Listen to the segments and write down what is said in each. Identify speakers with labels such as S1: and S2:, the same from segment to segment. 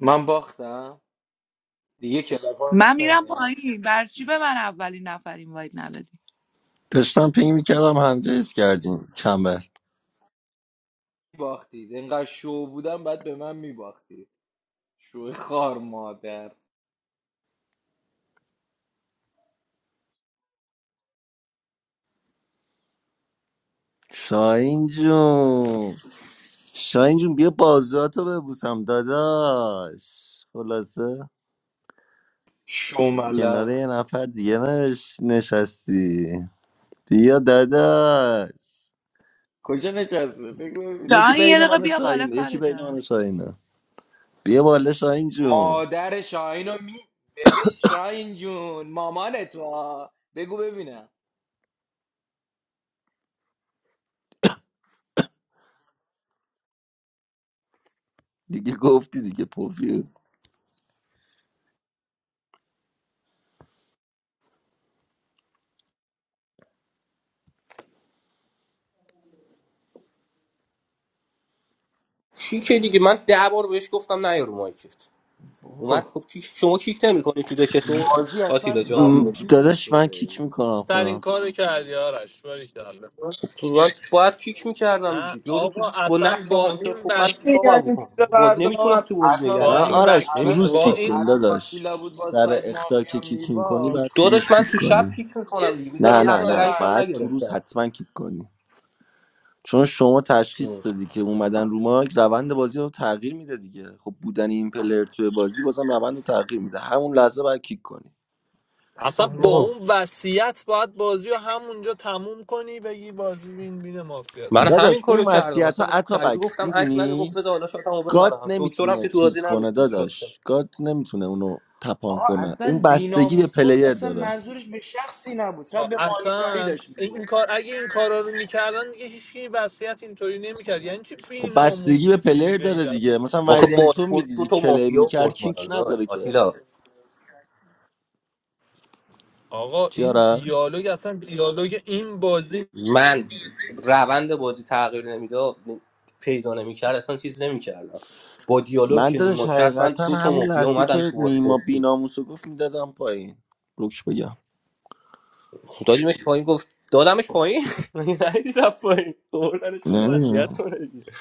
S1: من باختم دیگه کلاب
S2: من
S1: هاوس
S2: میرم
S1: نمیام
S2: پایین بر به من اولین نفر اینوایت ندادی
S3: داشتم پینگ میکردم هنجز کردیم کمر
S1: باختید انقدر شو بودم بعد به من میباختید شو خار مادر
S3: شاین جون شاین جون بیا بازاتو ببوسم داداش خلاصه
S1: شو
S3: کنار
S1: ملخ
S3: یه نفر دیگه نش... نشستی بیا داداش
S1: کجا نشسته بگو ببینه
S3: یکی
S2: شاهین یه
S3: بین
S2: دقیقه
S3: من و
S2: بیا بالا
S3: شاهینه یکی
S2: کارت
S3: بین من
S2: دارم
S3: و شاهینه بیا بالا شاهین جون
S1: مادر شاهین رو می ببین شاهین جون مامان تو بگو ببینم
S3: دیگه گفتی دیگه پوفیوز
S4: کیکه دیگه من ده بار بهش گفتم نیا رو مایکت اومد
S1: اوه،
S4: خب کیک شما کیک نمیکنی تو دکتون
S1: بازی
S4: آتیلا
S1: اصلا
S4: جان
S3: م،
S1: فصلی بود
S3: داداش من کیک
S1: خدایی
S3: میکنم خودم
S5: ترین کارو کردی آرش باریکلا.
S4: تو من باید کیک میکردم
S5: نه
S4: دیگه یارو تو
S5: آقا
S4: با
S5: اصلا
S4: نقش
S5: با
S4: هانتر
S5: این
S4: خب من
S5: بس
S4: چیکار باید بکنم باز
S6: Leonardo.
S4: نمیتونم تو بازی
S5: با
S4: نگرت
S3: فقط
S5: این
S4: دارم
S1: عطابک
S3: آرش
S5: بس
S3: تو
S1: الان
S4: نمیشه
S3: روز
S5: با
S3: کیک
S4: آقا
S5: این
S3: کن
S1: الان
S3: داداش
S1: آتیلا بود با
S3: سر
S1: ساید
S3: اختا که
S1: مافیا
S3: کیک کنی
S4: تو
S1: میباخت
S3: باید تو روز
S4: داداش
S1: خب
S4: من
S3: کیک
S4: تو شب
S3: کنی
S4: کیک
S1: یه,
S4: میکنم دیگه
S1: س-
S4: میذارم
S3: نه
S1: یه
S3: نه
S4: حق
S1: سال
S3: نه
S4: رأیش
S1: قهر
S4: هم
S3: باید
S1: می‌کرد
S3: تو روز
S4: نگرفتم
S3: حتما کیک کنی چون شما
S4: ام.
S3: تشخیص دادی که اومدن رو ماک روند بازی رو تغییر میده دیگه خب بودن این پلر توی بازی بازم روند رو تغییر میده همون لحظه باید کیک کنی
S5: اصلا
S4: اصلا
S5: با
S4: آقا
S5: اون وصیت باید بازی رو همونجا تموم کنی بگی بازی بین بین مافیا
S4: من
S5: تا.
S4: همین
S3: داداش
S4: کارو
S3: اون
S4: کردم
S3: وصیت ها
S4: اصلا به شریفی
S3: اتابک
S4: گفتم هک نده گفت
S3: میدونی
S4: بذار حالا شاتمو
S3: گاد
S4: بزنم دکترم که
S3: نمیتونه
S4: تو بازی
S3: چیز کنه
S4: نبود دیگه شاتشم
S3: داداش گاد نمیتونه اونو تپان
S1: آقا
S3: کنه
S1: اصلا
S3: اون بستگی به
S1: بیناموس گفت
S3: پلیر
S1: اصلا
S3: داره
S1: منظورش به شخصی نبود شاید به مانیتاری
S5: اصلا
S1: داشت
S5: این
S1: میگفت
S5: کار اگه این کارا رو میکردن دیگه هیچکی وصیت اینطوری نمیکرد یعنی چی بی
S3: خب بستگی به
S5: ناموسید بی
S3: پلیر داره دیگه
S5: غیرتید
S3: مثلا
S4: آخه
S3: ویدم تو
S4: پاسپورت دو
S3: میدیدی
S4: تا
S3: کلیم
S4: مافیا
S3: میکرد
S4: ورد
S3: کیک
S4: بالا
S3: نداره
S4: داشت
S3: که
S4: آتیلا
S5: آقا این
S3: چیاره
S5: دیالوگ اصلا دیالوگ این بازی
S4: من روند بازی تغییر نمیداد پیدا نمیکرد اصلا چیز نمیکردم با دیالوگ
S3: من
S4: که
S3: دادش
S4: نیما کرد من
S3: حقیقتا
S4: دو تا
S3: همون
S4: مافیا
S3: لحظه
S4: اومدن
S3: که
S4: تو
S3: نیما
S4: بازپرسی
S3: بیناموسو گفت میدادم پایین روکش بگم
S4: دادیمش پایین گفت دادمش پایین مگه ندیدی رفت پایین خوردنش بالا وصیت
S3: نمیدونم
S4: کنه دیگه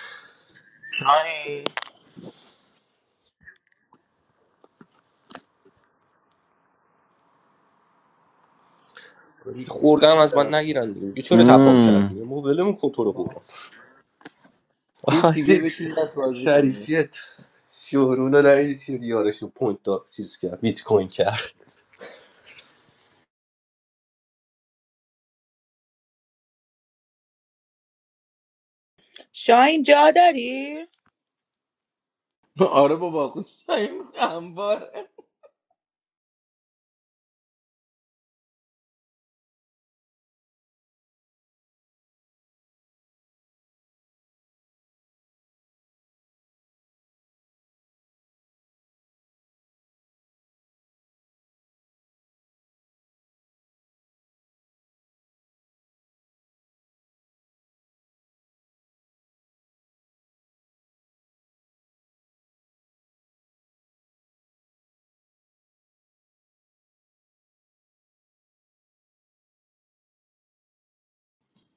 S1: شاین
S4: خوردم از من
S1: آتیلا
S4: نگیرن دیگه میگه چرا تپام کردی ما ولمون کن تو رو قرآن. فقط
S1: کوفتی بیا بشین یه دست بازی کنیم
S4: شریفیت شورون رو نمیدی چی یارشو پوینت دار چیز کرد بیت کوین کرد
S2: شاین جا داری؟
S1: آره بابا خوش شاین انبار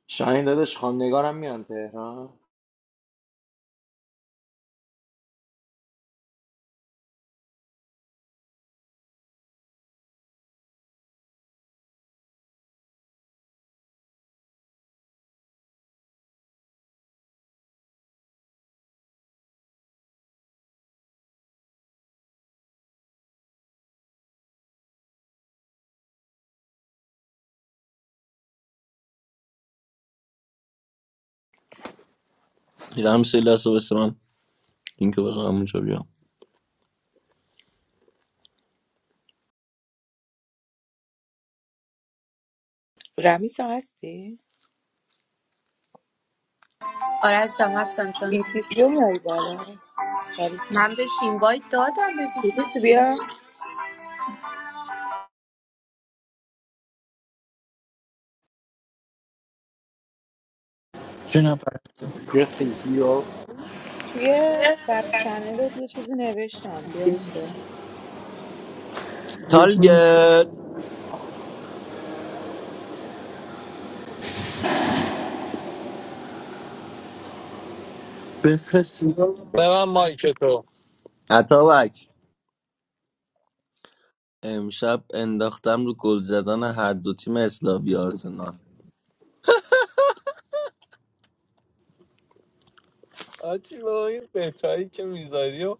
S1: شاین داداش خواندگارم میان تهران
S3: دیدم سه لحظه بس من اینکه بخوام اونجا بیام
S2: رمیسا هستی؟
S7: Oras damas san Juan.
S2: این چیزی رو میاری بالا آره.
S7: I'm going to invite two of my
S2: یه چیزی
S7: friends.
S2: بیا
S8: Junapar,
S1: گرتی بیا
S2: توی بر چنل یه چیزی نوشتم بیا اونجا
S3: تالگت
S8: befras,
S5: به من مایک تو.
S3: اتابک امشب انداختم رو گل زدن هر دو تیم اسلاوی آرسنال
S5: آجی با این بتایی که میذاری و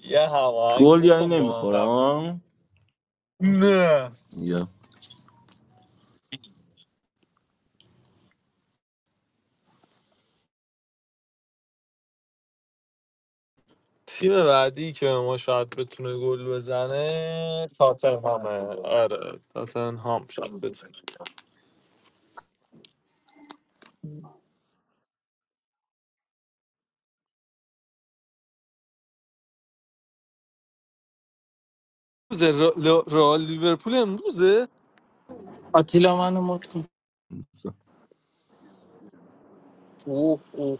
S5: یه هماهنگ
S3: گل یعنی
S5: بکن با من قبل
S3: نمیخورم
S5: نه
S3: یا
S5: تیم بعدی که ما شاید بتونه گل بزنه تاتنهامه آره تاتنهام شاید بتونه امروز رئال لیورپول امروزه
S8: Atila manu maktu.
S5: اوه اوه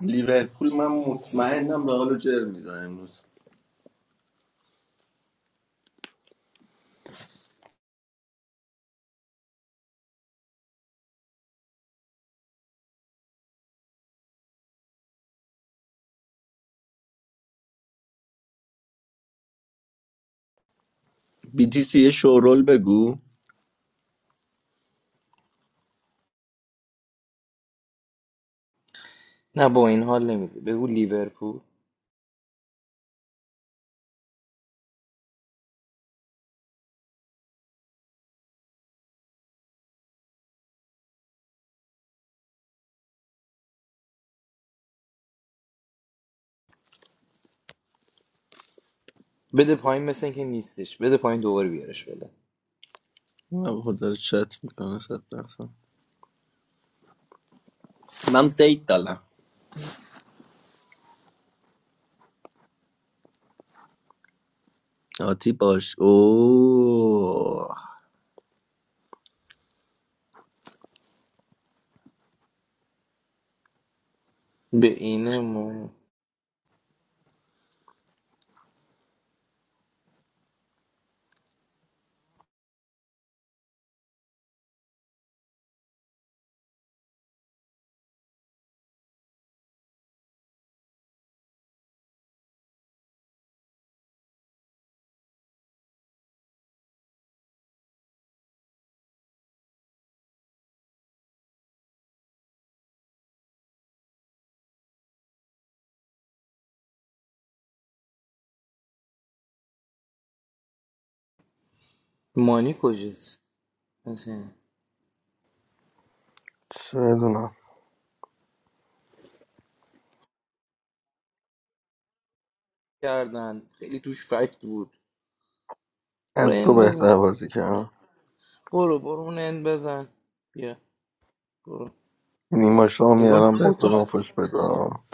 S3: لیورپول من مطمئنم رئال رو جر می‌زنه امروز BTC یه شورول بگو
S1: نه با این حال نمیده بگو لیورپول بده پایین مثل اینکه نیستش بده پایین دوباره بیارش بده
S3: من خود داره چت میکنه صد درصد من دیت دارم آتی باش اوه
S1: به اینه ما مانی کجاست مثلا
S3: چه میدونم
S1: کردن خیلی توش فکت بود
S3: از تو
S1: رین بزن
S3: بهتر بازی کردم
S1: برو برو اون اند بزن بیا برو
S3: نیما شام
S1: انگار نه
S3: میارم بهت
S1: تا
S3: بزن
S1: آتیلا
S3: فش بدم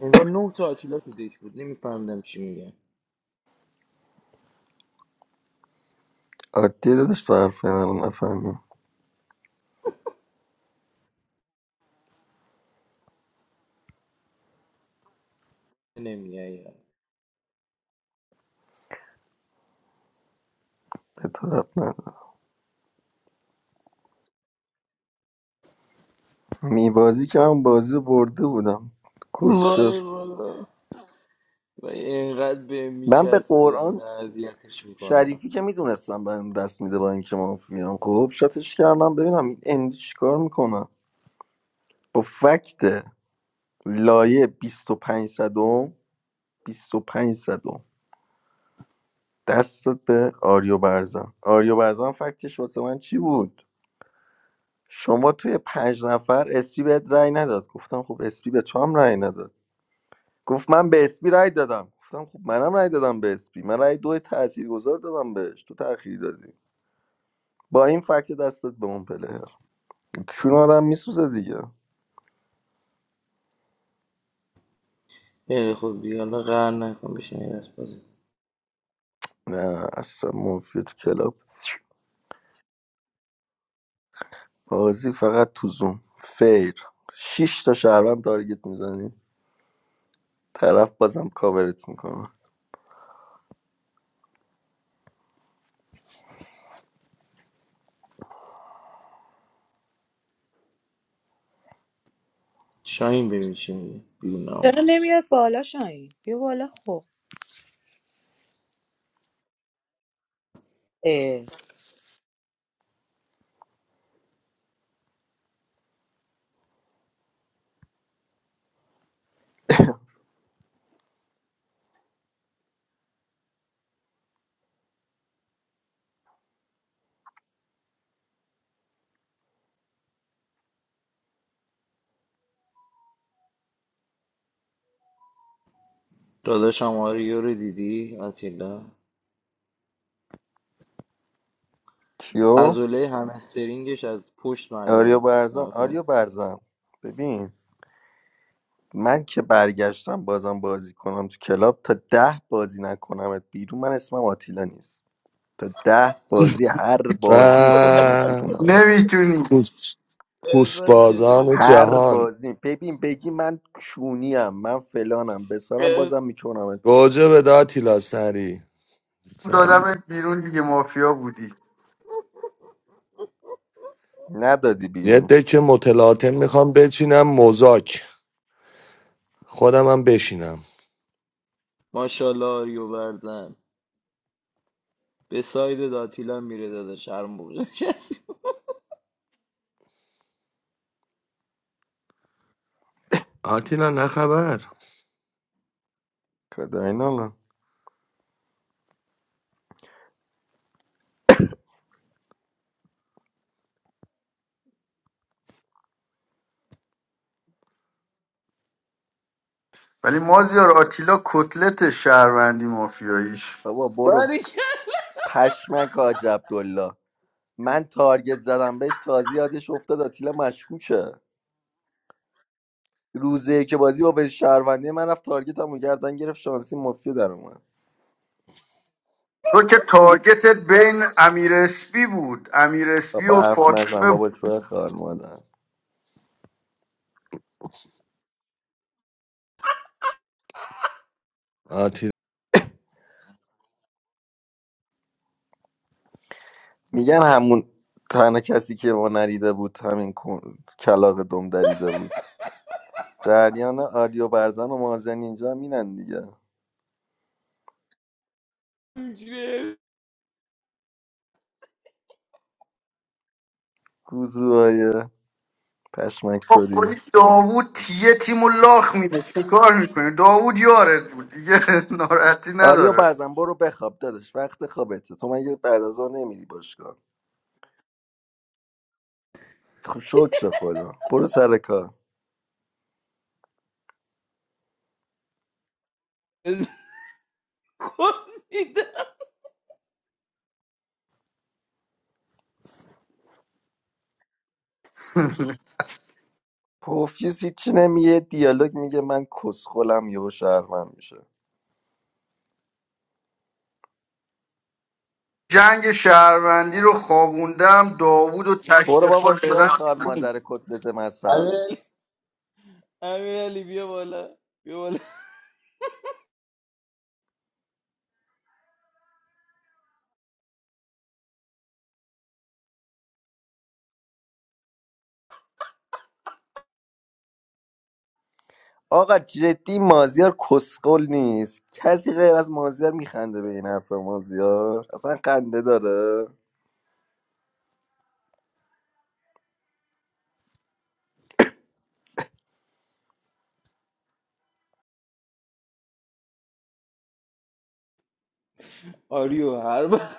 S1: انگار نه تا آتیلا تو دیش بود نمیفهمدم چی میگن
S3: عادی دادش تو حرف رو نفهمی
S1: نمیگن یا
S3: به تو رب ندارم میبازی که من بازی رو برده بودم کسشر
S1: وای والا و اینقدر به
S3: من به
S1: میچسبه این
S3: قرآن
S1: اذیتش میکنم
S3: شریفی که میدونستم بهم دست میده با اینکه ما میام خب شاتش کردم ببینم این امدی چیکار میکنه با فکته لایه 25 صدم 25 صدم دستت به آریو برزن آریو برزن فکتش واسه من چی بود شما توی پنج نفر اسپی بهت رأی نداد گفتم خب اسپی به تو هم رأی نداد گفت من به اسپی رأی دادم گفتم خب منم رأی دادم به اسپی من رأی دو تاثیرگذار دادم بهش تو تأخیر دادی با این فکت دستت به اون پلر چون آدم میسوزه دیگه
S1: خیلی خوب بیا حالا قهر نکن بشین یه دست بازی
S3: نه اصلا مافیا تو کلاب بازی فقط تو زوم فیر شش تا شهروند تارگت میزنی طرف بازم کاورت میکنه
S1: شاهین ببین چی میگه بی
S2: چرا
S1: ناموس
S2: نمیاد بالا شاین؟ بیا بالا خب اه.
S1: داداشم آریو رو دیدی آتیلا
S3: کیو
S1: عضله همسترینگش از پشت
S3: آریا
S1: معلومه
S3: برزن
S1: نگاه کن.
S3: آریا برزن ببین من که برگشتم بازم بازی کنم تو کلاب تا ده بازی نکنمت بیرون من اسمم آتیلا نیست تا ده بازی هر بازی میکنمت
S9: و
S3: بیرون آقا.
S10: نمیتونی
S9: کوس
S1: احسان
S9: کوسبازان
S1: چطوری
S3: هر
S9: جهان
S3: بازی ببین بگی من کونیم من فلانم بسارم
S1: بزن.
S3: بازم میکنمت بیرون
S9: گوجه به داتیلا سری سری
S10: دادمت بیرون دیگه مافیا بودی
S3: ندادی
S9: یه
S3: بیرون
S9: دک متلاطم میخوام بچینم مزاک خودم هم بشینم
S1: ماشاءالله آریو برزن به ساید داتیلا میره داده شرم بوده کسی
S9: آتیلا نه خبر
S3: کداینا
S10: ولی مازیار آتیلا کتلت شهروندی مافیاییش
S3: بابا برو
S1: باری که
S3: پشمک حاج عبدالله من تارگت زدم بهش تازه یادش افتاد آتیلا مشکوکه روزه که بازی با به شهروندی من رفت تارگتمو گردن گرفت شانسی مفتی در اومد
S10: تو که تارگتت بین امیر اسپی بود امیر اسپی
S3: بابا
S10: و
S3: حرف نزن
S10: فاطمه
S3: بابا
S10: بود
S3: شوه خار مادر
S9: آتیلا
S3: میگن همون تنها کسی که ما نریده بود همین کن... کلاق دم دریده بود جریان آریو برزن و مازن اینجا مینن دیگه
S1: همجوری
S3: گوزوهای پشمک
S10: با
S3: توری
S10: خودی داوود تیه تیم و لاخ میده شکار میکنه داوود یارت بود دیگه ناراحتی
S3: آریو
S10: نداره
S3: برزن برو بخواب دادش وقت خوابته تو مگه بعد از اون نمیری باشگاه خب شکر خدا برو سر کار
S1: کن میدم
S3: پوفیوس هیچی نمیگه دیالوگ میگه من کسخلم یهو شهرمن میشه
S10: جنگ شهروندی رو خوابوندم داوود و
S3: برو بابا
S10: تکتفل
S3: شوه
S10: دادم
S3: خار
S10: بیرون.
S3: مادر کتلت مصب
S1: امین امین علی بیا بالا بیا بالا
S3: آقا جدی مازیار کسخل نیست کسی غیر از مازیار میخنده به این حرف مازیار اصلا خنده داره
S1: آریو هر وقت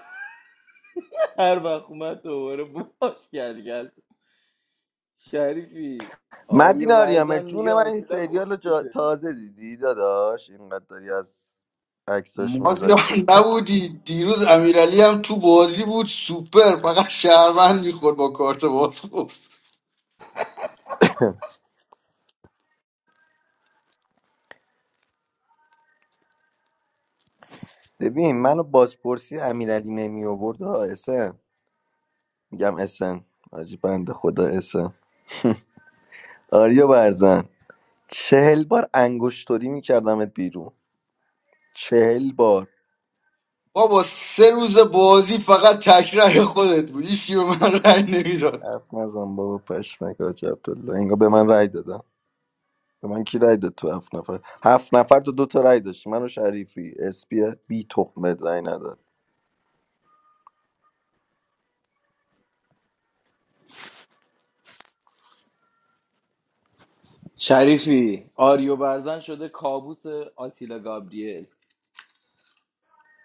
S1: هر وقت اومد دوباره باش گل گل شریفی آریو
S3: مدین آریامه
S1: برزن میگه
S3: جون من این
S1: آتیلا
S3: سریال رو جا-
S1: کتلته
S3: تازه دیدی داداش اینقدر داری از عکساش میذاری
S10: مازیار نبودی دیروز امیرعلی هم تو بازی بود سوپر فقط شهروند میخورد با کارت بازپرس
S3: ببین منو بازپرسی امیرعلی نمی آورد میگم اسن آجی بنده خدا اسن آریا برزن چهل بار انگشتوری میکردمت بیرون چهل بار
S10: بابا سه روز بازی فقط تکرار خودت بود هیچی به من رأی نمیداد
S3: حرف نزن بابا پشمک آجی عبدالله انگار به من رای دادم به من کی رای داد تو هفت نفر هفت نفر تو دوتا رای داشتی من و شریفی اسپی بی تخمت رای نداد
S1: شریفی آریو برزن شده کابوس آتیلا گابریل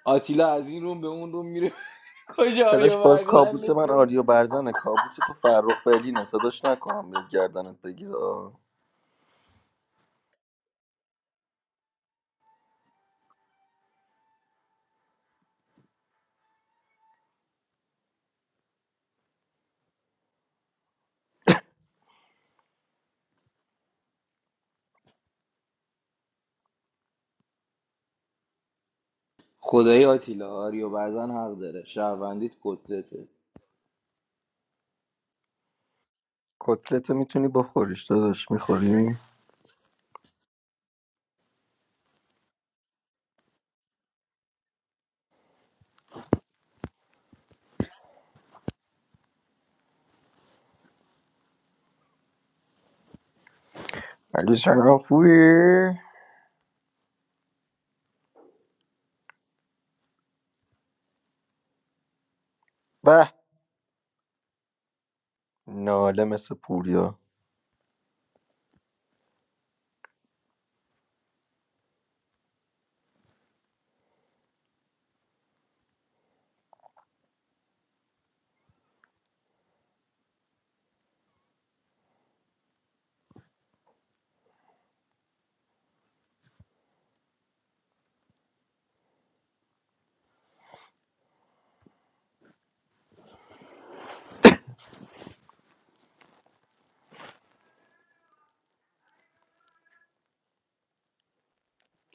S1: آتیلا از این روم به اون روم میره کجا
S3: داداش
S1: آریو
S3: باز
S1: برزن
S3: کابوس من
S1: نیست
S3: آریو برزنه کابوس تو فرخ برلینه صداش نکنم بیاد گردنت بگیر آه.
S1: خدای آتیلا آریو برزن حق داره شهروندیت کتلته
S3: کتلت میتونی بخوریش داداش میخوری علی سلام خوبی به ناله مثل پوریا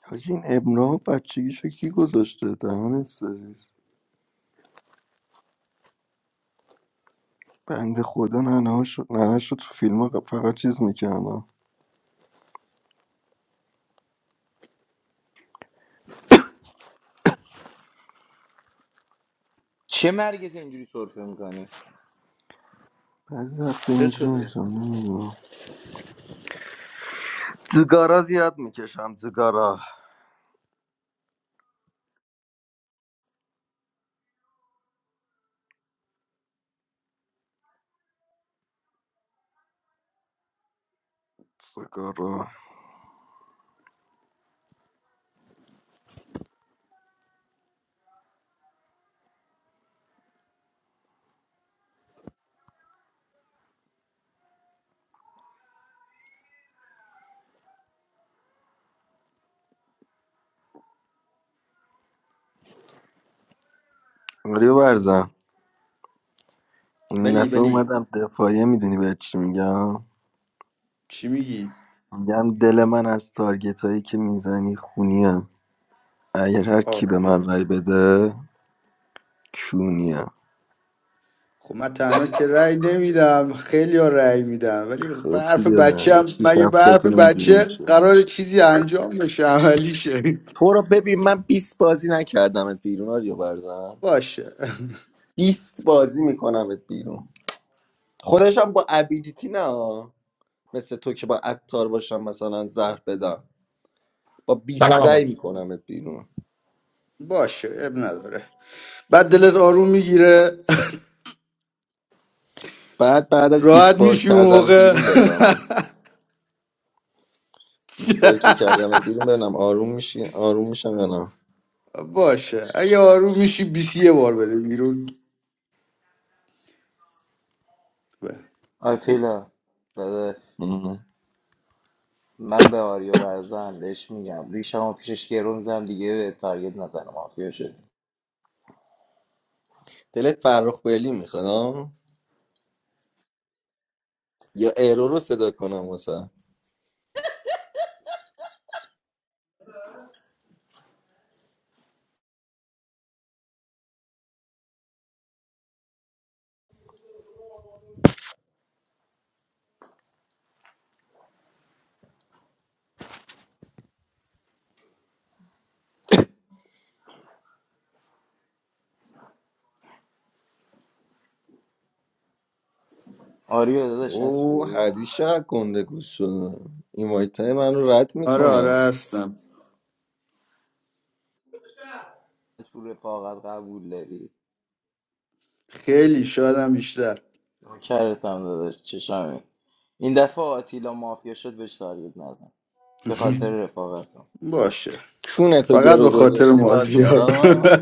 S3: حاجی این ابنا بچگیشو کی گذاشته دهن سرویس بنده خدا ننهاشو شد ننه شد تو فیلم ها فقط چیز میکردم
S1: چه مرگت اینجوری سرفه میکنی
S3: بعضی وقتا
S1: چه
S3: اینجوری
S1: شده
S3: میشم نمیدونم زگارا زیاد میکشم زگارا زگارا آریا برزم این
S10: بلی
S3: دفعه
S10: بلی
S3: اومدم دفاعیه میدونی به چی میگم
S10: چی میگی
S3: میگم دل من از تارگت هایی که میزنی خونیم اگر هر کی به من
S10: آخه
S3: رای بده کونیم
S10: خب من تنها که رأی نمیدم خیلی ها رأی میدم ولی به
S3: خب
S10: حرف
S3: دیگه
S10: بچه هم
S3: شیش
S10: مگه به حرف
S3: هفتتون اینجوری
S10: بچه
S3: میشه
S10: قرار چیزی انجام بشه عملی شه
S3: تو رو ببین من بیست بازی نکردمت بیرون آریو برزن
S10: باشه
S3: بیست بازی میکنمت بیرون خودشم با ابیلیتی نه مثل تو که با عطار باشم مثلا زهر بدم با بیست
S11: Hello.
S3: رای میکنمت بیرون
S10: باشه اب نداره بعد دلت آروم میگیره
S3: بعد بعد از
S10: راحت
S3: بیست بار
S10: میشی اون
S3: کردن
S10: موقع
S3: بیرون بفهمم بیست بار که کردم بیرون ببینم آروم میشی آروم میشم یا نه
S10: باشه اگه آروم میشی بیسی یه بار بده بیرون
S1: آتیلا داداش
S3: مهم.
S1: من به آریو برزن بهش میگم ریشمو پیشش گرو میزنم دیگه به تارگت نزنه مافیا شد
S3: دلت فرخ بلی میخواد یا ایرو رو صدا کنم واسه
S1: آریو داداش
S3: او
S1: هستی
S3: حدیث گنده گوش شده این وایت های من رو رد
S10: آره آره
S3: میکنم
S10: هستم
S1: تو رفاقت قبول داری
S10: خیلی شادم بیشتر
S1: نوکرتم داداش چشمی این دفعه آتیلا مافیا شد بهش تارگت نزن به خاطر رفاقتم
S10: باشه
S3: کونتو
S10: فقط
S3: گرو
S10: به خاطر
S3: گذاشتی
S10: مازیار
S3: مازیارا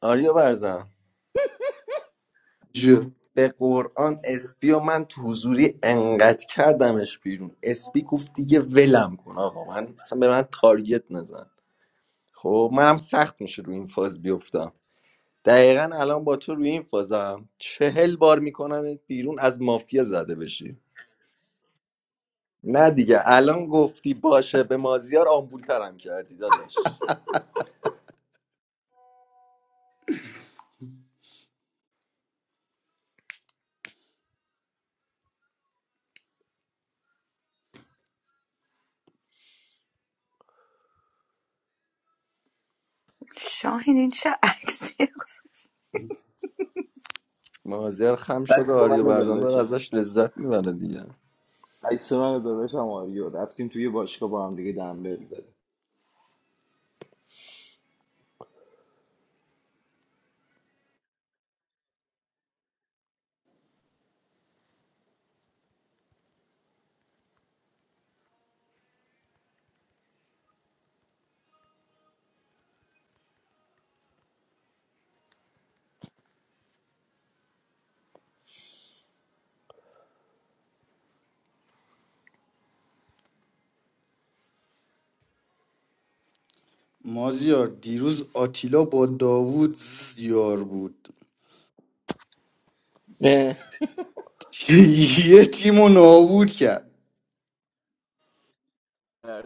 S3: آریا برزن
S10: جو
S3: به قرآن اسپی و من تو حضوری انقدر کردمش بیرون اسپی گفت دیگه ولم کن آقا من اصلا به من تارگت نزن خب منم سخت میشه روی این فاز بیفتم دقیقا الان با تو روی این فازم چهل بار میکنم بیرون از مافیا زده بشی نه دیگه الان گفتی باشه به مازیار آمبولترم کردی داداش
S2: شاهین این چه عکسی
S3: مازیار خم شده
S1: عکس
S3: آریا
S1: منو
S3: برزن داره
S1: داداشم
S3: ازش لذت میبره دیگه
S1: عکس من و داداشم آریو رفتیم توی باشگاه با هم دیگه دنبل زدیم
S10: مازیار دیروز آتیلا با داوود زیار بود یه تیم رو نابود کرد
S1: اه،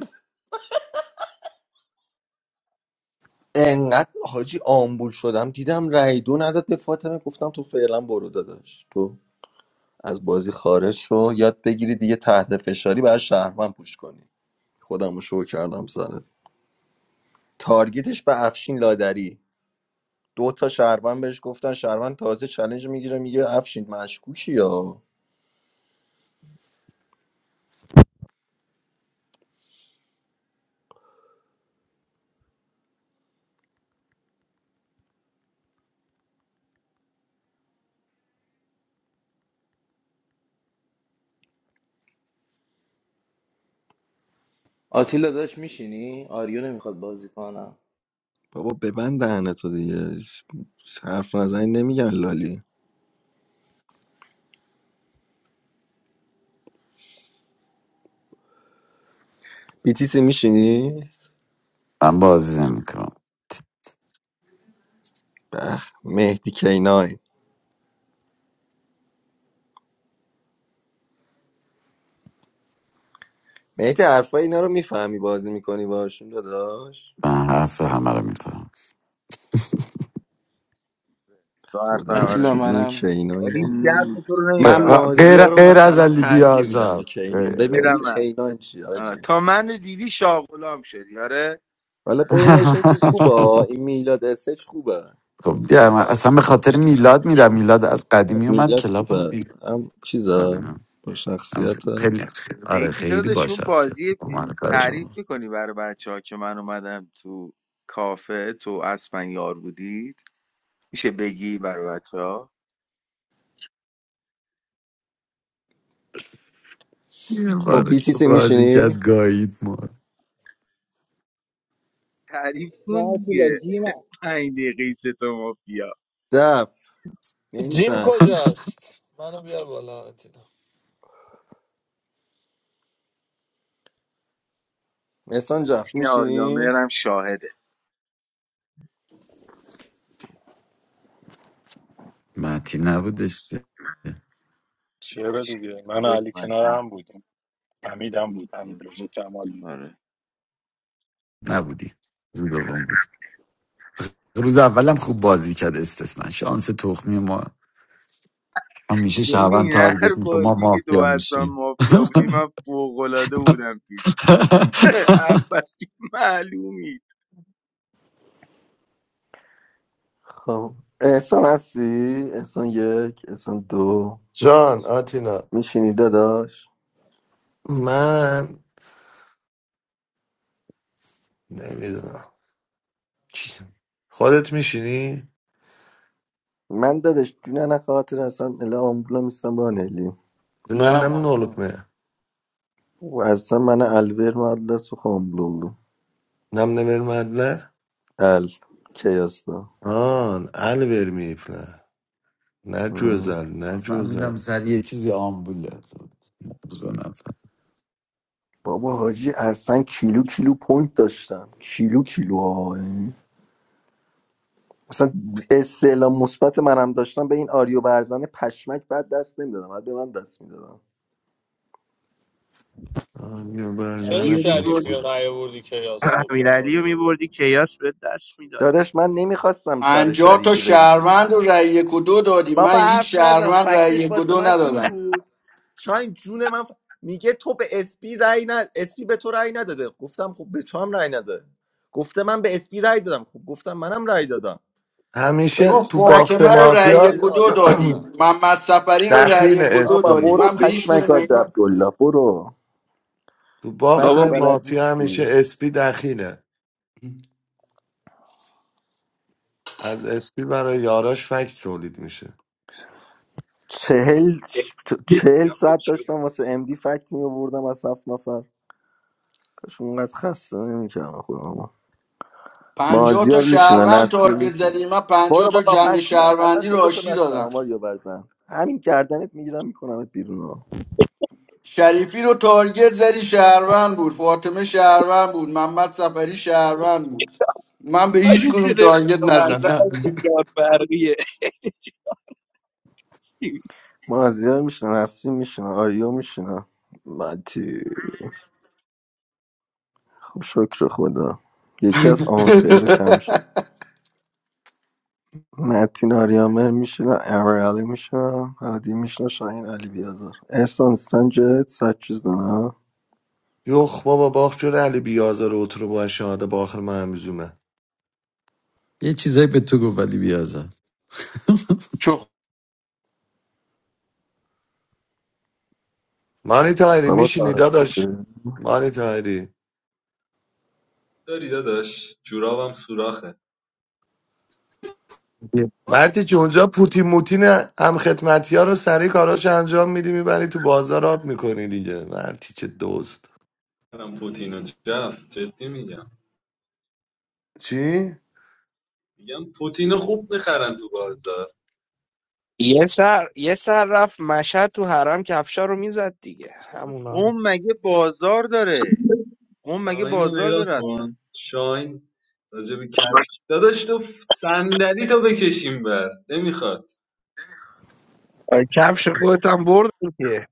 S3: انقدر حاجی آمبول شدم دیدم رای دو نداد به فاطمه گفتم تو فعلا برو داداش تو از بازی خارج شو یاد بگیری دیگه تحت فشاری برای شهروند پوش کنی خودم رو شو کردم سرت تارگیتش به افشین لادری دو تا شهروند بهش گفتن شهروند تازه چلنج میگیره میگه افشین مشکوکی یا
S1: آتیلا داشت میشینی آریو نمیخواد بازی کنم
S3: بابا ببند دهنه تو دیگه حرف نزنی نمیگن لالی بیتیسی میشینی؟
S12: من بازی نمیکنم
S3: به مهدی کینای مهدی حرفای اینا رو میفهمی بازی میکنی باشون داداش
S12: من حرف همه رو میفهم
S13: تو حرف
S3: خدا
S13: همه رو
S1: آتیلا
S3: وکیل
S13: میفهم
S3: این
S1: منم
S3: کینا
S13: ولی
S3: اینا
S13: این درد
S1: مود
S13: تو رو
S3: من
S1: کن
S13: نمیفهمم
S12: غیر
S3: مازیا رو
S12: غیر از
S3: مثلا
S12: علی
S3: ترجیح میدم به
S12: بیازار
S3: کینان ببین دیگه
S13: برم من
S3: کینان چی
S13: آه،
S3: آجی
S13: تا من رو دیدی شاغلام شدی آره
S3: حالا بینشون چیز خوبه این میلاد اسش خوبه
S12: خب دیگه
S3: ولی
S12: من اصلا
S3: بقیه
S12: به خاطر میلاد میرم میلاد از قدیمی اومد
S3: میلاد
S12: کلاب هم
S3: خوبه هم چیزا
S12: آره
S3: با
S12: هم
S3: شخصیت
S12: خیلی آره
S13: میتی
S12: خیلی با
S13: دادشون
S12: شخصیت
S13: بازی
S12: با معرفت.
S13: تعریف میکنی برای بچه ها که من اومدم تو کافه تو اسپن یار بودید میشه بگی برای بچه ها
S12: یه
S3: خب
S12: بار که
S3: بیتیسی
S12: بازی کرد
S3: میشینی؟
S12: گایید ما
S13: تعریف
S8: Na
S13: کن
S8: Atila,
S13: دیگه
S8: jima.
S13: پنج دقیقه سه تا مافیا
S3: جف
S5: جیم
S3: نیسان
S5: کجاست منو بیار بالا آتینا
S3: احسان جف
S13: متین
S3: میشینی؟
S13: آریامهرم شاهده
S12: متی نبودش
S14: چرا
S13: بودش
S14: دیگه من و
S13: بودش
S14: علی
S13: متین
S14: کنار هم بودیم حمید هم بود
S13: بود.
S14: حمید رضا کمال بود
S13: آره.
S12: نبودی روز دوم بود روز اولم خوب بازی کرد استثنا شانس تخمی ما همیشه شهروند
S13: ببین هر
S12: تارگت میکنه ما
S13: بازی که تو
S12: مافیا
S13: اصلا
S12: میشیم
S13: مافیا بودی من فوق‌العاده بودم توش پس که معلومی
S3: خب احسان هستی؟ احسان یک احسان دو
S9: جان آتیلا
S3: میشینی داداش؟
S9: من نمیدونم خودت میشینی؟
S3: من دادش دونه خاطر اصلا الا آمبولا میستم با نلی
S9: دونه
S1: منم
S9: نم
S1: مات کنم
S9: نولکمه
S3: و اصلا من البر مدلس و خامبلولو
S9: نم نمیرمدلر
S3: ال کی هستم
S9: آن ال vermeyipler. Ne
S3: ام.
S9: cözel, ne cözel.
S12: فهمیدم سر یه چیزی آمبوله موضوع نفهم.
S3: بابا حاجی اصلا کیلو کیلو پوینت داشتم کیلو کیلو ها یعنی. اصلا استعلام مثبت منم داشتم به این آریو برزن پشمک بعد دست نمیدادم بعد به من دست میدادم
S9: Hangi
S5: چرا
S9: berzen
S15: علی رو
S5: شریفی
S9: hep
S15: میبردی
S5: رو نیاوردی که یاس خوب
S15: امیرعلی
S5: بخوری
S15: رو میبردی کیاس به دست میداد
S3: داداش من نمیخواستم سر
S10: پنجاه تا
S3: شریفی بریزه
S10: شهروند
S3: دیگه
S10: و رأی یک و دو دادی من
S3: بابا حرف
S10: هیچ
S3: نزن
S10: شهروند رأی
S3: فکتش
S10: یک و
S3: واسه
S10: دو
S3: من این
S10: ندادم
S3: بود شاین جون من ف- میگه تو به اسپی رای ند... اسپی به تو رای نداده گفتم خب به تو هم رای نده گفته من به اسپی رای دادم خب گفتم منم رای دادم به
S9: همیشه
S10: تو
S3: این
S9: تو
S3: فکت
S9: باخت
S10: فاطمه رو رأی
S3: دستت
S9: مافیا
S3: به
S10: یک و دو
S3: آریو
S10: دادی
S3: برزن
S10: محمد سفری رو رأی
S9: دخیل
S10: یک و دو
S3: بابا
S10: دادی
S9: اسپی
S3: برو
S10: من به هیچ
S3: پشمک
S10: کدوم
S3: حاج
S10: اینا
S3: عبدالله برو
S9: تو باخت
S3: فکت
S15: بابا
S3: بلد
S9: مافیا همیشه
S3: نیستی
S9: اسپی دخیله از اسپی برای یاراش فکت تولید میشه
S3: چهل چهل
S15: یا خود
S3: ساعت
S15: شد
S3: داشتم واسه امدی فکت می آوردم از هفت نفر کاش اونقدر خسته نمیکردم خودم
S10: پنجاه تا
S3: مازیار میشینه
S10: شهروند تارگت
S3: نسیم
S10: زدی من پنجاه
S3: برو
S10: تا
S3: بابا
S10: جنگ
S3: پشمای اصلا
S10: شهروندی رو
S3: صدا تو
S10: آشتی
S3: نشتم
S10: دادم
S3: ماریو برزن همین گردنت میگیرم میکنمت بیرون ها
S10: شریفی رو تارگت زدی شهروند بود فاطمه شهروند بود محمد سفری شهروند بود من به هیچ
S15: آجی
S10: کدوم
S15: صدای
S10: تارگت نزدم
S15: جان برقیه
S3: مازیار میشنه نسیم میشنه آریو میشنه متی خب شکر خدا یکی از آنفه رو کم شد متین آریامر میشنه امرالی میشنه هادی میشنه شاهین علی بیازار احسان سنجت سچ چیز نه
S9: یخ بابا باخت جلو علی بیازار و اترو با شهاده باخر مهمزومه
S12: یه چیزایی به تو گفت ولی بیازم
S1: چخ
S9: مانی تایری
S3: بابا
S9: میشینی
S3: تعریف
S9: داداش
S3: خوبه
S9: مانی تایری
S16: داری داداش جورابم سوراخه
S9: مرتی که اونجا پوتی موتین هم خدمتی ها رو سریع کاراش انجام میدی میبری تو بازار آب میکنی دیگه مرتی که دوست
S16: منم پوتینو جف جدی میگم
S9: چی؟
S16: میگم پوتینو خوب میخرن تو بازار
S15: یه سر یه سر رفت مشهد تو حرم کفشا رو میزد دیگه همونا
S13: قوم مگه بازار داره قوم مگه
S16: شاهین رو
S13: بازار
S16: نگاه
S13: داره اصلا
S16: کن شاهین راجع به کفش داداش تو صندلی تو بکشیم بر نمیخواد
S15: آه، کفش خودت هم بردی که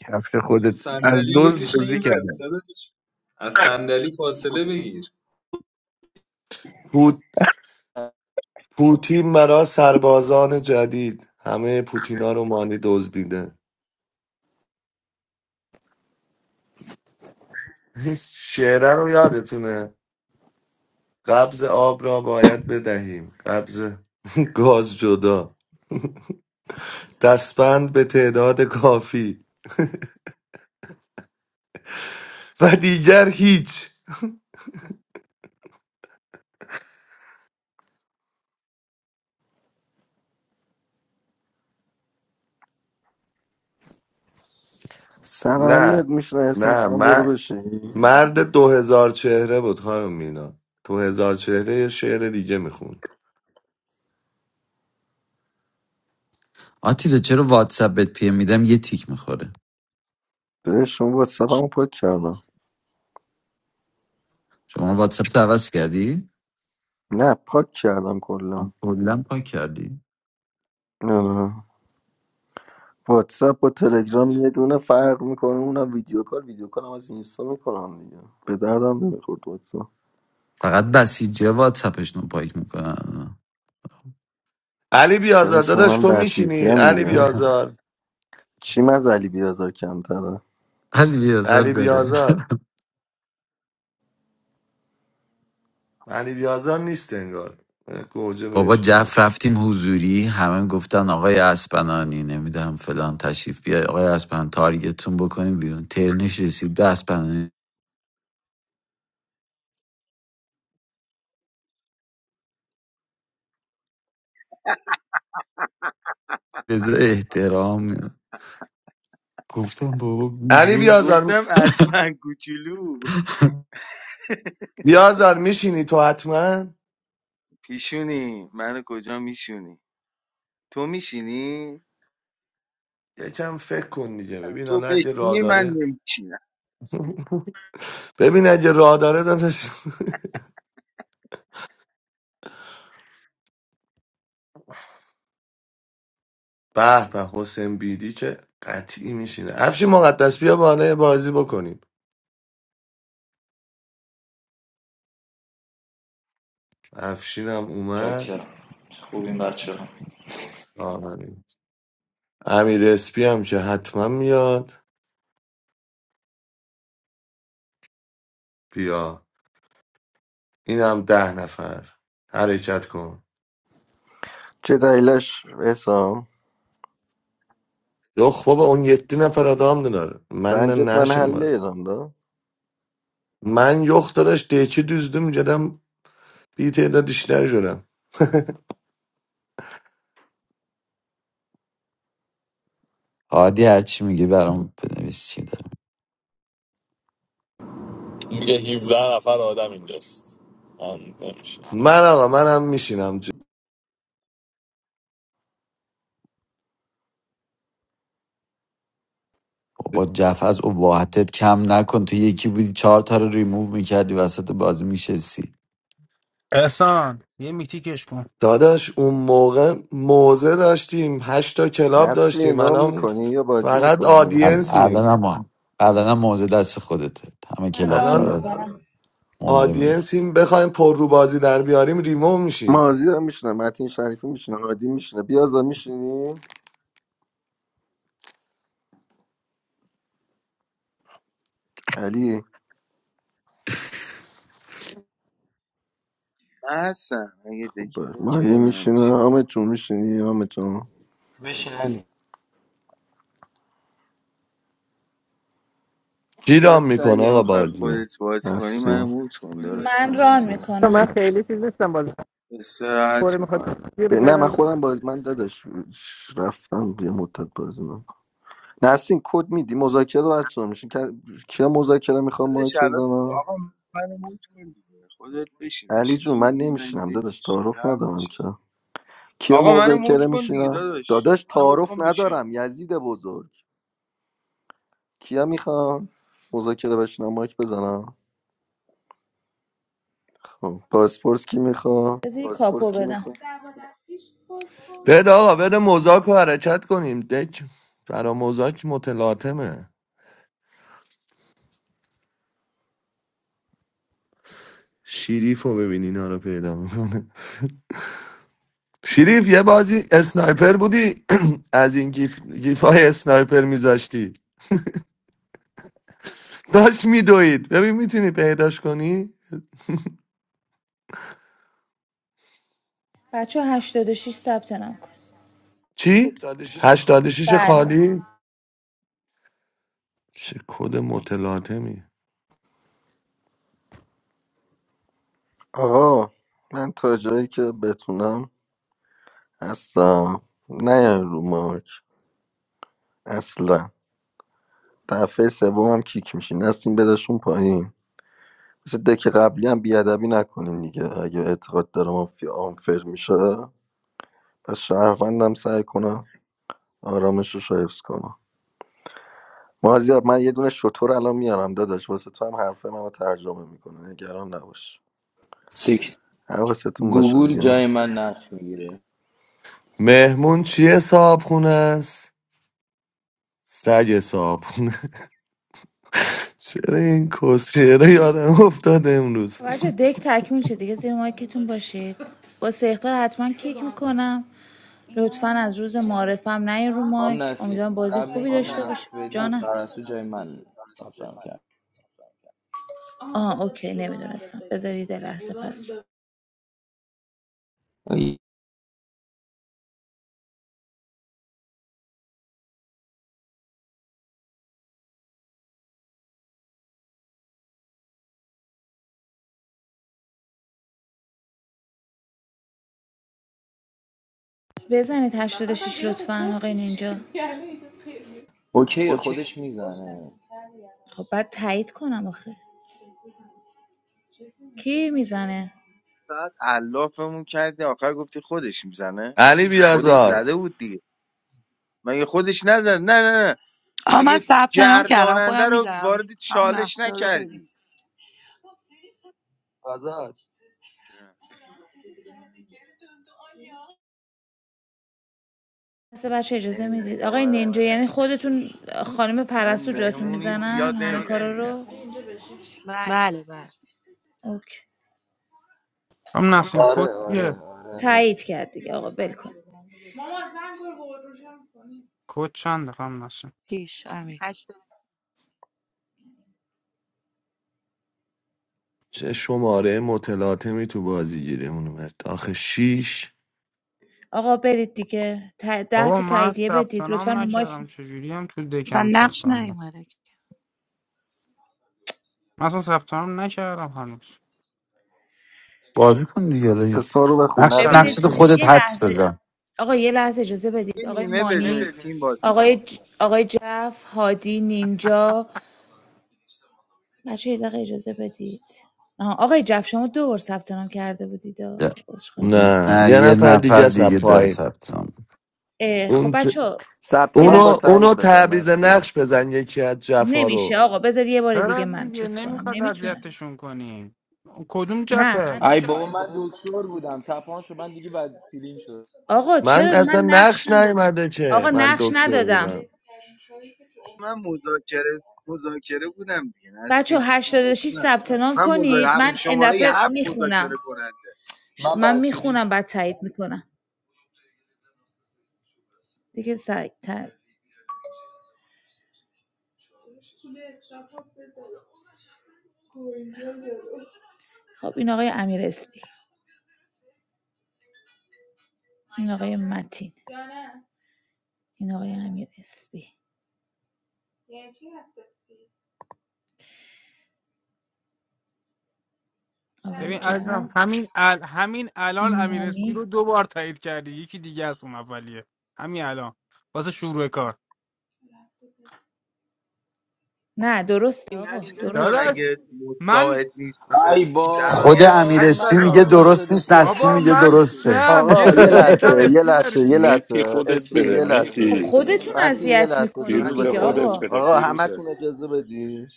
S15: کفش
S16: تو
S15: خودت از
S16: صندلی رو
S15: دو
S16: بکشیم
S15: دوزی
S16: این بر
S15: کرد
S16: داداش از صندلی فاصله بگیر
S9: پوتین مرا سربازان جدید همه پوتینا رو مانی دزدیده شعره رو یادتونه قبض آب را باید بدهیم قبض گاز جدا دستبند به تعداد کافی و دیگر هیچ
S3: سر اهمیت
S9: نه
S3: میشنه احسان
S9: نه
S3: تو هم برو
S9: من
S3: بشین
S9: مرد دو هزار چهره بود خانم مینا دو هزار چهره یه شعر دیگه میخوند
S12: آتیلا چرا واتساپ بهت پی ام میدم یه تیک میخوره
S3: بده شما با سبمو پاک کردم
S12: شما واتساپ تو عوض کردی
S3: نه پاک کردم کلا
S12: هم کلا پاک کردی
S3: نه واتساپ و تلگرام یه دونه فرق میکنه اونم ویدیو کال ویدیو کال هم از اینستا میکنم دیگه به دردم نمیخورد واتساپ
S12: فقط بسیجی واتساپشون رو پاک میکنن
S9: علی بیازار
S3: دادش
S9: داداش
S3: منم
S9: تو
S3: بسیجی
S9: میشینی
S3: هم
S9: علی
S3: دیگه
S9: بیازار
S3: چیم از علی بیازار کمتره
S12: ولی بیازر
S9: علی
S12: داره
S9: بیازار علی بیازار نیست انگار اه، گوجه
S12: بابا
S9: بهش بدید
S12: جف رفتیم حضوری همه گفتن آقای اسپنانی نمیدونم فلان تشریف بیار آقای اسپن تارگتتون بکنیم بیرون ترنش رسید به اسپنانی بذار احترام گفتم بابا
S9: علی
S12: بیرون
S9: بیازار
S13: گفتم اصلا کوچولو
S9: بیازار میشینی تو حتما
S13: پیشونی منو کجا میشونی تو میشینی
S9: یکم فکر کن دیگه ببین
S13: تو
S9: حالا اگه راه
S13: بشینی من
S9: داره
S13: نمیشینم
S9: ببین اگه راه داره داداش به به حسین بیدی که قطعی میشینه افشین مقدس بیا بالا یه بازی بکنیم افشینم اومد
S17: چاکرم خوبین بچه ها
S9: آمین امیر اسپی هم که حتما میاد بیا اینم ده نفر حرکت کن
S3: چه دلیلش حسام
S9: یخ بابا اون یتی نفر آدم داره من نه
S3: زنجت من
S9: نشیم وار.
S3: حله ایران دا
S9: من yok dadaş D2 düzdüm dedim bir تعداد işler görem
S12: هادی هرچی میگه برام بنویس چی دارم
S5: میگه 17 نفر آدم اینجاست آن نمیشه
S9: من آقا منم میشینم
S12: بابا جف از اباحتت کم نکن تو یکی بودی چهار تا رو ریموو میکردی وسط بازی میشستی
S18: احسان یه میتیکش کن
S9: داداش اون موقع موزه داشتیم هشتا کلاب
S3: نسرین
S9: داشتیم
S3: رام
S9: الان
S3: میکنی یا بازی
S9: فقط
S3: میکنی
S12: الان
S9: آدینسیم
S12: هم الان هم موزه دست خودته همه
S19: من
S12: کلاب
S19: ران
S9: الان
S12: داره
S19: میکنم
S12: موزه میده
S9: آدینسیم بخوایم پر رو بازی در بیاریم ریمو میشیم
S3: مازی هم میشینه متین شریفی میشینه هادی میشینه بیازار میشینی علی
S13: من هستم اگه
S3: خب
S13: دکت
S3: بله.
S13: اوکی
S3: مانی
S13: منم
S3: میشینه
S13: میشینم
S3: حامد جون میشینی حامد جون
S1: بشین علی.
S13: شاید
S9: گیرام میکنه
S13: اگه
S9: آقا
S13: میخوای
S9: بازی
S13: خودت بازی کنی
S3: نسرین.
S13: منو موت کن
S19: من
S13: داداش من
S19: ران
S20: تو من
S19: میکنم
S20: خیلی چیز نیستم بازی فوری
S13: استراحت
S20: میخواد
S13: میکنم
S20: یه
S3: ب-
S20: به جای
S3: نه من
S20: من بده.
S3: خودم باز من داداش رفتم یه مدت بازی نمی‌کنم. نسیم کد میدی مذاکره بچه ها میشین کیا مذاکره میخوام
S13: داداش
S3: مایک
S13: الان
S3: بزنم
S13: آقا منو موت کن دیگه خودت بشین
S3: علی
S13: داشتی
S3: جون
S13: زور
S3: من
S13: میزنی
S3: نمیشینم داداش
S13: دکس
S3: تعارف
S13: جمع
S3: ندارم
S13: بشه
S3: چرا کیا
S13: آقا منو موت
S3: مذاکره
S13: کن دیگه
S3: میشینم
S13: داداش
S3: داداش
S13: منو موت
S3: تعارف
S13: کن بشین
S3: ندارم
S13: آقا
S3: یزید بزرگ کیا میخوام مذاکره بشینم مایک بزنم خب پاسپورت کی میخوام
S19: بذار یه پاسپورت کاپو کی بدم میخوای
S9: بده آقا بده مزاک رو حرکت کنیم دک فرا مزاک متلاطمه شیریف رو ببین اینا رو پیدا میکنه شریف یه بازی اسنایپر بودی از این گیف... گیفای اسنایپر میذاشتی داشت میدوید ببین میتونی پیداش کنی
S19: بچه 86 ثبت نام کن
S9: چی؟
S19: 86 خواهم.
S9: 86
S19: بله بله
S9: خالی چه کد متلاطمی
S3: آقا من تا جایی که بتونم اصلا نه رو مایک اصلا دفعه سوم هم کیک میشی نسیم بدشون پایین مثل دک قبلی هم بیادبی نکنین دیگه اگه اعتقاد داره مافیا آنفر میشه پس شهروندم سعی کنم آرامش رو حفظ کنم مازیار من یه دونه شطور الان میارم داداش واسه تو هم حرف منو ترجمه میکنه نگران نباش
S1: سکت
S3: حواستون باشه
S1: گوگل
S3: دیگه
S1: جای من نقش میگیره
S9: مهمون چیه صاحب خونه است؟ سگ صاحب خونه چرا این کس چرا یادم افتاد امروز
S19: بچه دک تکمیل شد دیگه زیر مایکتون باشید با سیختا حتما کیک میکنم لطفا از روز معرفم نین رو
S1: خام
S19: مایک امیدوارم
S1: نسین
S19: بازی
S1: قبل
S19: خوبی
S1: اینکه
S19: داشته
S1: نقش
S19: باشه
S1: بدی
S19: جانم
S1: پرستو جای من ثبت نام کرد
S19: آه اوکی نمیدونستم بذارید یه لحظه پس
S1: ای،
S19: بزنید 86 لطفا آقای نینجا
S1: اوکی
S19: اوکی
S1: خودش میزنه
S19: خب بعد تایید کنم آخه کی میزنه
S13: ساعت علافمون کردی آخر گفتی خودش میزنه
S9: علی
S13: خودش
S9: بیازار
S13: زده بود دیگه مگه خودش نزد نه نه نه
S2: آها من
S13: مگه
S2: ثبت نام کردم
S13: گرداننده
S2: خودم
S13: رو
S2: میدم
S13: وارد
S2: همون
S13: چالش
S2: نقشه رو بده
S13: نکردی
S19: فضل بسه بچه اجازه
S13: نمیدونم
S19: میدید
S13: اینو
S19: آقای
S13: باید از
S19: نینجا یعنی
S13: تعریفی
S19: خودتون
S13: پرسید
S19: خانم
S13: من
S19: پرستو جاتون
S13: مهمونی
S19: میزنن
S13: زیاد
S19: همه
S13: نمیرم
S19: کارا رو
S2: بله بله
S19: اوکی
S18: هم نسیم کد
S1: آره
S18: چیه
S1: آره آره آره.
S19: تایید کرد دیگه آقا ول کن
S18: کد چنده هم نسیم
S2: پیش امیر
S9: چه شماره متلاطمی تو بازی گیرمون اومد آخه شیش
S19: آقا برید دیگه ت- ده
S18: بابا
S19: تا
S18: من
S19: تاییدیه
S18: ثبت
S19: بدید لطفا
S18: نام
S19: رو مایک
S18: نکردم چجوری هم تو
S2: اصلا
S18: دکم ثبت
S2: نقش
S18: نام نکردم
S2: نیومده
S18: من اصلا ثبت نام نکردم هنوز
S12: بازی کن دیگه حالا یه-
S3: اسما رو بخون
S12: نقش
S18: چرا
S12: نقش تو
S19: ببینید
S3: نسیم
S12: خودت
S19: یه
S12: حدس
S19: لحظه
S12: بزن
S19: آقا یه لحظه اجازه
S13: یه
S19: بدید آقای
S13: نیمه
S19: مانی
S13: بدون تیم بازی کن
S19: آقای ج... آقای جف هادی نینجا بچه یه دقیقه اجازه بدید آها، آقای جف شما دو بار ثبت نام کرده بودید آه، عذرخواهی میکنم
S9: نه
S12: نه
S9: یه
S12: یه
S9: نفر
S12: نفر
S9: دیگه است از
S12: دیگه داره
S9: پایین
S12: ثبت نام
S19: خب
S9: اون چ-
S19: بچه
S3: ثبت
S19: یه
S3: نام با
S9: اونو
S19: لحظه پس
S9: اونو
S3: تایید بزن
S9: تعویض
S3: نسیم
S9: نقش بزن یکی از جفا
S19: نمیشه
S9: رو
S19: آقا بذار یه بار
S18: چرا
S19: دیگه من
S18: دیگه
S19: چیز کنم
S18: نمیخواد
S19: نمیتونم
S18: اذیتشون کنی کدوم
S19: نه
S18: جفه
S19: من
S1: ای بابا من دکتر بودم تپان شد من دیگه بعد فیلین شدم
S19: آقا
S9: من
S19: چرا
S9: اصلا
S19: من نقش
S9: نقش
S19: ندادم
S9: نیومده که
S19: آقا
S9: من
S19: نقش
S9: دکتر
S19: ندادم
S9: بودم
S13: من مذاکره مذاکره بودم دیگه
S19: بچه
S13: نسرین جان چطور
S19: 86
S13: نکنه
S19: ثبت نام
S13: من مذاکره
S19: کنید
S13: هم-
S19: من این
S13: شماره
S19: دفعه
S13: هفت
S19: میخونم
S13: مذاکره کننده
S1: من
S19: من
S1: بد فیلینگ
S19: میخونم
S1: شد
S19: بعد تایید میکنم دیگه سعید تر. خب این آقای امیر اسپی این آقای متین این آقای امیر اسپی آقای
S18: ببین عزیزم
S19: جف
S18: همین ال... همین الان امیر اسپی رو
S19: مانی
S18: دو بار تایید کردی یکی دیگه از اون اولیه همین الان واسه شروع کار
S19: نه درسته
S13: این
S19: آقا
S13: نسرین جان
S19: درسته
S18: داداش
S13: اگه
S18: من
S13: مستعد نیست اه،
S1: ای
S12: خود
S13: شرایط
S12: امیر
S1: بابا
S12: اسپی
S1: من
S13: هستن
S12: میگه
S13: ها
S1: کاراگاه
S12: درست
S1: شده
S12: نیست
S1: بودم
S12: نسیم
S18: بابا
S1: بد
S12: میگه
S18: من
S1: فیلینگ شدم
S12: درسته
S18: سم یه
S3: آقا
S18: دونه
S3: یه
S18: یکم
S3: لحظه یه
S18: اسپی
S3: لحظه
S18: داریم
S3: یه لحظه
S14: مهدی خودت
S3: اسپی
S14: بده
S3: یه لحظه
S19: خب
S14: مهدی
S19: خودتون
S3: متین یه
S19: اذیت
S3: لحظه
S19: میکنید
S3: اجازه
S14: فیروز
S19: دیگه
S3: بده
S14: خودت بده
S19: آقا
S3: آقا
S14: فیروزه
S3: همتون اجازه بدی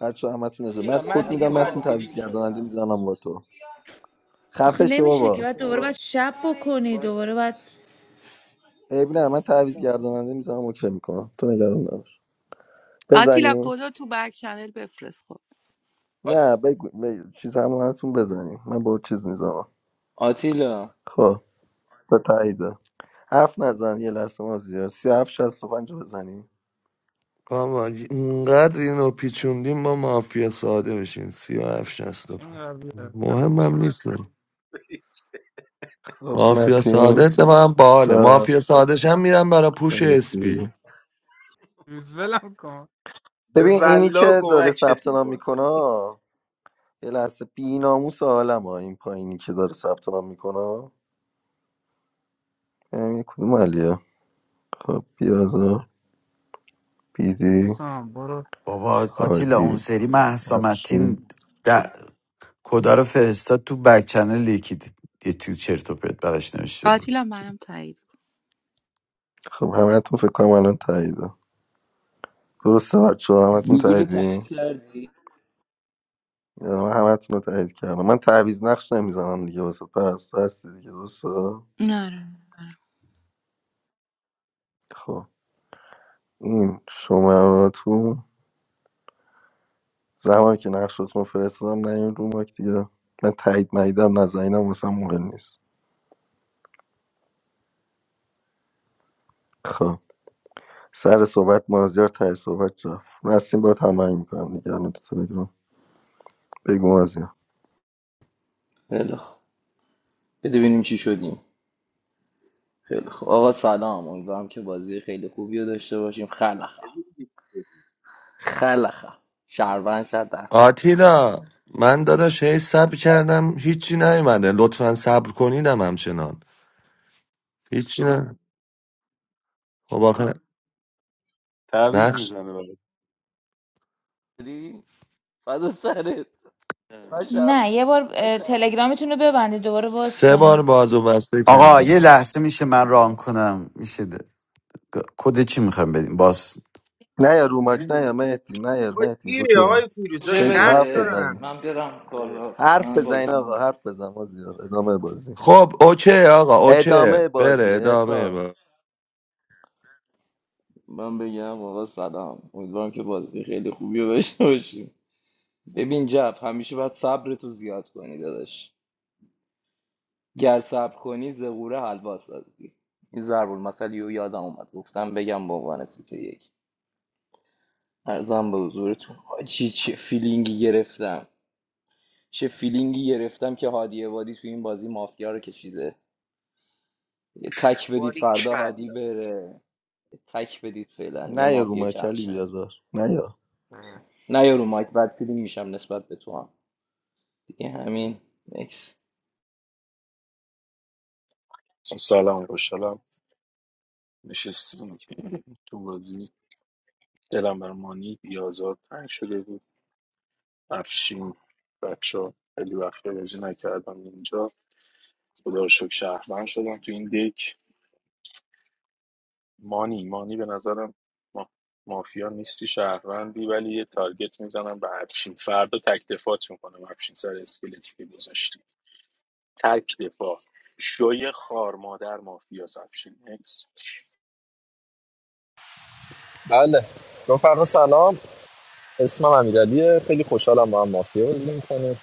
S3: بچه همتون اجازه
S1: آتیلا
S3: من
S1: من
S3: کد
S1: دیگه
S3: میدم
S1: بد
S3: نسیم
S1: فیلینگ
S3: تعویض گرداننده
S1: شدم
S3: میزنم با تو
S19: آخه
S3: خفه شو
S19: نمیشه که
S3: بابا
S19: بعد دوباره
S1: با-
S19: باید شب بکنی دوباره باید
S3: عیب نه من تعویض گرداننده میزنم اوکی میکنم تو نگران نباش
S2: آتیلا
S3: بزنی
S2: کدو تو بک چنل بفرست خب
S3: نه
S1: آت-
S3: بگو بگو. چیز همون هستون بزنی من با چیز میزنم
S1: آتیلا
S3: خب به تاییده حرف نزن یه لحظه ما زیاد سی هفت شست و پنج رو بزنی
S9: بابا اینقدر اینو پیچوندیم ما مافیا ساده بشین سی و هفت شست و پنج
S18: تیم قویه.
S9: مهمم نیستم
S3: خب
S9: مافیا ساده
S3: متین
S9: اتفاقا باحاله
S3: چاپ
S9: مافیا سادهشم میرم برای پوش اسپی
S3: شریفی
S18: روز ولم کن
S13: به
S3: ببین اینی
S13: والله
S3: که داره
S13: کمکت
S3: ثبت نام
S13: میکنه
S3: میکنه یه لحظه بی ناموس عالم ها این پایینی که داره ثبت نام میکنه ببینم یه کدوم علیه خب بیازار بیدی
S18: حسام برو
S12: بابا آتیلا اون
S3: هادی
S12: سری مهسا
S3: افشین
S12: متین د- کدا رو فرستاد تو بک چنل یکی دید. یه تو چرت و پرت براش نوشته بود
S2: آتیلا منم تایید
S3: خب همتون فکر کنم الان تاییده درسته بچه ها همتون
S1: گوگل رو
S3: تاییدی
S1: تایید کردی
S3: یعنی من همتون رو تایید کردم من تعویض نقش نمیزنم دیگه واسه پرستو هستی دیگه درسته
S2: کن نره
S3: خب این شماراتون زمانی که نقشتون رو فرستادم نه این رو مایک دیگه من تایید مایدم نزنینم واسه مهم نیست خب سر صحبت مازیار ته صحبت رفت نسیم باید همه میکنم دیگه الان تو تلگرام بگو مازیار
S1: خیلی خوب بده ببینیم چی شدیم خیلی خوب آقا سلام امیدوارم که بازی خیلی خوبی رو داشته باشیم خلخا خلخا شهروند شدم
S9: آتیلا من داداش هی صبر کردم هیچی نیومده لطفا صبر کنیدم همچنان هیچی نه خب آخه
S16: تعویض
S9: نقش
S16: میزنه برات
S1: داری؟ فدا سرت باشم
S19: نه یه بار اه، تلگرامتون رو ببندید دوباره باز
S9: سه بار
S19: کنید
S9: بازو بسته
S12: آقا
S9: کرده
S12: یه لحظه میشه من ران کنم میشه د- کد چی میخوام بدیم باز
S3: نه یا رومک نه یا مهدی نه یا
S13: با
S3: مهدی
S13: چیه
S3: اوکی
S13: آقای فیروز
S17: جه
S13: داشت
S3: بگو
S13: نقش
S3: حرف
S17: بده
S13: دارن
S3: بزنی
S13: همه
S17: من برم
S13: اه،
S17: بالا
S3: حرف
S17: من
S3: بزنین
S17: بازی
S3: آقا حرف بزن مازیار ادامه بازی
S9: خب اوکی آقا اوکی
S3: ادامه
S9: بره
S3: بازی
S9: ادامه
S3: احسان
S9: با
S1: من بگم آقا سلام امیدوارم که بازی خیلی خوبی رو داشته باشیم ببین جف همیشه باید صبر تو زیاد کنی داداش گر صبر کنی زغوره حلوا سازی این ضرب المثل یو یادم اومد گفتم بگم به عنوان سیته یک ارزم به حضورتون حاجی چه فیلینگی گرفتم چه فیلینگی گرفتم که هادی عبادی تو این بازی مافیا رو کشیده یه تک بدید
S13: باری
S1: فردا هادی
S13: کلا
S1: بره یه تک بدید فعلا یه
S3: نه یا
S1: مافیا
S3: رومک
S1: کم
S3: علی
S1: شه
S3: بیازار نه یا
S1: نه یارو مایک بد فیلینگ میشم نسبت به تو هم دیگه همین نکس
S14: سلام خوشحالم نشستیم تو بازی دلم بر مانی بیازار تنگ شده بود افشین بچه ها خیلی وقت بازی نکردم اینجا خدا رو شکر شهرمند شدم تو این دک مانی مانی به نظرم ما... مافیا نیستی شهروندی ولی یه تارگت میزنم به افشین فردا تک دفاعت میکنم افشین سر اسکلتی که گذاشتی تک دفاع شوی خار مادر مافیا افشین اکس
S21: بله رفقا سلام اسمم امیرعلیه خیلی خوشحالم با هم مافیا بازی میکنیم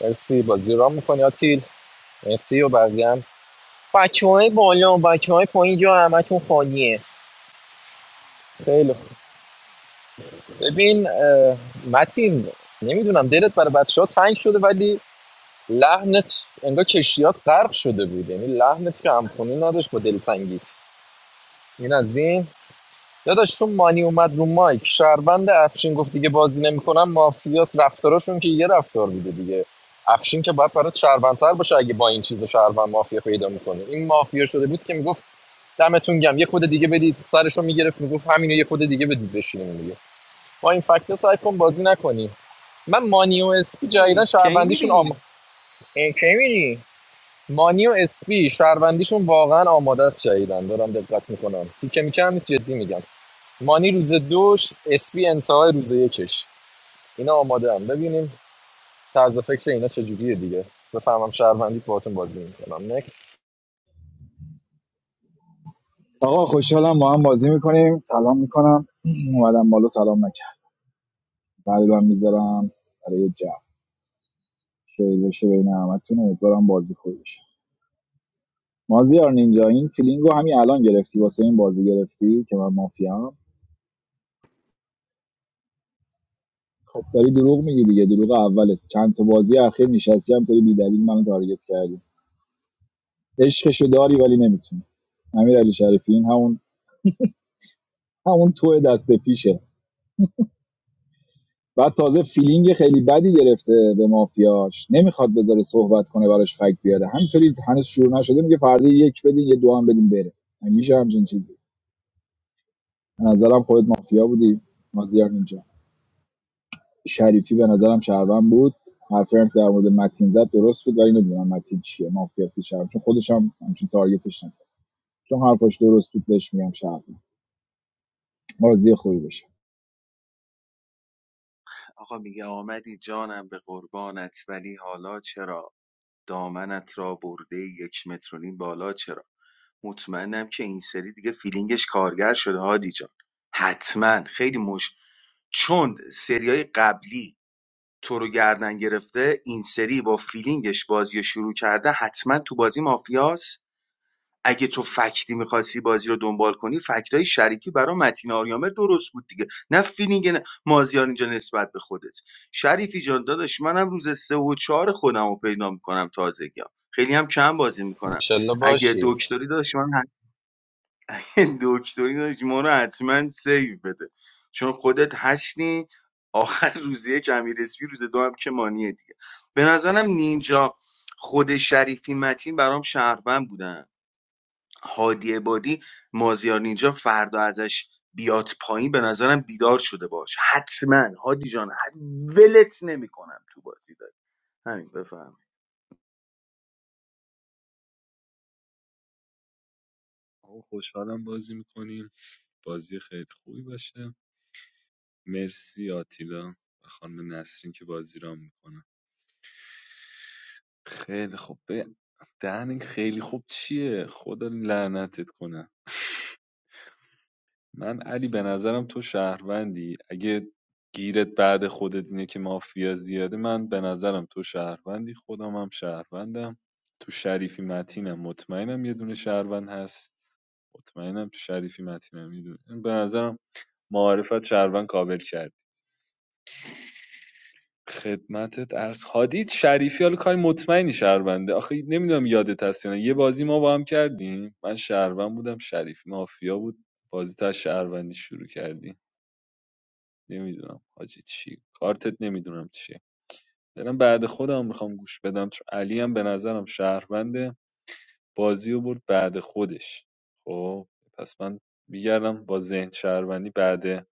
S21: مرسی بازی را میکنی آتیل مرسی و بقیه هم بچه های بالا و بچه های پایین جا همتون خالیه خیلی خوب ببین اه، متین نمیدونم دلت برای بچه ها تنگ شده ولی لحنت انگار کشتیات غرق شده بود یعنی لحنت که همخونی نداشت با دلتنگیت این از این داداش چون مانی اومد رو مایک شهروند افشین گفت دیگه بازی نمیکنم مافیاس رفتاراشون که یه رفتار بوده دیگه افشین که باید برات شهروندتر باشه اگه با این چیز شهروند مافیا پیدا میکنه این مافیا شده بود که میگفت دمتون گم یه خود دیگه بدید سرشو میگرفت میگفت همینو یه خود دیگه بدید بشینیم دیگه با این فکتا سعی کن بازی نکنی من مانی و اسپی
S16: ای،
S21: جدیدا
S16: کی
S21: شهروندیشون
S16: میری
S21: آم اه، کی مانی و اسپی شهروندیشون واقعا آماده است جدیدن دارم دقت میکنم تیکه میکم نیست جدی میگم مانی روز دوش اسپی انتهای روز یکش اینا آماده هم ببینیم طرز فکر اینا چجوریه دیگه بفهمم شهروندی باهاتون بازی میکنم نکس
S22: آقا خوشحالم با هم بازی میکنیم سلام میکنم اومدم بالا سلام نکرد قلبم میذارم برای جمع شیر بشه بین همتون امیدوارم بازی خوبی بشه مازیار نینجا این فیلینگ رو همین الان گرفتی واسه این بازی گرفتی که من مافیام خب داری دروغ میگی دیگه دروغ اولت چند تا بازی اخیر نشستی هم داری بی‌دلیل منو تارگت کردی عشقشو داری ولی نمیتونی امیر علی شریفی این همون همون تو دست پیشه بعد تازه فیلینگ خیلی بدی گرفته به مافیاش نمیخواد بذاره صحبت کنه براش فکت بیاره همینطوری هنوز شروع نشده میگه فردا یک بدین یه دو هم بدین بره میشه همچین چیزی به نظرم خودت مافیا بودی مازیار اینجا شریفی به نظرم شهروند بود حرفی هم که در مورد متین زد درست بود ولی نمیدونم متین چیه مافیا سی شهروند چون خودش هم همچین تارگتش نکرد چون حرفش درست بود بهش میگم شهروند بازی خوبی بشه
S13: آقا میگه آمدی جانم به قربانت ولی حالا چرا دامنت را برده یک متر و نیم بالا چرا مطمئنم که این سری دیگه فیلینگش کارگر شده هادی جان حتما خیلی مش چون سریای قبلی تو رو گردن گرفته این سری با فیلینگش بازی شروع کرده حتما تو بازی مافیاست اگه تو فکتی میخواستی بازی رو دنبال کنی فکتای شریکی برای متین آریامه درست بود دیگه نه فیلینگ نه مازیار اینجا نسبت به خودت شریفی جان داداش منم روز سه و چهار خودم رو پیدا میکنم تازگی خیلی هم کم بازی میکنم
S21: انشالله
S13: اگه
S21: باشی
S13: دکتری داشت من دکتری داشت ما رو حتما سیو بده چون خودت هستی آخر روزیه که امیر اسپی روز دو هم که مانیه دیگه به نظرم نینجا خود شریفی متین برام شهروند بودن هادی عبادی مازیار نینجا فردا ازش بیاد پایین به نظرم بیدار شده باش حتما هادی جان حت- ولت نمیکنم تو بازی داری همین بفهم
S16: آقا خوشحالم بازی میکنیم بازی خیلی خوبی باشه مرسی آتیلا و خانم نسرین که بازی را میکنن خیلی خوب به دهن خیلی خوب چیه خدا لعنتت کنه من علی به نظرم تو شهروندی اگه گیرت بعد خودت اینه که مافیا زیاده من به نظرم تو شهروندی خودم هم شهروندم تو شریفی متینم مطمئنم یه دونه شهروند هست مطمئنم تو شریفی متینم یه دونه به نظرم معارفت شهروند کابل کرد. خدمتت عرض هادی شریفی حالا کاری مطمئنی شهرونده آخه نمیدونم یادت هست یا نه یه بازی ما با هم کردیم من شهروند بودم شریفی مافیا بود بازی تا از شهروندی شروع کردی نمیدونم حاجی چی کارتت نمیدونم چیه برم بعد خودم میخوام گوش بدم چون علی هم به نظرم شهرونده بازی رو برد بعد خودش خب پس من میگردم با ذهن شهروندی بعد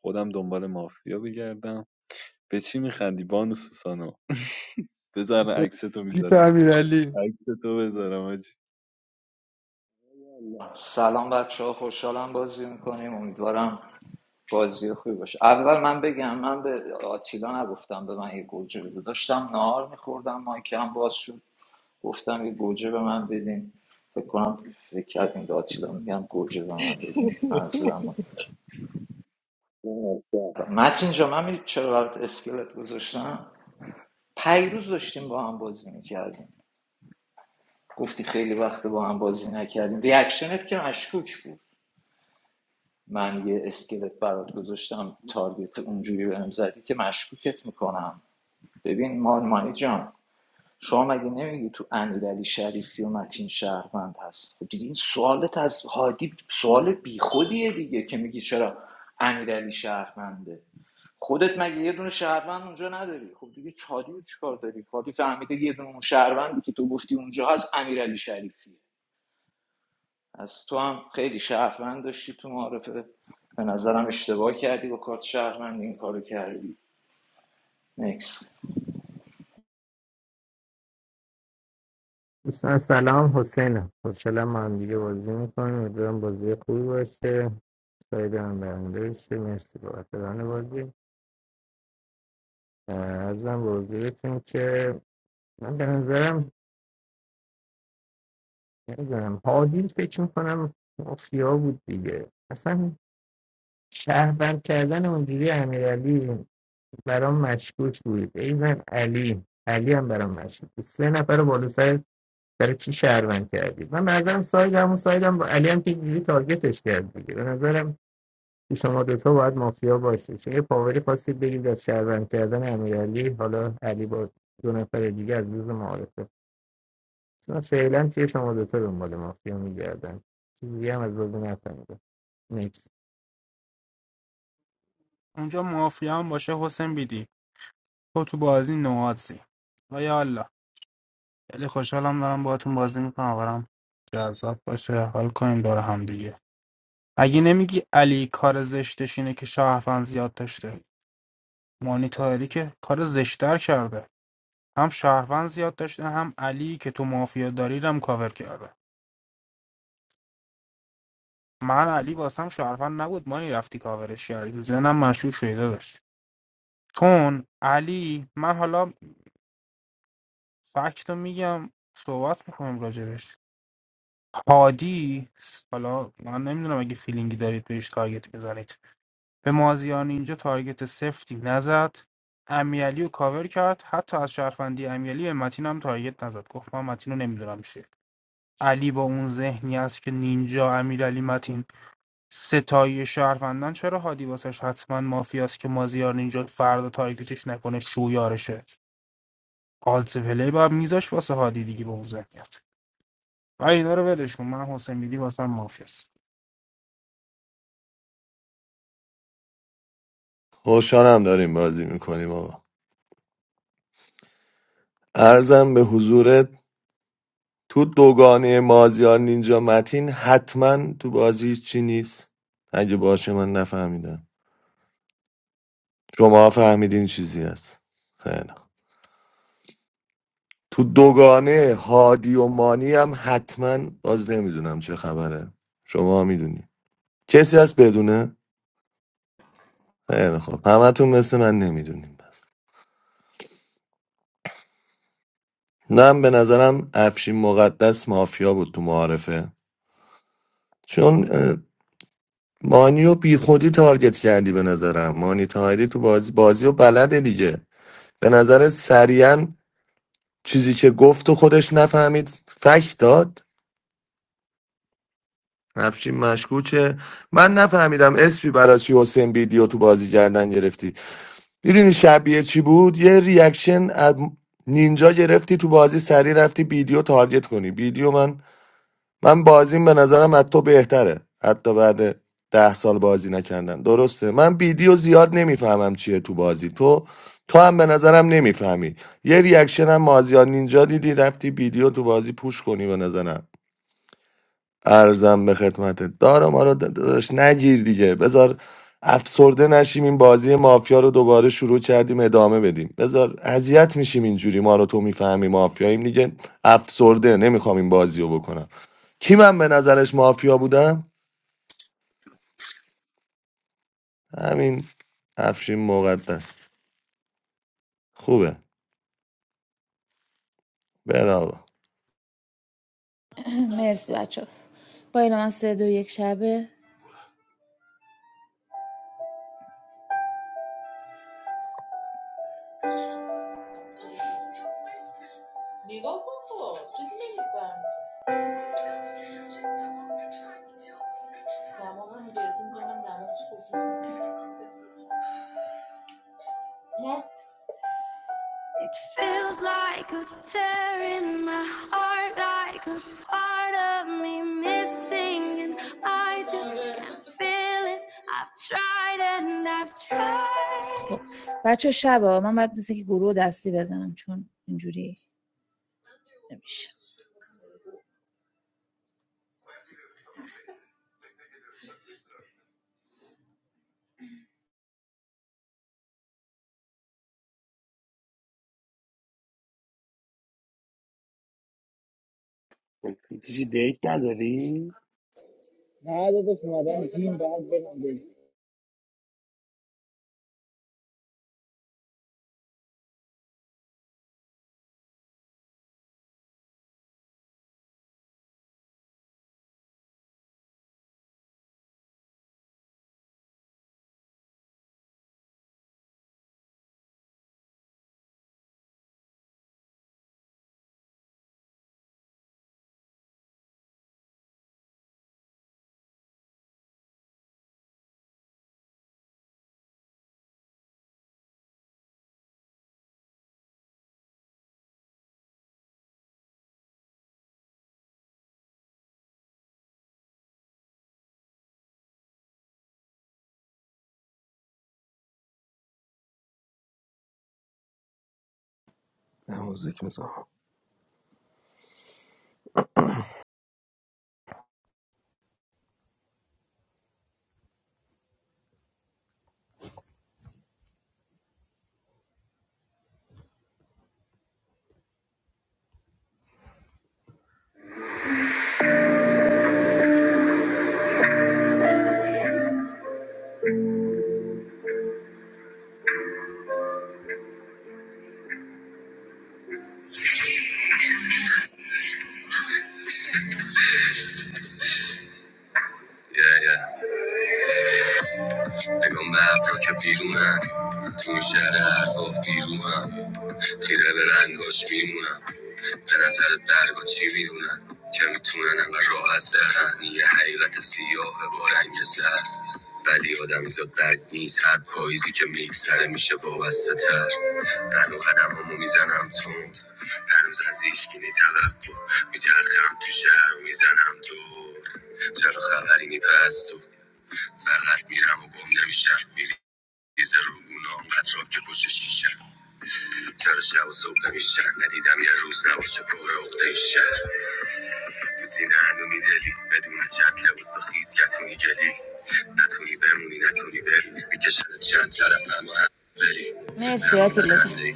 S16: خودم دنبال مافیا بگردم به چی میخندی بانو سوسانو بزن عکستو
S18: بیت
S16: میذارم
S18: امیرعلی
S16: عکستو بذارم حاجی
S17: نمی‌کنم. سلام بچه ها خوشحالم بازی میکنیم امیدوارم بازی خوبی باشه اول من بگم من به آتیلا نگفتم به من یه گوجه بده داشتم نهار میخوردم مایکم باز شد گفتم یه گوجه به من بدین فکر کنم فکر کردیم به آتیلا میگم گوجه به من بدین منظورم اون. متین جا من می‌دونی چرا برات اسکلت گذاشتم پیروز داشتیم با هم بازی میکردیم گفتی خیلی وقت با هم بازی نکردیم ریاکشنت که مشکوک بود من یه اسکلت برات گذاشتم تارگت اونجوری بهم زدی که مشکوکت میکنم ببین مارمانی جان شما مگه نمیگی تو امیرعلی شریفی و متین شهروند هست خب دیگه این سوالت از هادی سوال بیخودیه دیگه که میگی چرا امیرعلی شهرونده خودت مگه یه دونه شهروند اونجا نداری خب دیگه هادی رو چیکار داری هادی فهمیده یه دونه اون شهروندی که تو گفتی اونجا هست امیرعلی شریفیه از تو هم خیلی شهروند داشتی تو معارفه به نظرم اشتباه کردی با کارت شهروند این کارو کردی نکس
S20: دوستان سلام حسینم خوشحالم ما هم دیگه بازی میکنیم امیدوارم بازی خوبی باشه ساید هم برنده بشه مرسی بابت ران بازی اه، عرضم به حضورتون که من به نظرم نمیدونم هادی فکر میکنم مافیا بود دیگه اصلا شهروند کردن اونجوری امیرعلی برام مشکوک بود ایزن علی علی هم برام مشکوک بود. سه نفر بالا سر برای چی شهروند کردی من به نظرم ساید همون سایدم با علی هم که اینجوری تارگتش کرد دیگه به نظرم که شما دوتا باید مافیا باشه چون یه پاوری خواستید بگید از شهروند کردن امیرعلی حالا علی با دو نفر دیگه از روز معارفه چون فعلا که شما دوتا دنبال مافیا میگردن چیزی دیگه هم از بازی نفهمیدم نیکس
S18: اونجا مافیا هم باشه حسین بیدی تو تو بازی نوادزی و یا الله خیلی خوشحالم دارم باهاتون بازی میکنم امیدوارم جذاب باشه حال کنیم دور هم دیگه اگه نمیگی علی کار زشتش اینه که شهروند زیاد داشته مانیتاری که کار زشتر کرده هم شهروند زیاد داشته هم علی که تو مافیا داری رو هم کاور کرده من علی واسم شهروند نبود مانی رفتی کاورش کردی ذهنم مشکوک شده داشت چون علی من حالا فکت رو میگم صحبت میکنیم راجبش هادی حالا من نمیدونم اگه فیلینگی دارید بهش تارگت بزنید به مازیان اینجا تارگت سفتی نزد امیالی رو کاور کرد حتی از شرفندی امیالی به متین هم تارگت نزد گفت من متین رو نمیدونم چیه علی با اون ذهنی است که نینجا امیرعلی متین ستایی شهروندان چرا هادی واسش حتما مافیاست که مازیار نینجا فردا تارگتش نکنه شویارشه آلت پلی باید میذاش واسه هادی دیگه به اون ذهنیت و اینا رو ولش کن من حسین بیدی واسم مافیاست
S9: خوشحالم داریم بازی میکنیم آقا ارزم به حضورت تو دوگانه مازیار نینجا متین حتما تو بازی چی نیست اگه باشه من نفهمیدم شما فهمیدین چیزی هست خیلی تو دوگانه هادی و مانی هم حتما باز نمیدونم چه خبره شما میدونی کسی هست بدونه خیلی خب همتون مثل من نمیدونیم بس من به نظرم افشین مقدس مافیا بود تو معارفه چون اه، مانی و بیخودی تارگت کردی به نظرم مانی تایری تو بازی بازی و بلده دیگه به نظر سریعا چیزی که گفت و خودش نفهمید فکت داد افشین مشکوکه من نفهمیدم اسپی برای چی حسین ویدیو تو بازی کردن گرفتی دیدین شبیه چی بود یه ریاکشن از نینجا گرفتی تو بازی سری رفتی ویدیو تارگت کنی ویدیو من من بازیم به نظرم از تو بهتره حتی بعد ده سال بازی نکردن درسته من ویدیو زیاد نمیفهمم چیه تو بازی تو تو هم به نظرم نمیفهمی یه ریاکشن هم مازیار نینجا دیدی رفتی ویدیو تو بازی پوش کنی به نظرم ارزم به خدمتت دارا ما رو داداش نگیر دیگه بذار افسرده نشیم این بازی مافیا رو دوباره شروع کردیم ادامه بدیم بذار اذیت میشیم اینجوری ما رو تو میفهمی مافیاییم دیگه افسرده نمیخوام این بازی رو بکنم کی من به نظرش مافیا بودم همین افشین مقدس خوبه برا
S19: مرسی بچه با این من سه دو یک شبه It feels like a tear in my heart, like a part of me missing, and I just can't feel it. I've tried and I've tried. خب بچه شبه من باید مثل که گروه دستی بزنم چون اینجوری نمیشه
S23: کسی دیت نداری؟
S8: Na ado to smadan, jima bad be na dey.
S3: نه موزیک میزن نگاه مپ را که بیرونن تو این شهر حرفا دیروهم خیره به رنگاش میمونم به نظرت برگا چی میدونن که میتونن انقدر راحت برن یه حقیقت سیاه با رنگ سرد ولی آدمی زاد برگ نیست هر پاییزی که میگذره میشه وابسته تر من و قدمامو میزنم تند هنوز از ایشگینی توقع میچرخم تو شهر و میزنم دور چرا خبری نیپس تو فقط میرم و گم نمیشم میریزه رو گونام قطرات که پشت شیشه سر شب و صبح نمیشن ندیدم یه روز نباشه پر عقده این شهر تو سینه هنو میدلی بدون چت لباس و خیز کتونی گلی نتونی بمونی نتونی بری میکشن چند طرف اما هم بری
S19: مرسی
S3: نمونده
S19: آتیلا جان
S3: خنده ای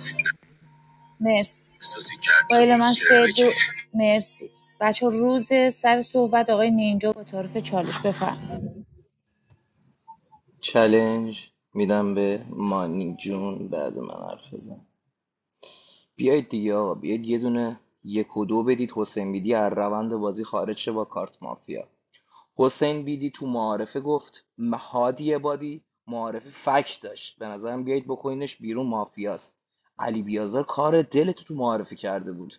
S19: مرسی
S3: احساسی که
S19: با
S3: حتی
S19: اعلام من
S3: باش شعر
S19: سه
S3: بگی
S19: دو مرسی بچه روز سر صحبت آقای نینجا با طرف چالش بفرم
S1: چلنج میدم به مانی جون بعد من حرف بزن بیایید دیگه آقا بیایید یه دونه یک و دو بدید حسین بیدی از روند بازی خارج شه با کارت مافیا حسین بیدی تو معارفه گفت م- هادی بادی معارفه فک داشت به نظرم بیایید بکنینش بیرون مافیاست علی بیازار کار دلتو تو معارفه کرده بود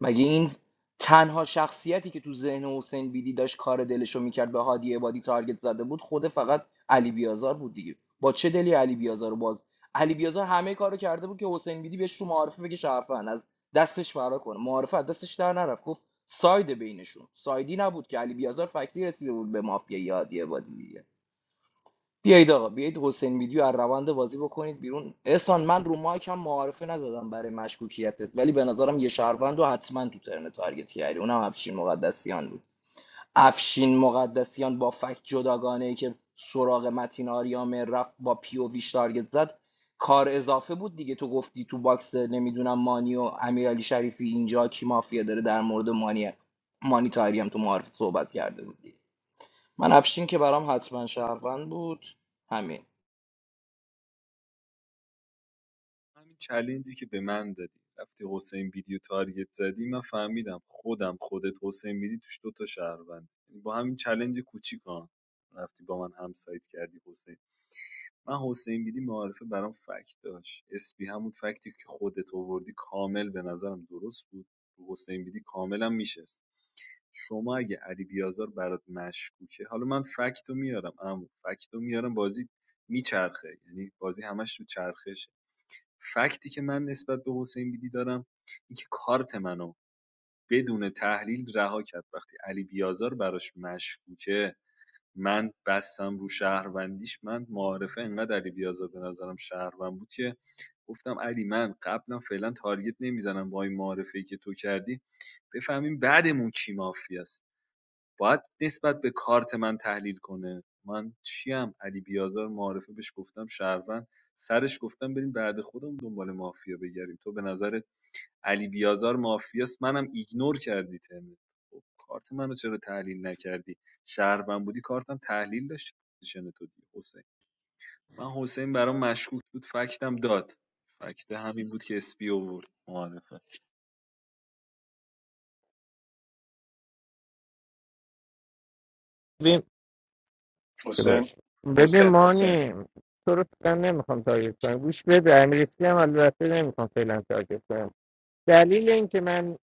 S1: مگه این تنها شخصیتی که تو ذهن حسین بیدی داشت کار دلشو میکرد به هادی عبادی تارگت زده بود خود فقط علی بیازار بود دیگه با چه دلی علی بیازار رو باز علی بیازار همه کارو کرده بود که حسین بیدی بهش تو معارفه بگه شرفن از دستش فرار کنه معارفه از دستش در نرفت گفت ساید بینشون سایدی نبود که علی بیازار فکتی رسیده بود به مافیا هادی عبادی دیگه بیایید آقا بیایید حسین ویدیو از روند بازی بکنید بیرون احسان من رو مایک هم معارفه نزدم برای مشکوکیتت ولی به نظرم یه شهروند رو حتما تو ترن تارگت کردی اونم افشین مقدسیان بود افشین مقدسیان با فکت جداگانه ای که سراغ متین آریام رفت با پی او ویش تارگت زد کار اضافه بود دیگه تو گفتی تو باکس نمیدونم مانی و امیرعلی شریفی اینجا کی مافیا داره در مورد مانی مانی تاهری هم تو معارفه صحبت کرده بودی من افشین که برام حتما شهروند بود همین
S16: همین چلنجی که به من دادی وقتی حسین بیدی رو تارگت زدی من فهمیدم خودم خودت حسین بیدی توش دوتا شهروند یعنی با همین چلنج کوچیک ها رفتی با من هم سایت کردی حسین من حسین بیدی معارفه برام فکت داشت اسپی همون فکتی که خودت آوردی کامل به نظرم درست بود حسین بیدی کاملا میشست شما اگه علی بیازار برات مشکوکه حالا من فکت میارم اما فکت میارم بازی میچرخه یعنی بازی همش تو چرخشه فکتی که من نسبت به حسین بیدی دارم اینکه کارت منو بدون تحلیل رها کرد وقتی علی بیازار براش مشکوکه من بستم رو شهروندیش من معارفه انقدر علی بیازار به نظرم شهروند بود که گفتم علی من قبلا فعلا تارگت نمیزنم با این معارفه که تو کردی بفهمیم بعدمون کی مافیاست باید نسبت به کارت من تحلیل کنه من چیم علی بیازار معارفه بهش گفتم شهروند سرش گفتم بریم بعد خودمون دنبال مافیا بگردیم تو به نظر علی بیازار مافیاست منم ایگنور کردی ترمت خب کارت منو چرا تحلیل نکردی شهروند بودی کارتم تحلیل داشت پوزیشن تو دیگه حسین من حسین برام مشکوک بود فکتم داد فکت همین بود که اسپی آورد معارفه
S20: ببین
S14: حسین
S20: ببین
S14: حسین حسین
S20: مانی تو رو فعلا نمیخوام تارگت کنم گوش بده امیرعلی هم البته نمیخوام فعلا تارگت کنم دلیل این که من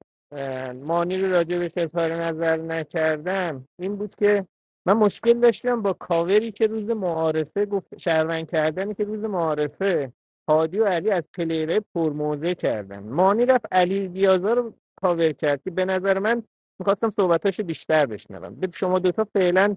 S20: مانی رو راجع بهش اظهار نظر نکردم این بود که من مشکل داشتم با کاوری که روز معارفه گفت شهروند کردنی که روز معارفه هادی و علی از پلیره پرموزه کردن مانی رفت علی بیازار رو کاور کرد که به نظر من میخواستم صحبتاشو بیشتر بشنوم به شما دوتا فعلا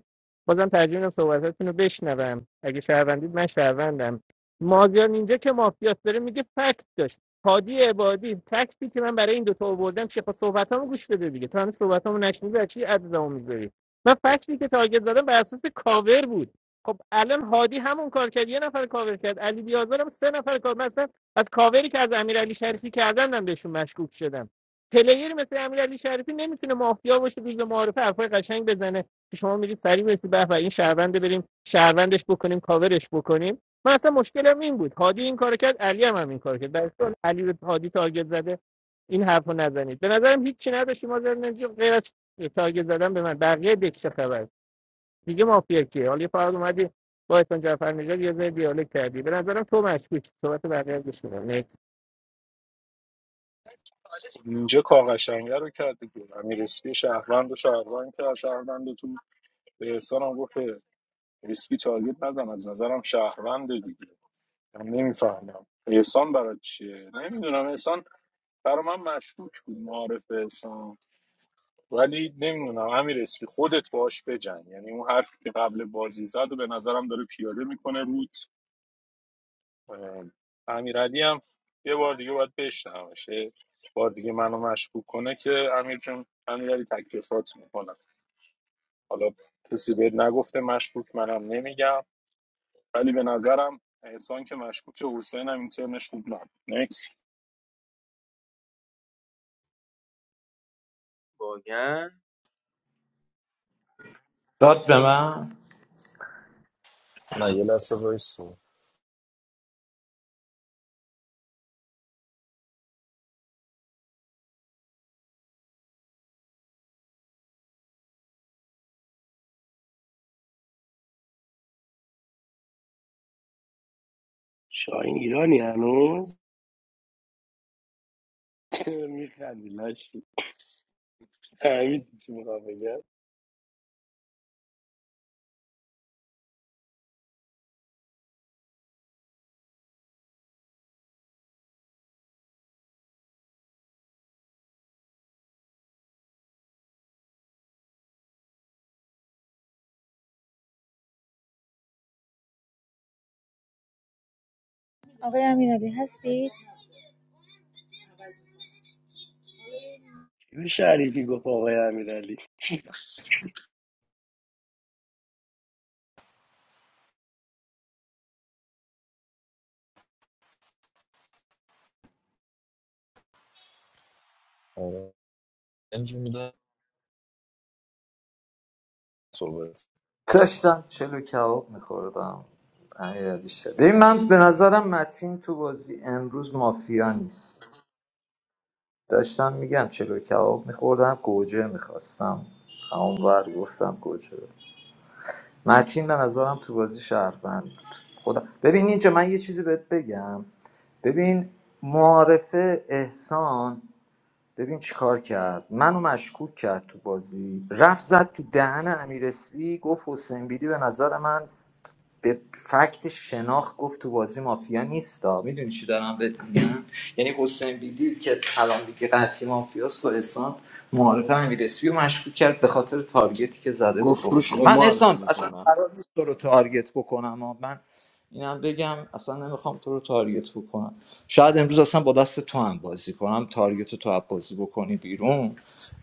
S20: بازم ترجیح میدم صحبتاتون رو بشنوم اگه شهروندید من شهروندم مازیار اینجا که مافیاست داره میگه فکت داشت هادی عبادی تکسی که من برای این دوتا آوردم چه خب صحبتامو گوش بده دیگه تو هنوز صحبتامو نشنیدی از چی عددمو میذاری من فکتی که تارگت زدم بر اساس کاور بود خب الان هادی همون کار کرد یه نفر کاور کرد علی بیازار سه نفر کار. من از کاوری که از امیرعلی شریفی کردن من بهشون مشکوک شدم پلیری مثل امیرعلی شریفی نمیتونه مافیا باشه روز معارفه حرفای قشنگ بزنه که شما میری سری برسی به به این شهرونده بریم شهروندش بکنیم کاورش بکنیم من اصلا مشکلم این بود هادی این کارو کرد علی هم, هم این کارو کرد برای چون علی به هادی تارگت زده این حرفو نزنید به نظرم هیچی نداشتی ما در نزدی غیر از تارگت زدن به من بقیه دک چه خبر دیگه مافیا کیه حالا یه فرد اومدی با احسان جعفر نژاد یه ذره دیالوگ کردی به نظرم تو مشکوکی صحبت بقیه رو گوش میدم
S14: اینجا کاغشنگه رو کرد دیگه امیر اسپی شهروند و شهروند کرد شهروند تو به احسان هم گفت که اسپی تارگت نزن از نظرم شهروند دیگه من نمیفهمم احسان برای چیه نمیدونم احسان برا من مشکوک بود معارف احسان ولی نمیدونم امیر اسپی خودت باش بجنگ یعنی اون حرفی که قبل بازی زد و به نظرم داره پیاده میکنه روت اه، امیرعلی هم یه بار دیگه باید بشنومش یه بار دیگه منو مشکوک کنه که امیر جون امیرعلی تکلیفات میکنه حالا کسی بهت نگفته مشکوک منم نمیگم ولی به نظرم احسان که مشکوک حسین هم این ترمش خوب نبود Next.
S13: باگن
S17: داد به من
S21: نه یه لحظه وایسو
S23: شاهین ایرانی هنوز میخندی لاشی همین چی میخوام بگم
S19: آقای امیرعلی هستید؟
S23: کی به شریفی گفت آقای امیرعلی
S21: آره. انجام میدم صحبت
S17: داشتم چلو کباب میخوردم امیرعلی شریف، ببین من به نظرم متین تو بازی امروز مافیا نیست داشتم میگم چلو کباب میخوردم گوجه میخواستم اونور گفتم گوجه متین به نظرم تو بازی شهروند بود خدا ببین اینجا من یه چیزی بهت بگم ببین معارفه احسان ببین چیکار کرد منو مشکوک کرد تو بازی رفت زد تو دهن امیر اسپی گفت حسین بیدی به نظر من به فکت شناخت گفت تو بازی مافیا نیستا میدونی چی دارم بهت میگم یعنی حسین بیدی که الان دیگه قطعی مافیاس با احسان معارف امیر اسپی رو مشکوک کرد به خاطر تارگتی که زده بود
S1: گفت
S17: به
S1: روش
S17: حسین من
S1: قمار
S17: احسان اصلا
S1: نمیکنم
S17: قرار نیست تو رو تارگت بکنم اما من اینم بگم اصلا نمیخوام تو رو تارگت بکنم شاید امروز اصلا با دست تو هم بازی کنم تارگت رو تو هم بازی بکنی بیرون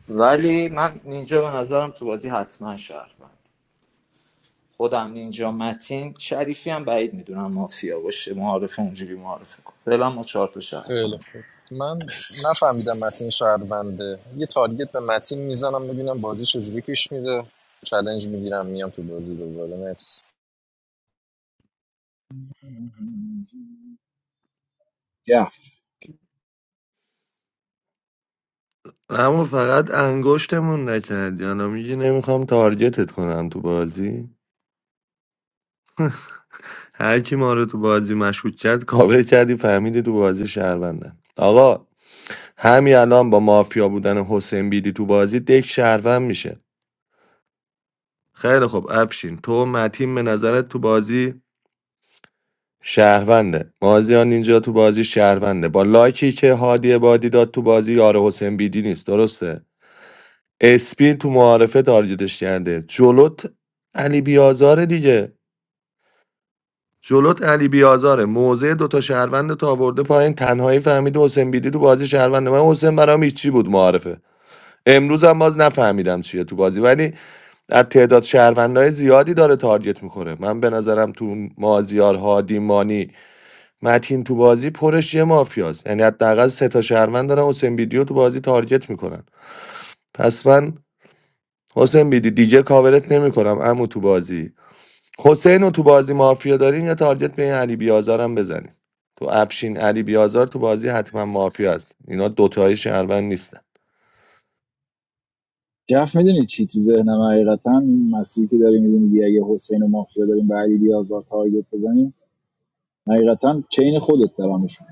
S17: ولی من اینجا به نظرم تو بازی حتما شهر خودم اینجا متین شریفی هم بعید میدونم مافیا باشه معارف اونجوری معارفه کن فعلا ما چهار تا
S21: خیلی
S17: شهروند
S21: خوب من نفهمیدم متین شهرونده یه تارگت به متین میزنم ببینم بازی چجوری پیش میره چالش میگیرم میام تو بازی دوباره نکس
S22: yeah.
S9: اما فقط انگشتمون نکردی الان میگی نمیخوام تارگتت کنم تو بازی هر کی ما رو تو بازی مشکوک کرد کاور کردی فهمیدی تو بازی شهروندن آقا همین الان با مافیا بودن حسین بیدی تو بازی دک شهروند میشه خیلی خب افشین تو و متین به نظرت تو بازی شهرونده مازیان اینجا تو بازی شهرونده با لایکی که هادی بادی داد تو بازی یار حسین بیدی نیست درسته اسپین تو معارفه تارگتش کرده جلوت علی بیازاره دیگه جلوت علی بیازاره موضع دوتا شهروند تا آورده پایین تنهایی فهمید حسین بیدی تو بازی شهروند من حسین برام هیچی بود معارفه امروز هم باز نفهمیدم چیه تو بازی ولی از تعداد شهروندهای زیادی داره تارگت میخوره من به نظرم تو مازیار هادی مانی متین تو بازی پرش یه مافیاست یعنی حداقل سه تا شهروند دارن حسین بیدی رو تو بازی تارگت میکنن پس من حسین بیدی دیگه کاورت نمیکنم امو تو بازی حسین رو تو بازی مافیا دارین یا تارگت به این علی بیازار هم بزنین تو افشین علی بیازار تو بازی حتما مافیا است اینا دوتای شهروند نیستن
S22: جف میدونی چی تو ذهنم حقیقتا این مسیری که داری میدونی میگی اگه حسین و مافیا داریم به علی بیازار تارگت بزنیم حقیقتا چین خودت دارمشون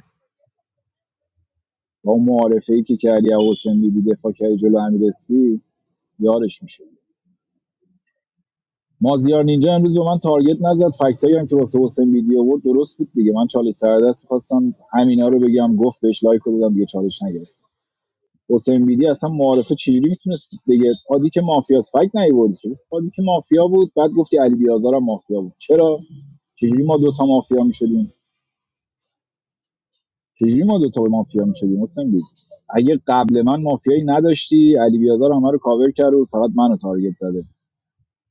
S22: با اون معارفه ای که کردی از حسین میدی دفاع کردی جلو امیر یارش میشه مازیار نینجا امروز به من تارگت نزد فکتایی هم که واسه حسین بیدی آورد درست بود دیگه من چالش سر دست خواستم همینا رو بگم گفت بهش لایک رو دادم دیگه چالش نگرفتم. حسین بیدی اصلا معارفه چجوری میتونست بگه هادی که مافیاس فکت نیوردی که هادی که مافیا بود بعد گفتی علی بیازار هم مافیا بود چرا چجوری ما دوتا مافیا میشدیم چجوری ما دوتا مافیا میشدیم حسین بیدی اگه قبل من مافیایی نداشتی علی بیازار همه رو کاور کرد و فقط منو تارگت زده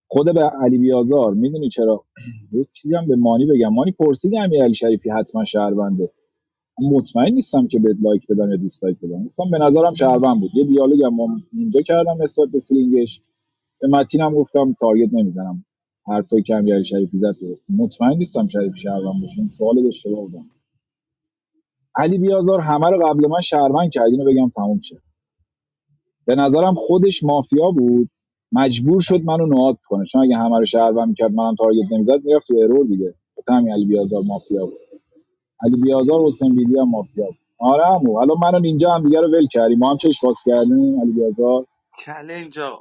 S22: خود به علی بیازار میدونی چرا یه چیزی هم به مانی بگم مانی پرسیدی امیر علی شریفی حتما شهرونده مطمئن نیستم که بهت لایک بدم یا دیسلایک بدم گفتم به نظرم شهروند بود یه دیالوگ هم ما اینجا کردم نسبت به فیلینگش به متینم گفتم تارگت نمیزنم حرفای کم یاری شریفی زد درست مطمئن نیستم شریفی شهروند باشه این سوال اشتباه بودم علی بیازار همه رو قبل من شهروند کرد اینو بگم تموم شه به نظرم خودش مافیا بود مجبور شد منو نواد کنه چون اگه همه رو شهروند میکرد منم تارگت نمیزد میرفت تو ارور دیگه گفتم علی بیازار مافیا علی بیازار و حسین بیدی هم مافیا بود. آره عمو الان منو اینجا هم دیگه رو ول کردیم ما هم چش باز کردیم علی بیازار
S13: چلنج آقا.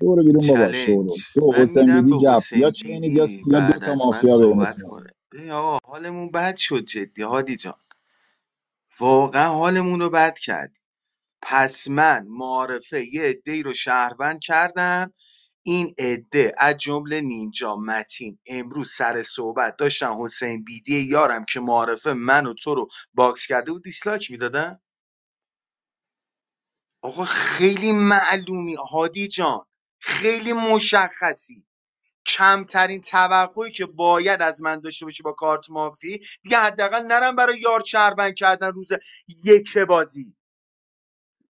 S22: برو بیرون بابا
S13: چلنج
S22: شورو تو
S13: من
S22: حسین
S13: میدم
S22: بیدی
S13: به
S22: جف یا
S13: حسین
S22: چینید یا
S13: بیدی
S22: یا دو
S13: بعد
S22: تا
S13: از من
S22: مافیا
S13: صحبت
S22: بینتون
S13: کنه
S22: هست.
S13: ببین آقا حالمون بد شد جدی هادی جان واقعا حالمون رو بد کردی پس من معارفه یه عده رو شهروند کردم این عده از جمله نینجا متین امروز سر صحبت داشتن حسین بیدی یارم که معارفه من و تو رو باکس کرده و دیسلاک میدادن آقا خیلی معلومی هادی جان خیلی مشخصی کمترین توقعی که باید از من داشته باشی با کارت مافی دیگه حداقل نرم برای یار شهروند کردن روز یک بازی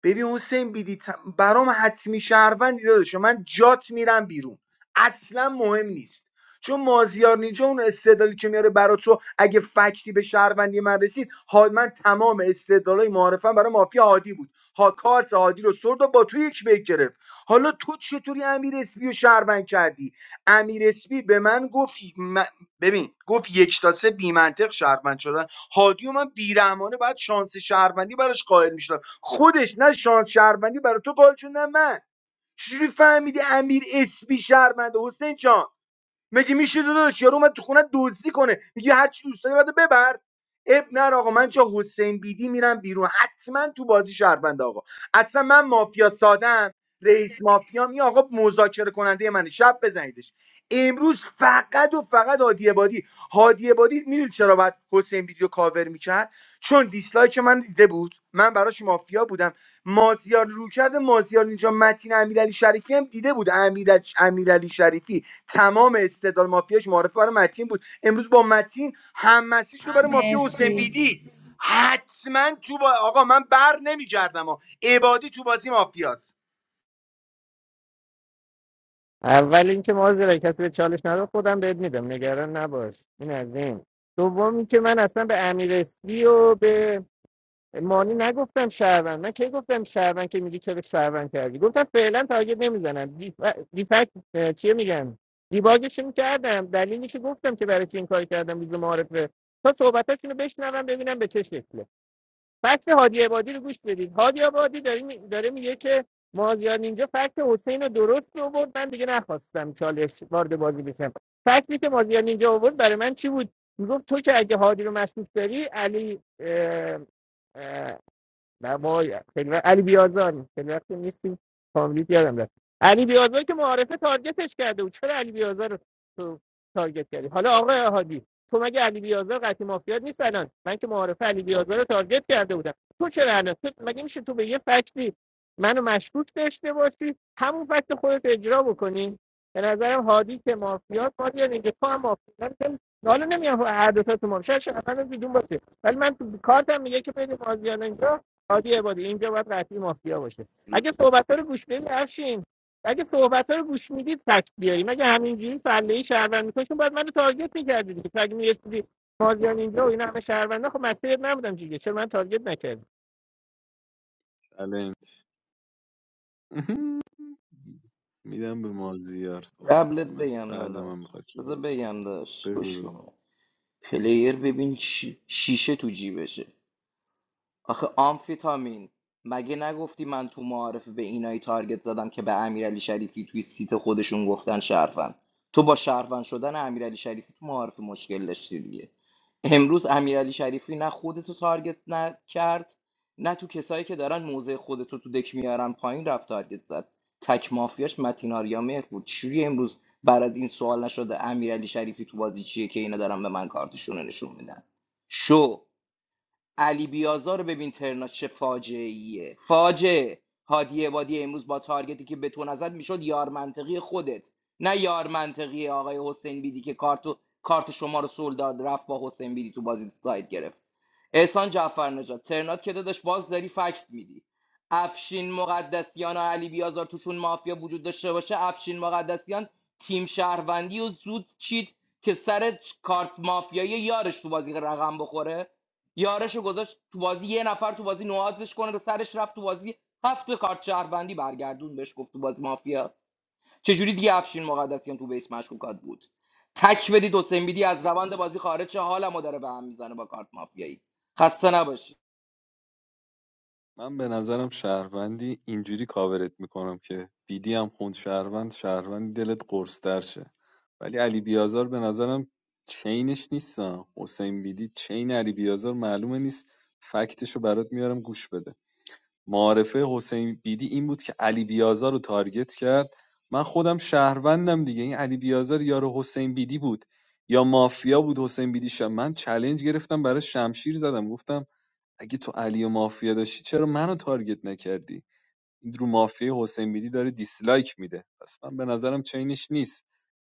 S13: ببین حسین بیدی برام حتمی شهروندی داداشه من جات میرم بیرون اصلا مهم نیست چون مازیار نینجا اون استدلالی که میاره برا تو اگه فکتی به شهروندی من رسید ها من تمام استدلالای معارفم برای مافیا هادی بود ها کارت هادی رو سرد و با تو یک به یک گرفت حالا تو چطوری امیر اسپی رو شهروند کردی امیر اسپی به من گفت من- ببین گفت یک تا سه بی منطق شهروند شدن هادی و من بیرحمانه بعد شانس شهروندی براش قائل میشدم خودش نه شانس شهروندی برای تو قائل شد نه من چجوری فهمیدی امیر اسپی شهرونده حسین جان مگه میشه داداش یارو اومد تو خونه دزدی کنه میگه هر چی دوست داری بده ببر اب نه آقا من چه حسین بیدی میرم بیرون حتما تو بازی شهروند آقا اصلا من مافیا سادم رئیس مافیا می آقا مذاکره کننده منه شب بزنیدش امروز فقط و فقط هادی بادی هادی بادی میدونی چرا باید حسین بیدی رو کاور میکرد چون دیسلایک من دیده بود من براش مافیا بودم مازیار رو کرده مازیار اینجا متین امیرعلی شریفی هم دیده بود امیرعلی امیرعلی شریفی تمام استدلال مافیاش معرفه برای متین بود امروز با متین هم مسیج رو برای مافیا حسین
S19: مرسی
S13: بیدی حتما تو با... آقا من بر نمیگردم ها عبادی تو بازی مافیاست
S20: اول اینکه ما کسی به چالش نداد خودم بهت میدم نگران نباش این از این دوم اینکه من اصلا به امیر اسپی و به مانی نگفتم شهروند من کی گفتم شهروند که میگی چرا شهروند کردی گفتم فعلا تارگت نمیزنم دیف... دیفکت اه، چیه میگن دیباگشون کردم دلیلش گفتم که برای چی این کار کردم روز معارفه تا صحبتاشونو بشنوم ببینم به چه شکله فکت هادی عبادی رو گوش بدید هادی عبادی داره, می... داره میگه که مازیار اینجا فکت حسین رو درست آورد من دیگه نخواستم چالش وارد بازی بشم فکتی که مازیار اینجا آورد برای من چی بود میگفت تو که اگه هادی رو مشکوک داری علی اه... نه ما خیلی وقت- علی بیازار خیلی وقت نیستیم کاملیت یادم رفت علی بیازار که معارفه تارگتش کرده بود چرا علی بیازار رو تو تارگت کردی حالا آقای احادی تو مگه علی بیازار قطعی مافیات نیست الان من که معارفه علی بیازار رو تارگت کرده بودم تو چرا الان تو مگه میشه تو به یه فکتی منو مشکوک داشته باشی همون فکت خودت اجرا بکنی به نظرم هادی که مافیات مافیا اینجا تو هم مافیا من نمی- حالا نمیام هر دو تا تو مافیا شاید شهروندم بیدون باشه ولی من تو کارتم میگه که بین مازیار اینجا هادی عبادی اینجا باید قطعی مافیا باشه اگه صحبت رو گوش بدید افشین اگه صحبت رو گوش میدید فکت بیاریم مگه همینجوری فله ای شهروند میکنید چون باید منو تارگت میکردید که اگه میرسیدی مازیان اینجا و اینا همه شهروندا خب مسیرت نبودم دیگه چرا من تارگت نکردم
S16: چالش میدم به مازیار صحبت
S1: قبلت
S16: کنه
S1: بگم
S16: بعد من
S1: داداش
S16: بخواد
S1: بذار بگم داداش
S16: بگو
S1: گوش کن پلیر ببین چی- شیشه تو جیبشه آخه آمفیتامین مگه نگفتی من تو معارفه به اینایی تارگت زدم که به امیرعلی شریفی توی سیت خودشون گفتن شهروند تو با شهروند شدن امیرعلی شریفی تو معارفه مشکل داشتی دیگه امروز امیرعلی شریفی نه خودتو تارگت نه کرد نه تو کسایی که دارن موزه خودتو تو دک میارن پایین رفت تارگت زد تک مافیاش متین آریا مهر بود چوری امروز برات این سوال نشده امیرعلی شریفی تو بازی چیه که اینا دارن به من کارتشون رو نشون میدن شو علی بیازار رو ببین ترنا چه فاجعه ایه فاجعه هادی عبادی امروز با تارگتی که به تو نزد میشد یار منطقی خودت نه یار منطقی آقای حسین بیدی که کارتو کارت شما رو سول داد رفت با حسین بیدی تو بازی ساید گرفت احسان جعفر نجات ترنات که داداش باز داری فکت میدی افشین مقدسیان و علی بیازار توشون مافیا وجود داشته باشه افشین مقدسیان تیم شهروندی و زود چیت که سر کارت مافیایی یارش تو بازی رقم بخوره یارشو گذاشت تو بازی یه نفر تو بازی نوازش کنه به سرش رفت تو بازی هفت تا کارت شهروندی برگردون بهش گفت تو بازی مافیا چجوری دیگه افشین مقدسیان تو بیس مشکوکات بود تک بدید حسین بیدی از روند بازی خارج شه حالمو داره به هم میزنه با کارت مافیایی خسته نباشی
S16: من به نظرم شهروندی اینجوری کاورت میکنم که بیدی هم خوند شهروند شهروندی دلت قرصتر شه ولی علی بیازار به نظرم چینش نیستم حسین بیدی چین علی بیازار معلومه نیست فکتشو برات میارم گوش بده معارفه حسین بیدی این بود که علی بیازار رو تارگت کرد من خودم شهروندم دیگه این علی بیازار یار حسین بیدی بود یا مافیا بود حسین بیدی شم من چلنج گرفتم برای شمشیر زدم گفتم اگه تو علی و مافیا داشتی چرا منو تارگت نکردی این رو مافیا حسین بیدی داره دیسلایک میده پس من به نظرم چینش نیست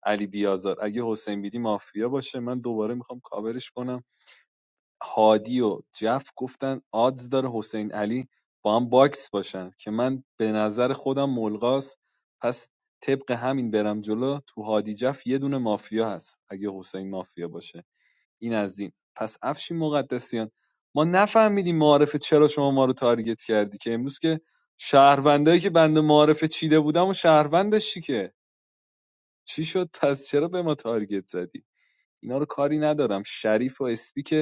S16: علی بیازار اگه حسین بیدی مافیا باشه من دوباره میخوام کاورش کنم هادی و جف گفتن آدز داره حسین علی با هم باکس باشن که من به نظر خودم ملغاست پس طبق همین برم جلو تو هادی جف یه دونه مافیا هست اگه حسین مافیا باشه این از این پس افشین مقدسیان ما نفهمیدیم معارفه چرا شما ما رو تارگت کردی که امروز که شهروندایی که بنده معارفه چیده بودم و شهروند داشتی که چی شد پس چرا به ما تارگت زدی اینا رو کاری ندارم شریف و اسپی که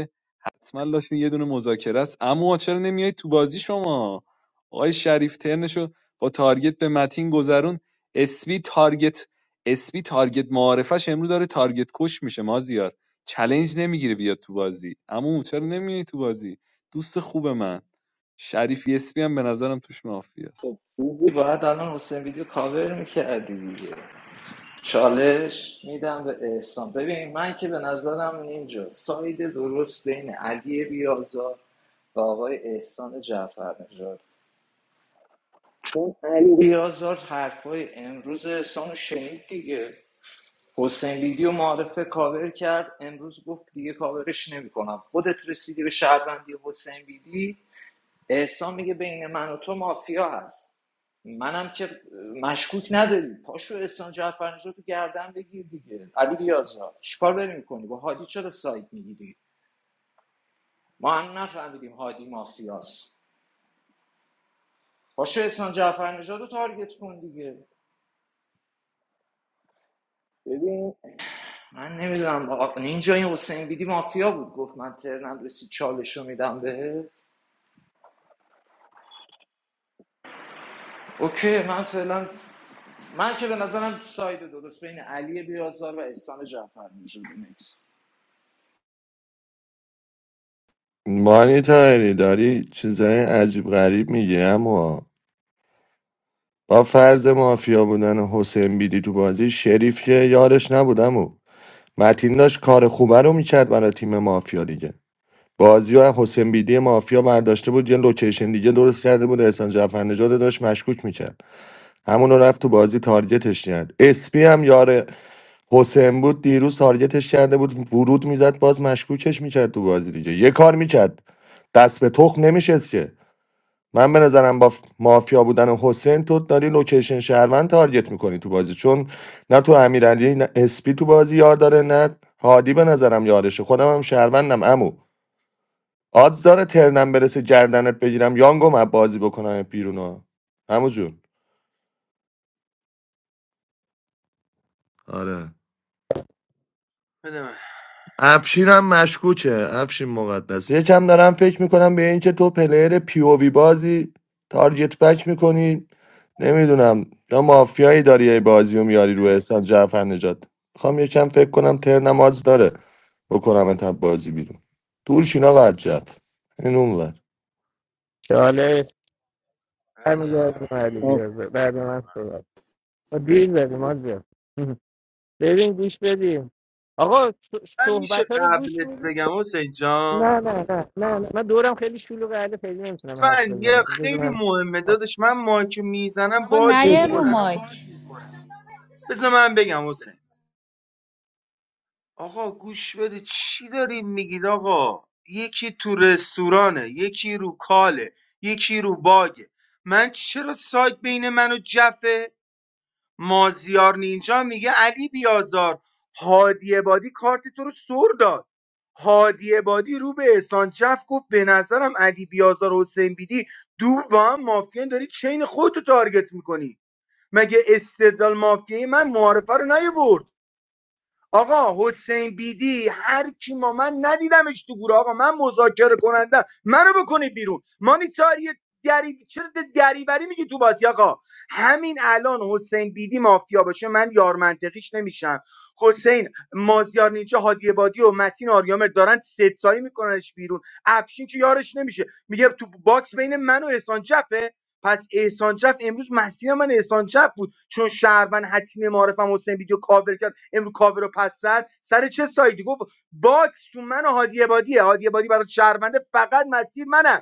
S16: حتما لازم یه دونه مذاکره است اما چرا نمیای تو بازی شما آقای شریف ترنشو با تارگت به متین گذرون اسبی تارگت اسبی تارگت معارفش امرو داره تارگت کش میشه مازیار چلنج نمیگیره بیاد تو بازی اما چرا نمیای تو بازی دوست خوب من شریفی اسبی هم به نظرم توش مافیاست.
S17: خوبی باید الان حسین ویدیو کاور میکردی دیگه چالش میدم به احسان ببین من که به نظرم اینجا ساید درست بین علی بیازار و آقای احسان جعفر نژاد چون علی بیازار حرفای امروز احسان رو شنید دیگه حسین بیدی و معارفه کاور کرد امروز گفت دیگه کاورش نمیکنم خودت رسیدی به شهروندی حسین بیدی احسان میگه بین من و تو مافیا هست منم که مشکوک نداری پاشو احسان جعفرنژاد رو تو گردن بگیر دیگه علی بیازار چیکار داری میکنی با هادی چرا سایت میگیری ما هم نفهمیدیم هادی مافیاست پاشو احسان جعفرنژاد رو تارگت کن دیگه ببین من نمیدونم اینجا این حسین بیدی مافیا بود گفت من ترنم رسید چالش رو میدم بهت اوکی من فعلا من که به نظرم ساید درست بین علی بیازار و احسان جعفر وجود نیست
S9: مانی تایری داری چیزای عجیب غریب میگی اما با فرض مافیا بودن حسین بیدی تو بازی شریف که یارش نبودم او متین داشت کار خوبه رو میکرد برای تیم مافیا دیگه بازی و حسین بیدی مافیا برداشته بود یه لوکیشن دیگه درست کرده بود احسان جعفرنژاد رو داشت مشکوک میکرد همونو رفت تو بازی تارگتش کرد اسپی هم یار حسین بود دیروز تارگتش کرده بود ورود میزد باز مشکوکش میکرد تو بازی دیگه یه کار میکرد دست به تخم نمیشست که من به نظرم با مافیا بودن حسین تو داری لوکیشن شهروند تارگت میکنی تو بازی چون نه تو امیرعلی نه اسپی تو بازی یار داره نه هادی به نظرم یارشه خودم هم شهروندم امو آدز داره ترنم برسه گردنت بگیرم یانگم از بازی بکنم بیرون ها عمو جون آره
S13: بده من
S9: افشینم مشکوکه افشین مقدس یکم دارم فکر میکنم به اینکه تو پلیر پی او وی بازی تارگت بک میکنی نمیدونم یا مافیایی داری یه بازی و میاری رو احسان جعفر نجات میخوام یکم فکر کنم تر نماز داره بکنم انتب بازی بیرون دور شینا قد جف این اونور
S20: چاله برمیگردم علی
S22: آه.
S20: بیازه بعد من صحبت ما دیل داریم مازیان بریم گوش بدیم آقا
S13: من میشه
S20: صحبت رو گوش
S13: قبلت
S20: میدید
S13: بگم حسین جان
S20: نه نه نه نه نه. من دورم خیلی شلوغه حالا خیلی نمیتونم حرف
S13: فن یه
S20: بزنم
S13: خیلی
S20: بذار
S13: مهمه دادش من مایک میزنم
S19: آقا
S13: باگ
S19: نه
S20: من
S19: یه رو
S13: میخورم
S19: مایک
S13: بذار من بگم حسین آقا گوش بدید چی داریم میگید آقا یکی تو رستورانه یکی رو کاله یکی رو باگه من چرا سایت بین من و جفه مازیار نینجا میگه علی بیازار هادی عبادی کارت تو رو سر داد هادی عبادی رو به احسان جف گفت به نظرم علی بیازار و حسین بیدی دور با هم مافیان داری چین خودتو تارگت میکنی مگه استدلال مافیایی من معارفه رو نیورد آقا حسین بیدی هر کی ما من ندیدمش تو گروه آقا من مذاکره کننده منو بکنید بیرون مانیتاری دری چرا دریوری میگی تو بازی آقا همین الان حسین بیدی مافیا باشه من یار منطقیش نمیشم حسین مازیار نیچه هادی بادی و متین آریامر دارن ستایی میکننش بیرون افشین که یارش نمیشه میگه تو باکس بین من و احسان جفه پس احسان جف امروز مسیر من احسان جف بود چون شهروند حتمی معارفم حسین ویدیو کاور کرد امروز کاور رو پس زد سر چه سایدی گفت باکس تو من و هادی بادیه هادی بادی برای شهرونده فقط مسیر منم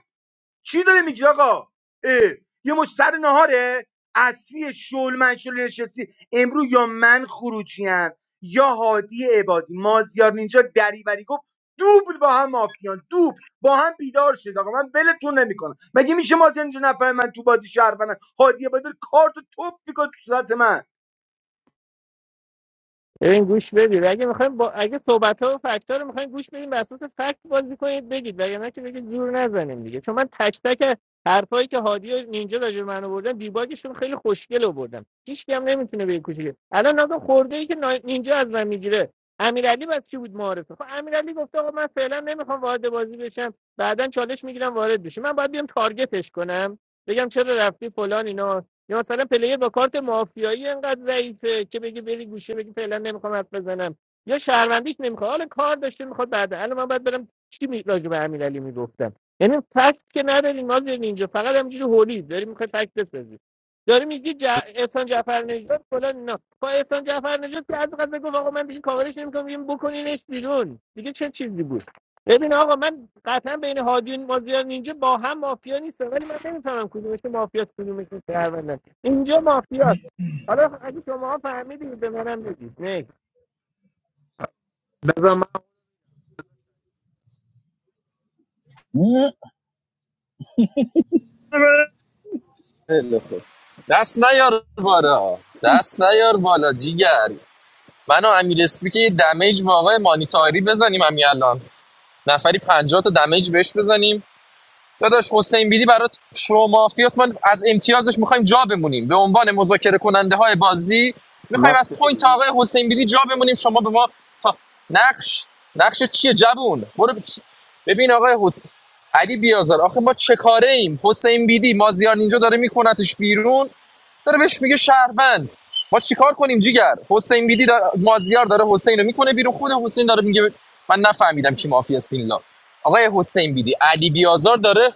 S13: چی داره میگی آقا اه، یه مش سر نهاره اصلی شل منشل نشستی امرو یا من خروجیم یا هادی عبادی مازیار نینجا دریوری گفت دوبل با هم مافیان دوبل با هم بیدار شد آقا من ولتون نمیکنم مگه میشه مازیار اینجا نفر من تو بازی شهروندم هادی عبادی کارت توپ میکنه تو صورت من
S20: ببین گوش بدید اگه میخوایم با اگه صحبت ها و فکت ها رو میخوایم گوش بدیم بر اساس فکت بازی کنید بگید وگرنه که بگید زور نزنیم دیگه چون من تک تک حرفایی که هادی و نینجا راجع به من آوردن دیباگشون خیلی خوشگل آوردن هیچ کی هم نمیتونه به کوچیک الان نگاه خورده ای که نا- نینجا از من میگیره امیرعلی بس کی بود معارفه خب امیرعلی گفته آقا من فعلا نمیخوام وارد بازی بشم بعدا چالش میگیرم وارد بشم من باید بیام تارگتش کنم بگم چرا رفتی فلان اینا یا مثلا پلیر با کارت مافیایی انقدر ضعیفه که بگی بری گوشه بگی فعلا نمیخوام حرف بزنم یا شهروندیش نمیخواد حالا کار داشته میخواد بعد الان من باید برم چی می... راجع به امیرعلی میگفتم یعنی فکت که نداریم ما اینجا فقط همینجوری هولی داری میخوای فکت بسازی داری میگی ج... احسان جعفر نژاد فلان نه با احسان جعفر نژاد که از قضا گفت آقا من دیگه کاورش نمیکنم میگم بکنینش بیرون دیگه چه چیزی بود ببین آقا من قطعا بین هادی و مازیار اینجا با هم مافیا نیستم ولی من نمیفهمم کدومش مافیاست کدومش شهروند اینجا مافیاست حالا اگه شما فهمیدید به منم بگید نه
S18: بذار من
S22: مک.
S21: خیلی خوب دست نیار بالا دست نیار بالا جیگر من و امیر اسپی که یه دمیج به آقای مانیتاری بزنیم همین الان نفری پنجاه تا دمیج بهش بزنیم داداش حسین بیدی برات شو مافیاس من از امتیازش میخوایم جا بمونیم به عنوان مذاکره کننده بازی میخوایم
S1: نقش
S21: از
S1: تو
S21: پوینت
S1: بگو
S21: آقای حسین بیدی جا بمونیم شما به ما تا نقش نقش چیه جوون برو ببین آقای حسین علی بیازار آخه ما چه کاره ایم حسین بیدی مازیار اینجا داره میکنتش بیرون داره بهش میگه شهروند ما چیکار کنیم جیگر حسین بیدی داره مازیار داره حسین رو میکنه بیرون خود حسین داره میگه من نفهمیدم کی مافیا سینلا آقای حسین بیدی علی بیازار داره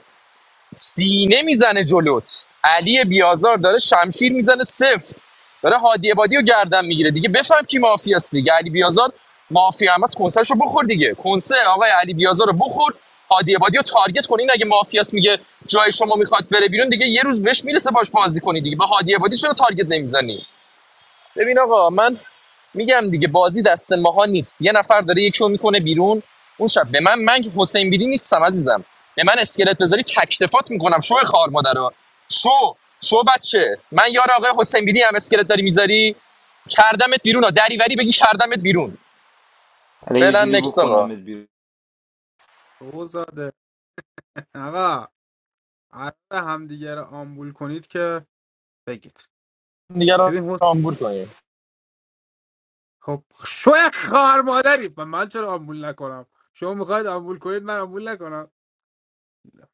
S21: سینه میزنه جلوت علی بیازار داره شمشیر میزنه سفت داره هادی بادی رو گردن میگیره دیگه بفهم کی مافیاست دیگه علی بیازار مافیا هم از کنسرشو بخور دیگه کنسر آقای علی بیازار رو بخور هادی بادی رو تارگت کن این اگه مافیاست میگه جای شما میخواد بره بیرون دیگه یه روز بهش میرسه باش بازی کنی دیگه به هادی بادی چرا تارگت نمیزنی ببین آقا من میگم دیگه بازی دست ماها نیست یه نفر داره یکیو میکنه بیرون اون شب به من من حسین بیدی نیستم عزیزم به من اسکلت بذاری تکتفات میکنم شو خار مادر شو شو بچه من یار آقا حسین بیدی هم اسکلت داری میذاری کردمت بیرون ها دریوری بگی کردمت بیرون
S1: الان یه
S21: فعلا
S1: جوری
S21: نکس آقا
S1: بکنمت بیرون
S18: اوزاده آقا عرب همدیگه رو آمبول کنید که بگید
S21: دیگه رو
S18: ببین حسین
S21: آمبور کنیم
S18: خب شو خار مادری و من چرا آمبول نکنم شما میخواید آمبول کنید من آمبول نکنم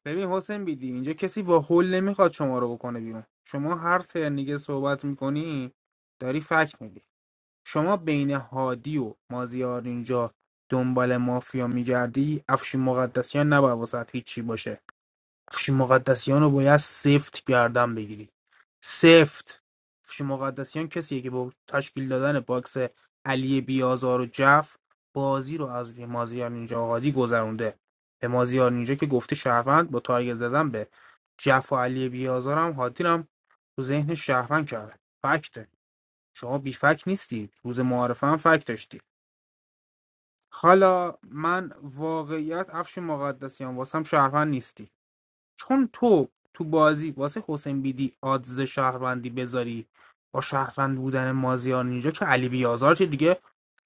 S18: ببین حسین بیدی اینجا کسی با حل نمیخواد شما رو بکنه بیرون شما هر ترنیگه صحبت میکنی داری فکت میدی شما بین هادی و مازیار اینجا دنبال مافیا میگردی افشین مقدسیان نباید واسه هیچی باشه افشین مقدسیان رو باید سفت گردن بگیری سفت افشین مقدسیان کسیه که با تشکیل دادن باکس علی بیازار و جف بازی رو از روی مازیار اینجا هادی گذرونده به مازیار اینجا که گفته شهروند با تارگت زدن به جف و علی بیازارم هادی رو هم تو ذهن شهروند کرده فکته شما بیفک نیستی روز معارفه هم فک داشتی حالا من واقعیت افش مقدسیان واسم شهروند نیستی چون تو تو بازی واسه حسین بیدی آدز شهروندی بذاری با شهروند بودن مازیار نینجا که علی بیازار که دیگه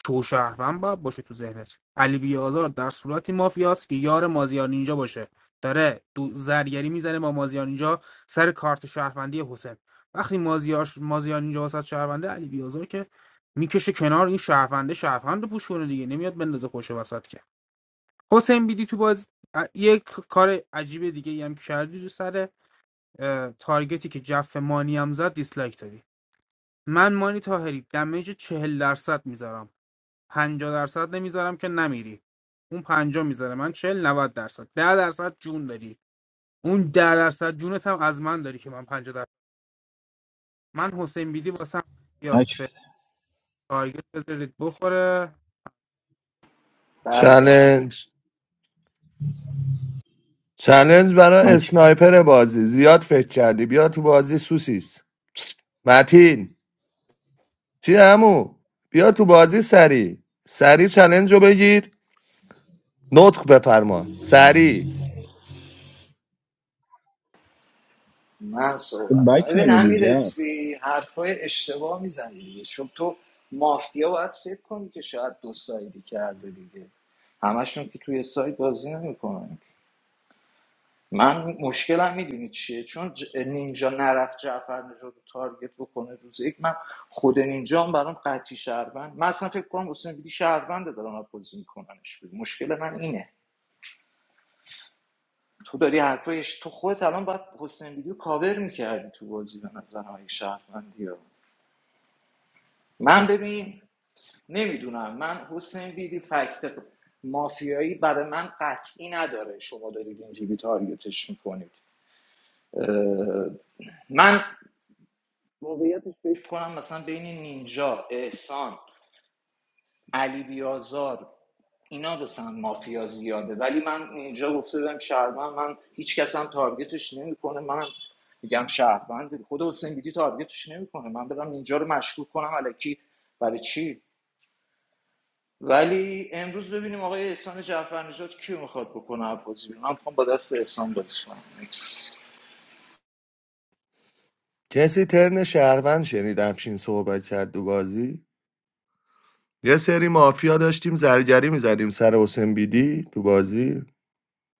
S18: تو شهروند باید باشه تو ذهنت علی بیازار در صورتی مافیاست که یار مازیار نینجا باشه داره دو زرگری میزنه با مازیار نینجا سر کارت شهروندی حسین وقتی مازیار مازیار نینجا واسه شهرونده علی بیازار که میکشه کنار این شهرونده شهروند رو پوشونه دیگه نمیاد بندازه خوش وسط که حسین بیدی تو باز یک کار عجیب دیگه ای هم کردی رو سر اه، تارگتی که جف مانی هم زد دیسلایک دادی من مانی تاهری دمیج چهل درصد میذارم پنجاه درصد نمیذارم که نمیری اون پنجاه میذاره من چهل 90 درصد ده درصد جون داری اون ده درصد جونت هم از من داری که من پنجاه درصد من حسین بیدی واسم
S22: بک
S18: یاس فر تارگت بذارید بخوره
S17: برگرد
S9: چلنج چلنج برای
S22: بک
S9: اسنایپر بازی زیاد فکر کردی بیا تو بازی سوسیس متین چی عمو بیا تو بازی سری سری چلنج رو بگیر نطق بفرما سری
S17: من
S22: تو
S17: صحبت کنم.
S22: بک
S17: ببین
S22: نمیدی
S17: امیر
S22: جف
S17: اسفی حرفای اشتباه میزنی دیگه چون تو مافیا باید فکر کنی که شاید دو سایدی کرده دیگه همشون که توی سایت بازی نمیکنن من مشکلم میدونی چیه چون ج- نینجا نرفت جعفر نژاد رو تارگت بکنه روز یک من خود نینجا هم برام قطعی شهروند من اصلا فکر کنم حسین بیدی شهرونده دارن اپوزی میکننش بیرون مشکل من اینه تو داری حرفایش تو خودت الان باید حسین بیدی رو کاور میکردی تو بازی به نظر های شهروندی ها. من ببین نمیدونم من حسین بیدی فکت مافیایی برای من قطعی نداره شما دارید اینجوری تارگتش میکنید من واقعیتش فکر کنم مثلا بین نینجا احسان علی بیازار اینا مثلا مافیا زیاده ولی من اینجا گفته بودم شهروند من هیچ کس هم تارگتش نمیکنه من میگم شهروند خود حسین بیدی تارگتش نمیکنه من برم اینجا رو مشکوک کنم الکی برای چی ولی امروز ببینیم آقای احسان جعفرنژاد کیو میخواد بکنه از بازی بیرون من میخوام با دست احسان بازی کنم Next.
S9: کسی ترن شهروند شنید همچین صحبت کرد تو بازی یه سری مافیا داشتیم زرگری میزدیم سر حسین بیدی تو بازی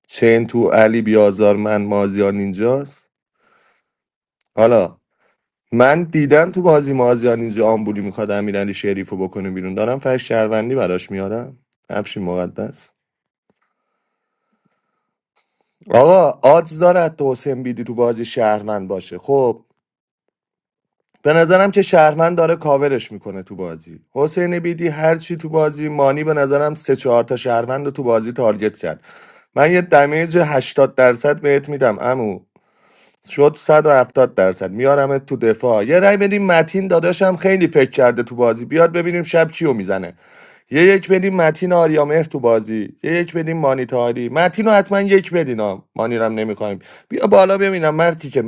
S9: چین تو علی بیازار من مازیار اینجاست حالا من دیدم تو بازی مازیار اینجا آمبولی میخواد امیرعلی شریف رو بکنه بیرون دارم فکر شهروندی براش میارم افشین مقدس آقا آدز داره حتی حسین بیدی تو بازی شهروند باشه خب به نظرم که شهروند داره کاورش میکنه تو بازی حسین بیدی هر چی تو بازی مانی به نظرم سه چهار تا شهروند رو تو بازی تارگت کرد من یه دمیج 80 درصد بهت میدم امو شد 170 درصد میارمت تو دفاع یه رأی بدیم متین داداشم خیلی فکر کرده تو بازی بیاد ببینیم شب کیو میزنه یه یک بدیم متین آریامهر تو بازی یه یک بدیم مانیتاری متین رو حتما یک بدین ها مانیرم نمیخوایم بیا بالا ببینم مرتی که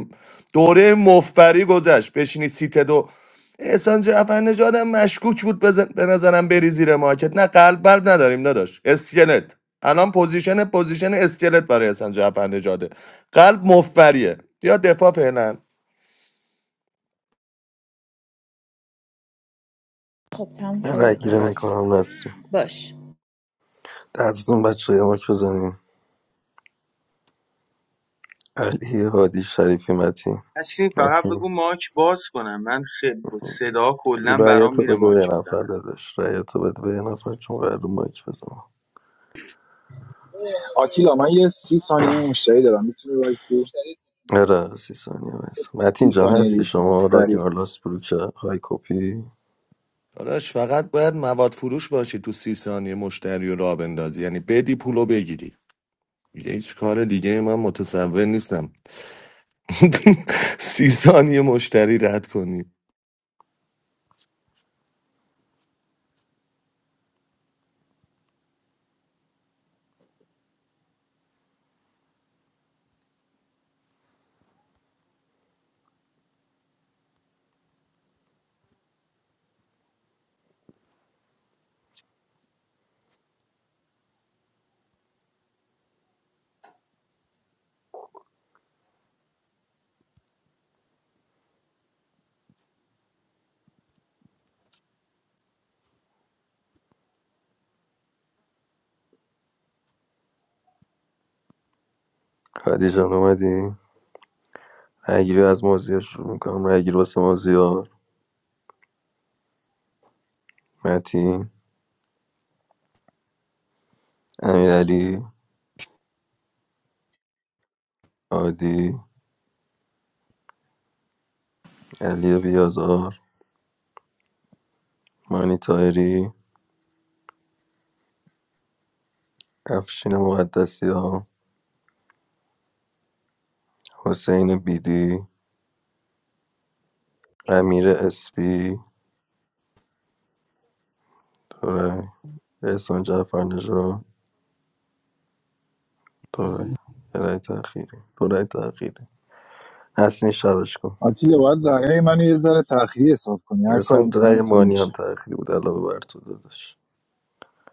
S9: دوره مفبری گذشت بشینی سیت دو احسان جعفر نژادم مشکوک بود بزن... به نظرم بری زیر مارکت نه قلب بلب نداریم داداش اسکلت الان پوزیشن پوزیشن اسکلت برای احسان جعفر نژاده. قلب مفبریه بیا دفاع فعلا
S19: خب تموم
S3: من
S19: شد
S3: رای گیره میکنم رستو
S19: باش
S3: دستون بچه های ماک بزنیم علی هادی شریفی متی
S13: نسرین فقط
S3: متی
S13: بگو ماچ باز کنم من خیلی با صدا کلا برام
S3: رایتو
S13: میره
S3: بده به یه
S13: ماچ میزنم
S3: نفر داداش رایتو بده به یه نفر چون قرار مایک بزنم
S22: آتیلا من یه سی ثانیه مشتری دارم میتونی وایسی
S3: آره سی ثانیه بس متین
S22: سی
S3: جان
S22: ثانیه دیگه
S3: هستی
S22: تمام
S3: شما
S22: سری.
S3: راکنار لاسبروک های کپی
S9: داداش فقط باید مواد فروش باشی تو سی ثانیه مشتری رو راه بندازی یعنی بدی پولو بگیری دیگه هیچ کار دیگه من متصور نیستم سی ثانیه مشتری رد کنی
S3: هادی جان اومدی رایگیری از مازیار شروع میکنم رایگیری واسه مازیار متین امیرعلی هادی علی بیازار مانی تایری افشین مقدسی حسین بیدی امیر اسپی دورای احسان جعفر دورایی دورایی تاخیری دورایی تاخیری عسلی شادش کن
S22: آتیلا باید دقیقه منو یه ذره تأخیری حساب کنی هر کاری
S3: عزیزم
S22: میکنم
S3: دورای
S22: اینطوری
S3: مانیم
S22: میشه
S3: تاخیری بدرلا ببار تو دادش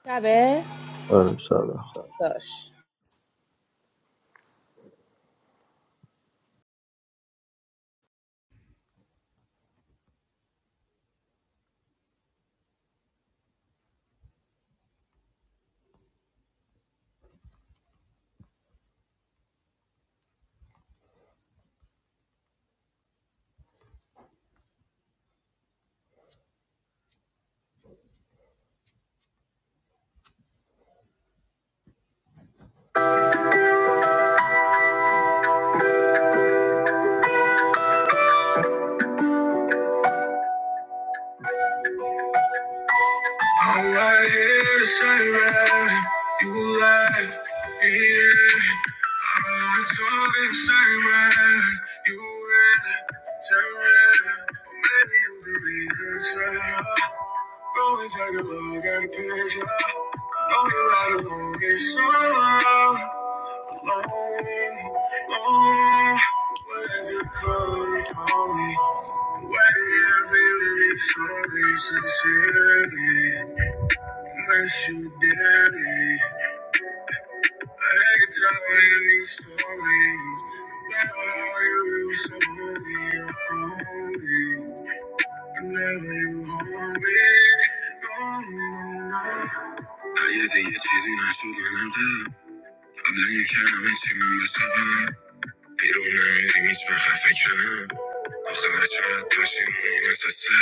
S19: شبه
S3: عرس
S19: آره،
S3: شاد
S19: شاید. باش
S3: I hear that you're cheesing, I should learn how to. I'm not your kind of bitch, you know what's up, huh? بیرون نمیریم هیچ وقت فکرم آخرش شاید باشیم اون احساسه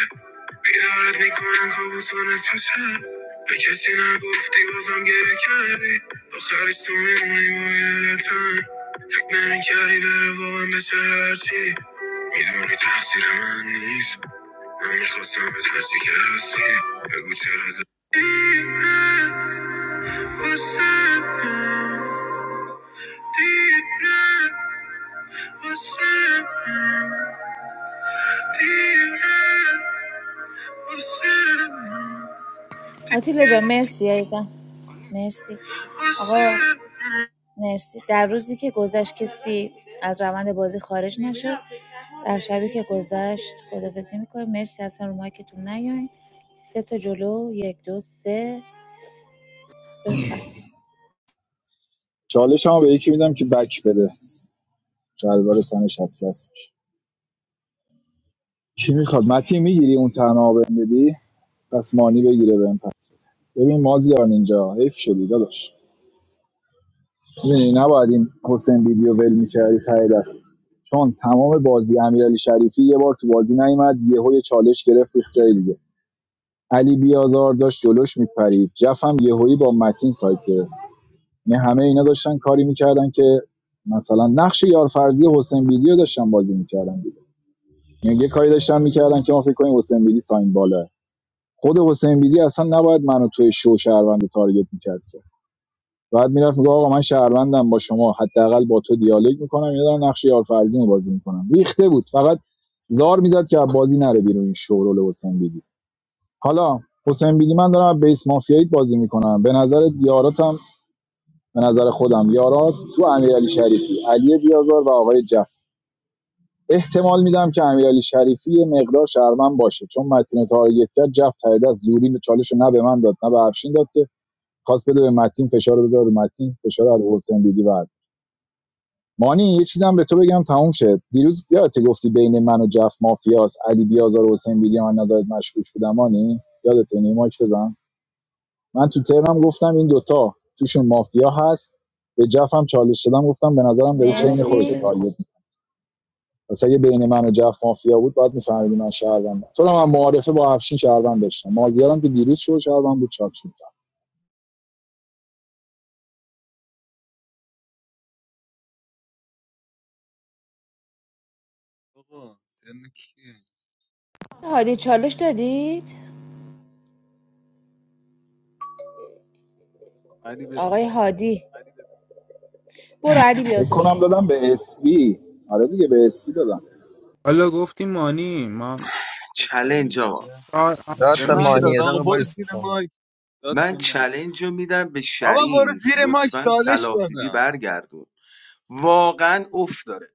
S3: بیدارت میکنن کابوسان تو شب به کسی نگفتی بازم گریه کردی آخرش تو میمونی با یادتن فکر نمیکردی بره واقعا بشه هرچی میدونی تقصیر من نیست من میخواستم به هرچی که هستی بگو چرا د- دیره واسه من دیره واسه من
S19: آتیلا جان مرسی عزیزم مرسی آقا مرسی در روزی که گذشت کسی از روند بازی خارج نشد در شبی که گذشت خدافزی میکنیم مرسی اصلا رو مایکتون نیاین سه تا جلو یک دو سه بفهم
S22: چالش هم به یکی میدم که بک بده شلوار تنش اطلس چی میخواد متی میگیری اون تنها بهم بدی پس مانی بگیره بهم پس بده. ببین مازیار اینجا حیف شدی داداش میدونی نباید این حسین بیبی رو ول میکردی ته دست چون تمام بازی امیرعلی شریفی یه بار تو بازی نیومد یهو یه چالش گرفت ریخت جای دیگه علی بیازار داشت جلوش میپرید جفم یهویی با متین سایت گرفت یعنی همه اینا داشتن کاری میکردن که مثلا نقش یارفرزی حسین بیدی رو داشتن بازی میکردن دیگه. یعنی یه کاری داشتن میکردن که ما فکر کنیم حسین بیدی ساین بالا خود حسین بیدی اصلا نباید منو توی شو شهروند تارگت میکرد که بعد میرفت میگه آقا من شهروندم با شما حداقل با تو دیالوگ میکنم اینا دارن نقش یارفرزی رو بازی میکنم ریخته بود فقط زار میزد که بازی نره بیرون این شورول حسین بیدی حالا حسین بیدی من دارم از بیس مافیایی بازی میکنم به نظر یاراتم به نظر خودم یارات تو امیرعلی شریفی علی بیازار و آقای جف احتمال میدم که امیرعلی شریفی یه مقدار شهروند باشه چون متین تارگت کرد جف تایید از زوری چالش نه به من داد نه به افشین داد که خواست بده به متین فشار رو بذاره رو متین فشار رو از حسین بیدی بعد مانی یه چیزم به تو بگم تموم شد دیروز یادت گفتی بین من و جف مافیاس علی بیازار و حسین بیدی من نظرت مشکوک بودم مانی یادت اینه مایک بزن من تو ترنم گفتم این دوتا توشون مافیا هست به جف هم چالش دادم گفتم به
S19: من
S22: نظرم
S19: به
S22: داره
S19: نظرم
S22: چین
S19: لوک مرسی
S22: خودتو
S19: چین خود
S22: تارگت پس اگه بین من و جف مافیا بود باید میفهمیدی من شهروندم تو رو من معارفه با افشین شهروند داشتم مازیارم که دیروز شو شهروند بود چاک شد
S16: آقا ترن کیه
S19: هادی چالش دادید
S16: علی بده
S19: آقای هادی برو علی
S22: فکر
S19: بیازار
S22: کنم دادم به اسبی آره دیگه به اسبی دادم
S18: حالا گفتی مانی ما
S16: داد چلنج
S13: چلنج آقا
S16: داده.
S18: آ- آ-
S21: داد
S16: به
S13: چه
S21: به
S16: من
S13: میشه
S16: داد
S21: مانیه
S16: آقا
S21: دقیقه
S16: برو زیر
S21: وایسا.
S16: مایک داد
S13: من
S16: به من
S13: چلنج رو میدم به
S16: آقا برو
S13: شریف
S16: زیر مایک
S13: لطفا
S16: چالش
S13: صلاح دیدی
S16: دادم
S13: برگردون واقعا افت داره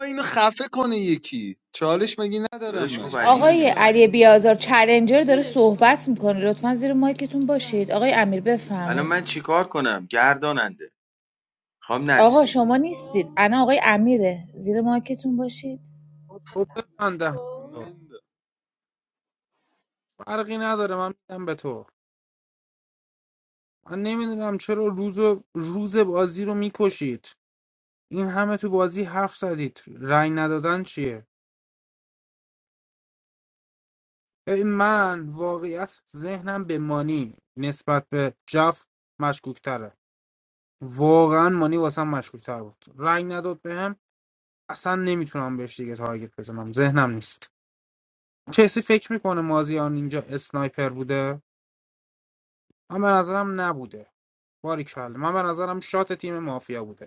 S16: اینو خفه کنه یکی چالش مگی ندارم
S13: داداش گفت
S16: من
S13: علی
S19: آقای
S13: دیگه
S19: علی بیازار چلنجر داره صحبت میکنه لطفا زیر مایکتون باشید آقای امیر
S13: الان من
S19: بفهمید
S13: چیکار کنم گرداننده خام
S19: آقا
S13: نسرین
S19: شما نیستید انا آقای امیره زیر مایکتون باشید
S18: خب ببنده
S16: من دا.
S18: فرقی نداره من میدم به تو من نمیدونم چرا روز و- روز بازی رو میکشید این همه تو بازی حرف زدید رأی ندادن چیه ببین من واقعیت ذهنم به مانی نسبت به جف مشکوکتره واقعا مانی واسم مشکوکتر بود رأی نداد بهم اصلا نمیتونم بهش دیگه تارگت بزنم ذهنم نیست کسی فکر میکنه مازیان اینجا اسنایپر بوده من به نظرم نبوده باری من به نظرم شات تیم مافیا بوده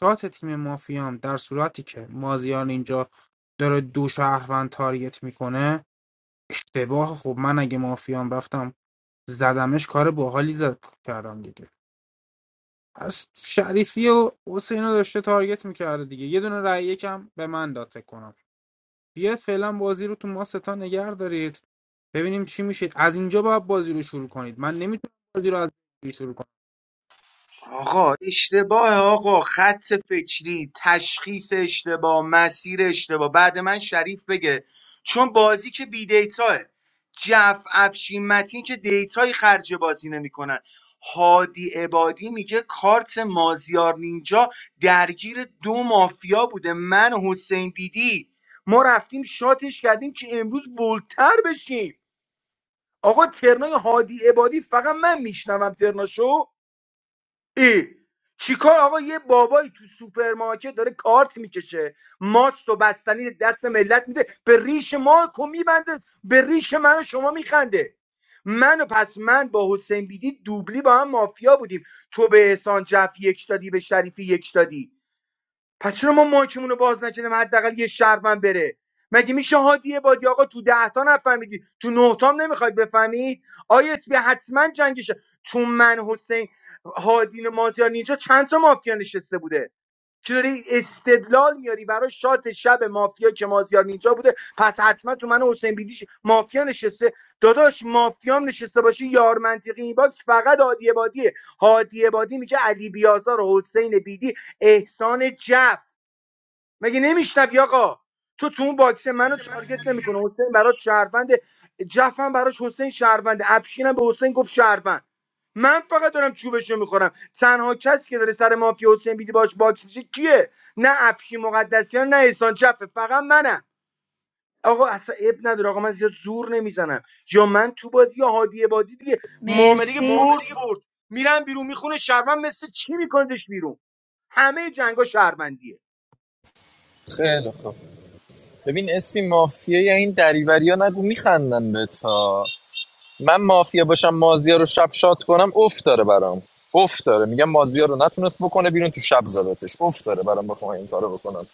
S18: شات تیم مافیام در صورتی که مازیار اینجا داره دو شهروند تارگت میکنه اشتباه خب من اگه مافیام رفتم زدمش کار باحالی زد کردم دیگه از شریفی و حسین رو داشته تارگت میکرده دیگه یه دونه رأی یکم به من داد فکر کنم بیاد فعلا بازی رو تو ما ستا نگه دارید ببینیم چی میشه از اینجا باید بازی رو شروع کنید من نمیتونم بازی رو از اینجا شروع کنم
S13: آقا اشتباه آقا خط فکری تشخیص اشتباه مسیر اشتباه بعد من شریف بگه چون بازی که بی دیتاه جف افشین متین که دیتایی خرج بازی نمیکنن هادی عبادی میگه کارت مازیار نینجا درگیر دو مافیا بوده من و حسین بیدی ما رفتیم شاتش کردیم که امروز بولتر بشیم آقا ترنای هادی عبادی فقط من میشنوم ترناشو ای چیکار آقا یه بابایی تو سوپرمارکت داره کارت میکشه ماست و بستنی دست ملت میده به ریش ما کو میبنده به ریش من و شما میخنده من و پس من با حسین بیدی دوبلی با هم مافیا بودیم تو به احسان جف یک دادی به شریفی یک دادی پس چرا ما مایکمون رو باز نکردیم حداقل یه شهروند بره مگه میشه هادی بادی آقا تو ده تا نفهمیدی تو نه تام نمیخواید بفهمید آی اس بی حتما جنگشه تو من حسین هادی مازیار نینجا چند تا مافیا نشسته بوده که داری استدلال میاری برای شات شب مافیا که مازیار نینجا بوده پس حتما تو من حسین بیدیش مافیا نشسته داداش مافیام نشسته باشه یار منطقی این باکس فقط هادی بادیه هادی بادی میگه علی بیازار و حسین بیدی احسان جف مگه نمیشنوی آقا تو تو اون باکس منو تارگت نمیکنه حسین برات شهروند جفن براش حسین شهروند افشینم به حسین گفت شهروند من فقط دارم چوبشو میخورم تنها کسی که داره سر مافیا حسین بیدی باش باکس میشه کیه نه افشین مقدسیان نه احسان جفه فقط منم آقا اصلا اب نداره آقا من زیاد زور نمیزنم یا من تو بازی یا هادی بادی دیگه معامله که
S19: مرسی
S13: برد برد میرم بیرون میخونه شهروند مثل چی میکنش بیرون همه جنگا شهروندیه
S21: خیلی خوب ببین اسمی مافیای این دریوری ها نگو میخندن به تا من مافیا باشم مازیا رو شب شات کنم اوف داره برام اوف داره میگم مازیا رو نتونست بکنه بیرون تو شب زدتش اوف داره برام بخوام این کارو بکنم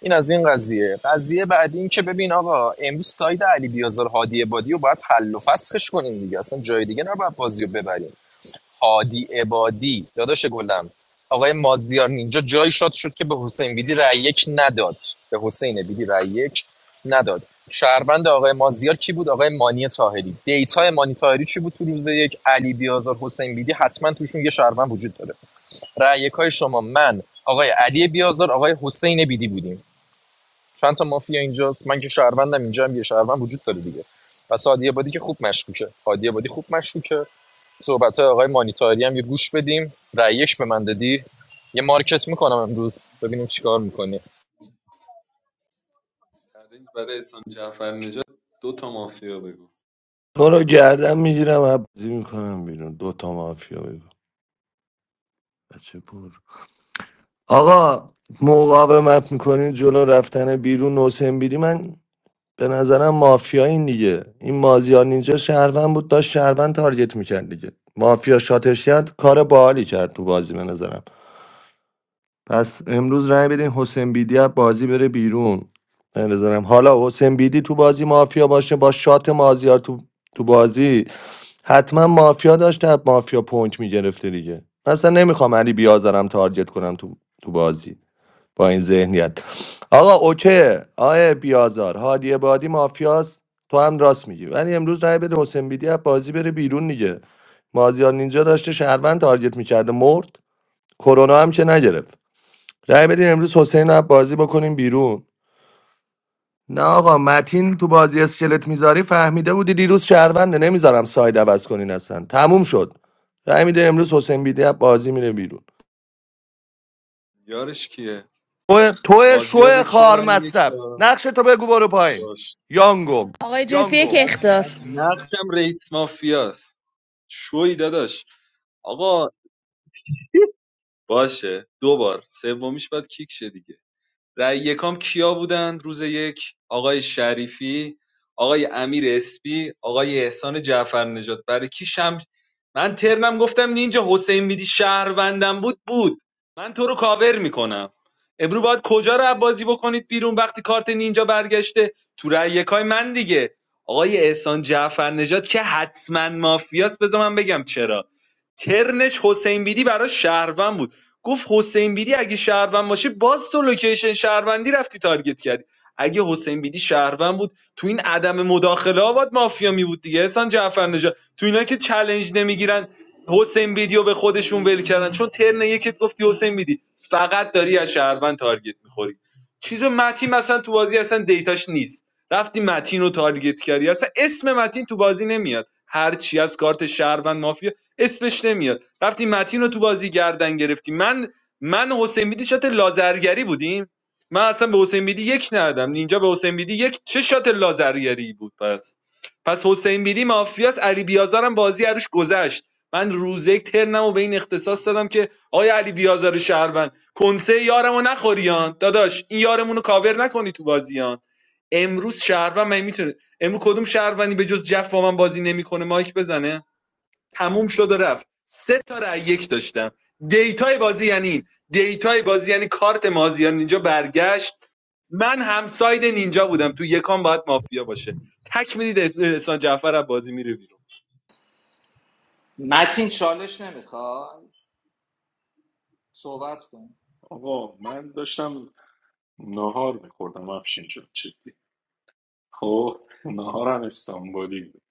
S21: این از این قضیه قضیه بعد این که ببین آقا امروز ساید علی بیازار هادی بادی رو باید حل و فسخش کنیم دیگه اصلا جای دیگه نباید بازی رو ببریم هادی عبادی داداش گلم آقای مازیار نینجا جایی شاد شد که به حسین بیدی رأی یک نداد به حسین بیدی رأی یک نداد شهروند آقای مازیار کی بود آقای مانی تاهری دیتا مانی تاهری چی بود تو روز یک علی بیازار حسین بیدی حتما توشون یه شهروند وجود داره رأی های شما من آقای علی بیازار آقای حسین بیدی بودیم چند تا مافیا اینجاست من که شهروندم اینجا هم یه شهروند وجود داره دیگه پس هادی عبادی که خوب مشکوکه هادی عبادی خوب مشکوکه صحبت های آقای مانیتاری هم یه گوش بدیم رأیش به من دادی یه مارکت میکنم امروز ببینیم چیکار میکنی
S16: چالش برای احسان جعفر نژاد دو تا مافیا بگو
S9: تو رو گردم میگیرم عبزی میکنم بیرون دوتا مافیا بگو بچه پر آقا مقاومت میکنین جلو رفتن بیرون حسین بیدی من به نظرم مافیا این دیگه این مازیار نینجا شهروند بود داشت شهروند تارگت میکرد دیگه مافیا شاتش کرد کار باحالی کرد تو بازی به نظرم پس امروز رای بدین حسین بیدی از بازی بره بیرون به نظرم حالا حسین بیدی تو بازی مافیا باشه با شات مازیار تو تو بازی حتما مافیا داشته از مافیا پوینت میگرفته دیگه اصلا نمیخوام علی بیازرم تارگت کنم تو تو بازی با این ذهنیت آقا اوکی آقای بیازار هادی بادی مافیاست تو هم راست میگی ولی امروز رای بده حسین بیدی از بازی بره بیرون دیگه مازیار نینجا داشته شهروند تارگت میکرده مرد کرونا هم که نگرفت رای بدین امروز حسین رو از بازی بکنیم بیرون نه آقا متین تو بازی اسکلت میذاری فهمیده بودی دیروز شهرونده نمیذارم ساید عوض کنین اصلا تموم شد رای میده امروز حسین بیدی از بازی میره بیرون
S16: یارش کیه
S9: تو تو
S16: مازیار به
S9: شو
S16: کیه
S9: خار
S16: رای یک
S9: مصب
S16: داد
S9: نقش تو بگو برو پایین
S16: داشت
S9: یانگو
S19: آقای جف یک
S16: نقش
S19: اختار
S16: نقشم رئیس مافیاست شوی داداش آقا باشه دوبار. بار سومیش باید کیک شه دیگه رای یکام کیا بودن روز یک آقای شریفی آقای امیر اسپی آقای احسان جعفر نجات برای کی شم من ترنم گفتم نینجا حسین بیدی شهروندم بود بود من تو رو کاور میکنم امرو باید کجا رو بازی بکنید بیرون وقتی کارت نینجا برگشته تو رأی یکای من دیگه آقای احسان جعفر نجات که حتما مافیاست بذار من بگم چرا ترنش حسین بیدی برای شهروند بود گفت حسین بیدی اگه شهروند باشه باز تو لوکیشن شهروندی رفتی تارگت کردی اگه حسین بیدی شهروند بود تو این عدم مداخله آباد مافیا می بود دیگه احسان جعفر نژاد تو اینا که چلنج نمیگیرن حسین بیدی رو به خودشون ول کردن چون ترن یکت گفتی حسین بیدی فقط داری از شهروند تارگت میخوری چیزو متین مثلا تو بازی اصلا دیتاش نیست رفتی متین رو تارگت کردی اصلا اسم متین تو بازی نمیاد هر چی از کارت شهروند مافیا اسمش نمیاد رفتیم متین رو تو بازی گردن گرفتیم من من و حسین بیدی شات لازرگری بودیم من اصلا به حسین بیدی یک ندادم اینجا به حسین بیدی یک چه شات لازرگری بود پس پس حسین بیدی مافیاس علی بیازارم بازی عروش گذشت من روزه یک ترنم به این اختصاص دادم که آیا علی بیازار شهروند کنسه یارمو نخوریان داداش این یارمونو کاور نکنی تو بازیان امروز شهروند من میتونه امروز کدوم شهروندی به جز جف با من بازی نمیکنه مایک بزنه تموم شد و رفت سه تا رای یک داشتم دیتای بازی یعنی این دیتای بازی یعنی کارت مازیار نینجا برگشت من همساید نینجا بودم تو یکان باید مافیا باشه تک میدید احسان جعفر از بازی میره بیرون
S17: متین چالش نمیخواد صحبت کن
S14: آقا من داشتم ناهار میخوردم افشین شد خب ناهارم استانبولی بود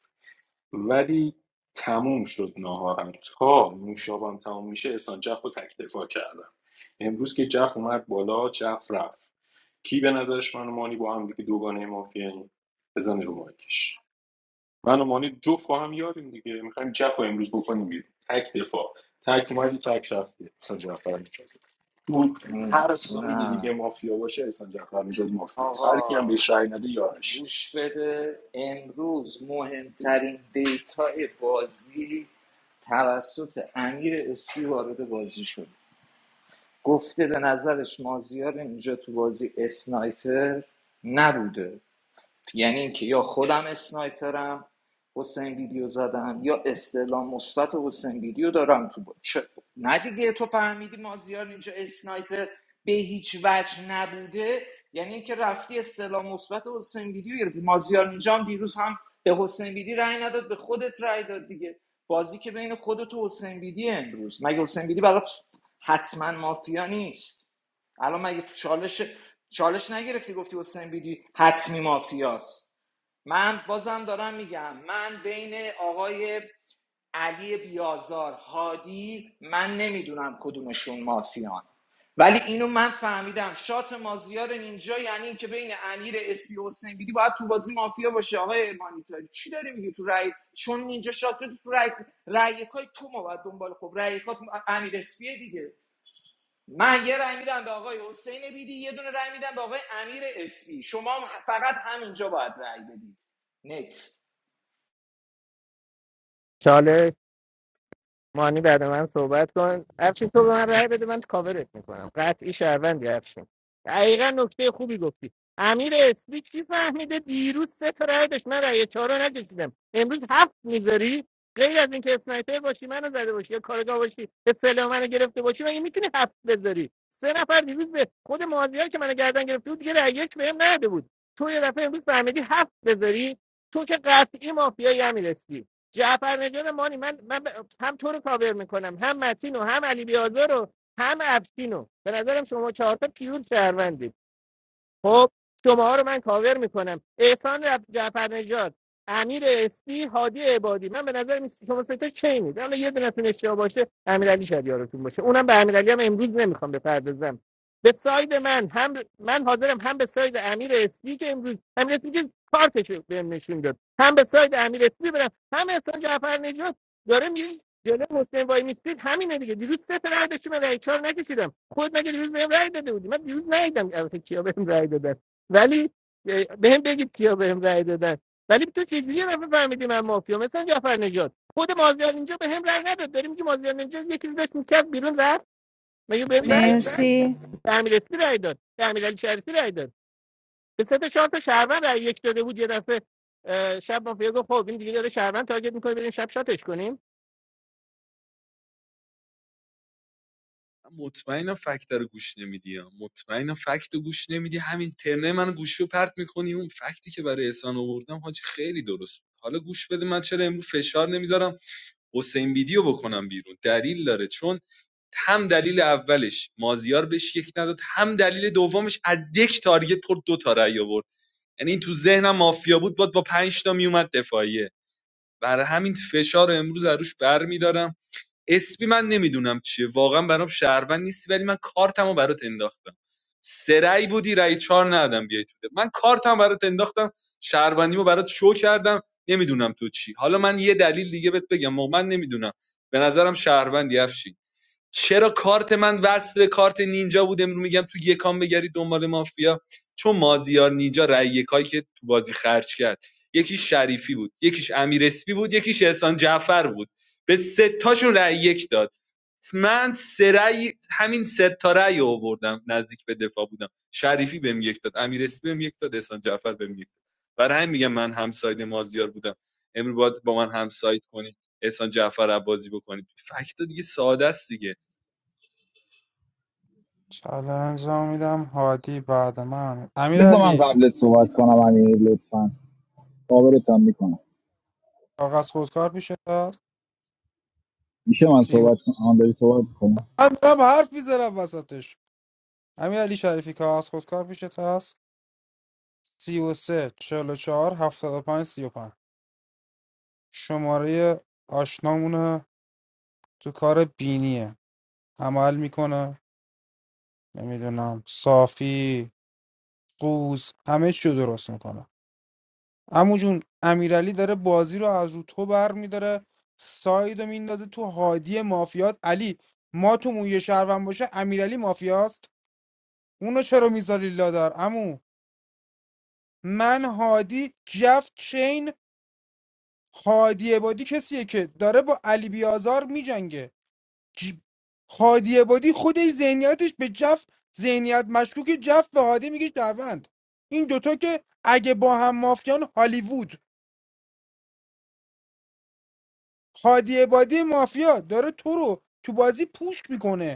S14: ولی تموم شد ناهارم تا نوشابم تموم میشه احسان جف رو تکتفا کردم امروز که جف اومد بالا جف رفت کی به نظرش من و مانی با هم دیگه دوگانه مافیاییم بزنی رو مایکش من و مانی جفت با هم یاریم دیگه میخوایم جف رو امروز بکنیم بیرون تک دفاع تک اومدی تک رفتی احسان جعفر بود هر سایدی
S17: نه
S14: دیگه مافیا باشه احسان جعفر میشد مافیا هر
S17: آقا
S14: کی هم بهش رأی نده یارش
S17: گوش بده امروز مهمترین دیتای بازی توسط امیر اسپی وارد بازی شد گفته به نظرش مازیار اینجا تو بازی اسنایپر نبوده یعنی اینکه یا خودم اسنایپرم حسین ویدیو زدم یا استعلام مثبت حسین ویدیو دارم تو با... چه- نه دیگه تو فهمیدی مازیار اینجا اسنایپر به هیچ وجه نبوده یعنی اینکه رفتی استعلام مثبت حسین ویدیو گرفتی مازیار اینجا هم دیروز هم به حسین ویدی رأی نداد به خودت رأی داد دیگه بازی که بین خودت و حسین ویدی امروز مگه حسین ویدی برات حتما مافیا نیست الان مگه تو چالش چالش نگرفتی گفتی حسین بیدی حتمی مافیاست من بازم دارم میگم من بین آقای علی بیازار هادی من نمیدونم کدومشون مافیان ولی اینو من فهمیدم شات مازیار اینجا یعنی اینکه بین امیر اسپی و حسین بیدی باید تو بازی مافیا باشه آقای ارمانیتاری چی داری میگی تو رای چون اینجا شات شد تو رای رأی یکای تو ما باید دنبال خب رأی یکات امیر اسپیه دیگه من یه رأی میدم به آقای حسین بیدی یه دونه رأی میدم به آقای امیر اسپی شما هم فقط همینجا باید رأی بدید نکست
S20: چالش مانی بعد من صحبت کن افشین تو به من رأی بده من کاورت میکنم قطعی شهروندی افشین دقیقا نکته خوبی گفتی امیر اسمی کی فهمیده دیروز سه تا رأی داشت من رأی چهار رو نکشیدم امروز هفت میذاری غیر از اینکه اسنایپر باشی منو زده باشی یا کارگاه باشی اصطلاح منو گرفته باشی مگه میتونی هفت بذاری سه نفر دیروز به خود مازیار که منو گردن گرفته بود دیگه رأی یک بهم نداده بود تو یه دفعه امروز فهمیدی هفت بذاری تو که قطعی مافیایی امیر اسمی. جعفر نجان مانی من, من هم تو رو کاور میکنم هم متین و هم علی بیازار رو هم افشین به نظرم شما چهار تا پیور شهروندید خب شماها رو من کاور میکنم احسان رف- جعفر نژاد امیر اسپی هادی عبادی من به نظر میسی شما سه تا چینید حالا یه دونتون اشتباه باشه امیرعلی شاید یارتون باشه اونم به امیرعلی هم امروز نمیخوام بپردازم به ساید من هم من حاضرم هم به ساید امیر اسپی که امروز امیر اسپی که کارتش بهم نشون داد هم به ساید امیر اسپی برم هم احسان جعفر نژاد داره میگه جلو حسین وای میستید همینه دیگه دیروز سه تا رای داشتیم رای چهار نکشیدم خود مگه دیروز بهم رای داده بودی من دیروز ندیدم البته کیا بهم رای دادن ولی اه، بهم بگید کیا بهم رای دادن ولی تو چجوری یه دفعه فهمیدی من مافیا مثلا جعفر نجات خود مازیار اینجا بهم رای نداد داریم که مازیار اینجا یکی رو داشت میکرد بیرون رفت مگه بهم رای داد؟
S19: مرسی
S20: امیر اسپی رای داد به امیر علی شریفی رای داد به سه تا چهار تا شهروند رای یک داده بود یه دفعه اه، شب مافیا گفت خب این دیگه داره شهروند تارگت میکنه بریم شب شاتش کنیم
S16: من مطمئنم فکت رو گوش نمیدی ها. مطمئنم فکت رو گوش نمیدی همین ترنه من گوشو پرت میکنی اون فکتی که برای احسان آوردم حاجی خیلی درست حالا گوش بده من چرا امروز فشار نمیذارم حسین ویدیو بکنم بیرون دلیل داره چون هم دلیل اولش مازیار بهش یک نداد هم دلیل دومش از یک تارگت خورد دو تا رأی آورد یعنی این تو ذهنم مافیا بود باد با پنج تا میومد دفاعیه برای همین فشار رو امروز عروش برمیدارم اسمی من نمیدونم چیه واقعا برام شهروند نیستی ولی من کارتمو برات انداختم سه رأی بودی رأی چهار ندادم بیای تو ده. من کارتم برات انداختم شهروندیمو برات شو کردم نمیدونم تو چی حالا من یه دلیل دیگه بهت بگم من نمیدونم به نظرم شهروندی افشین. چرا کارت من وصل کارت نینجا بود امروز میگم تو یکان بگری دنبال مافیا چون مازیار نینجا رای یکایی که تو بازی خرج کرد یکیش شریفی بود یکیش امیر اسپی بود یکیش احسان جعفر بود به سه تاشون رای یک داد من سه رأی- همین سه تا رأی رو آوردم نزدیک به دفاع بودم شریفی بهم یک داد امیر اسپی بهم یک داد احسان جعفر بهم یک داد برای همین میگم من همساید مازیار بودم امروز باید با من همساید کنی احسان جعفر عبازی بکنید فکت دیگه ساده است دیگه
S18: چلنج میدم هادی بعد من امیر
S22: بذار من
S18: علی
S22: قبلت صحبت کنم امیر لطفا قابلتم میکنم
S18: کاغذ خودکار میشه
S22: میشه من
S18: سی و...
S22: صحبت کنم آن داری صحبت کنم
S18: من دارم حرف میزنم وسطش امیر علی شریفی که از خودکار پیشت هست سی و سه چهل و چهار هفتاد و پنج سی و پنج شماره آشنامونه تو کار بینیه عمل میکنه نمیدونم صافی قوز همه چی رو درست میکنه امو جون امیرعلی داره بازی رو از رو تو بر میداره ساید رو میندازه تو هادی مافیات علی ما تو موی شهروند باشه امیرعلی مافیاست اونو چرا میذاری لادر عمو من هادی جف چین هادی عبادی کسیه که داره با علی بیازار میجنگه ج... هادی عبادی خودش ذهنیتش به جف ذهنیت مشکوک جف به هادی میگه شهروند این دوتا که اگه با هم مافیان هالیوود هادی عبادی مافیا داره تو رو تو بازی پوش میکنه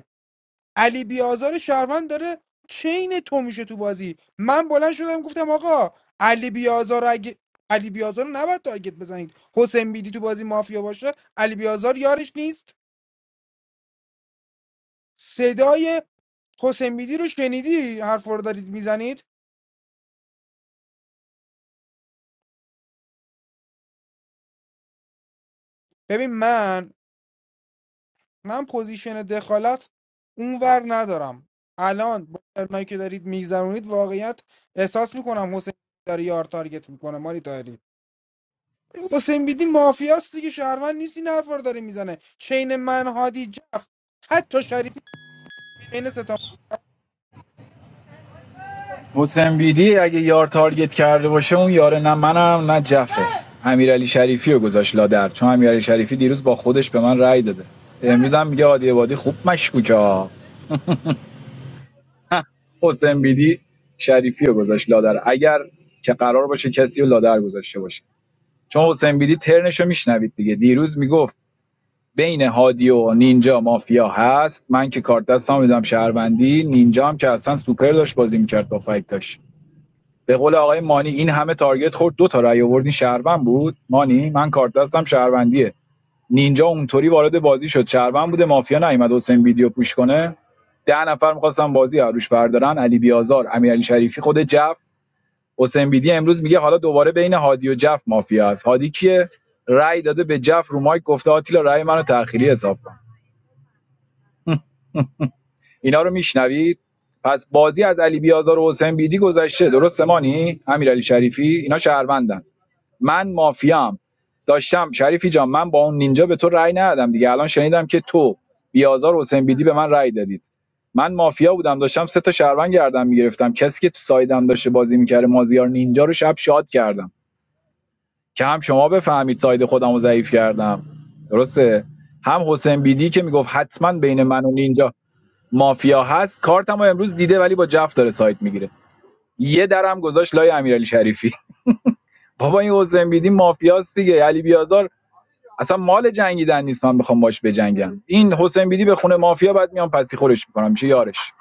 S18: علی بیازار شهروند داره چین تو میشه تو بازی من بلند شدم گفتم آقا علی بیازار اگه علی بیازار رو نباید تارگت بزنید حسین بیدی تو بازی مافیا باشه علی بیازار یارش نیست صدای حسین بیدی رو شنیدی حرف رو دارید میزنید ببین من من پوزیشن دخالت اونور ندارم الان با ترنایی که دارید میگذرونید واقعیت احساس میکنم حسین بیدی داره یار تارگت میکنه ماری حسین بیدی مافیاست دیگه شهروند نیست این حرفا رو داره میزنه چین من هادی جف حتی شریفی چین ستا
S22: حسین بیدی اگه یار تارگت کرده باشه اون یاره نه منم نه جفه امیرعلی شریفی رو گذاشت لادر چون امیرعلی شریفی دیروز با خودش به من رأی داده امروز هم میگه عادی عبادی خوب مشکوکه ها. حسین بیدی شریفی رو گذاشت لادر اگر که قرار باشه کسی رو لادر گذاشته باشه چون حسین بیدی ترنشو میشنوید دیگه دیروز میگفت بین هادی و نینجا مافیا هست من که کارت دستم میدم شهروندی نینجا هم که اصلا سوپر داشت بازی میکرد با فکتاش به قول آقای مانی این همه تارگت خورد دو تا رأی آوردین شهروند بود مانی من کارت دستم شهروندیه نینجا اونطوری وارد بازی شد شهروند بوده مافیا نیومد حسین ویدیو پوش کنه ده نفر میخواستن بازی عروش بردارن علی بیازار امیرعلی شریفی خود جف حسین بیدی امروز میگه حالا دوباره بین هادی و جف مافیا است هادی کیه رای داده به جف رو مایک گفته آتیلا رای منو تأخیری حساب اینا رو میشنوید پس بازی از علی بیازار و حسین بیدی گذشته درسته مانی امیرعلی شریفی اینا شهروندن من مافیام داشتم شریفی جان من با اون نینجا به تو رأی ندادم دیگه الان شنیدم که تو بیازار و حسین بیدی به من رأی دادید من مافیا بودم داشتم سه تا شهروند گردم میگرفتم کسی که تو سایدم داشته بازی میکرده مازیار نینجا رو شب شاد کردم که هم شما بفهمید ساید خودم رو ضعیف کردم درسته هم حسین بیدی که میگفت حتما بین من و نینجا مافیا هست کارتمو امروز دیده ولی با جف داره سایت میگیره یه درم گذاشت لای امیرعلی شریفی بابا این حسین بیدی مافیاست دیگه علی بیازار اصلا مال جنگیدن نیست من بخوام باش بجنگم این حسین بیدی به خونه مافیا بعد میام پسی خورش میکنم میشه یارش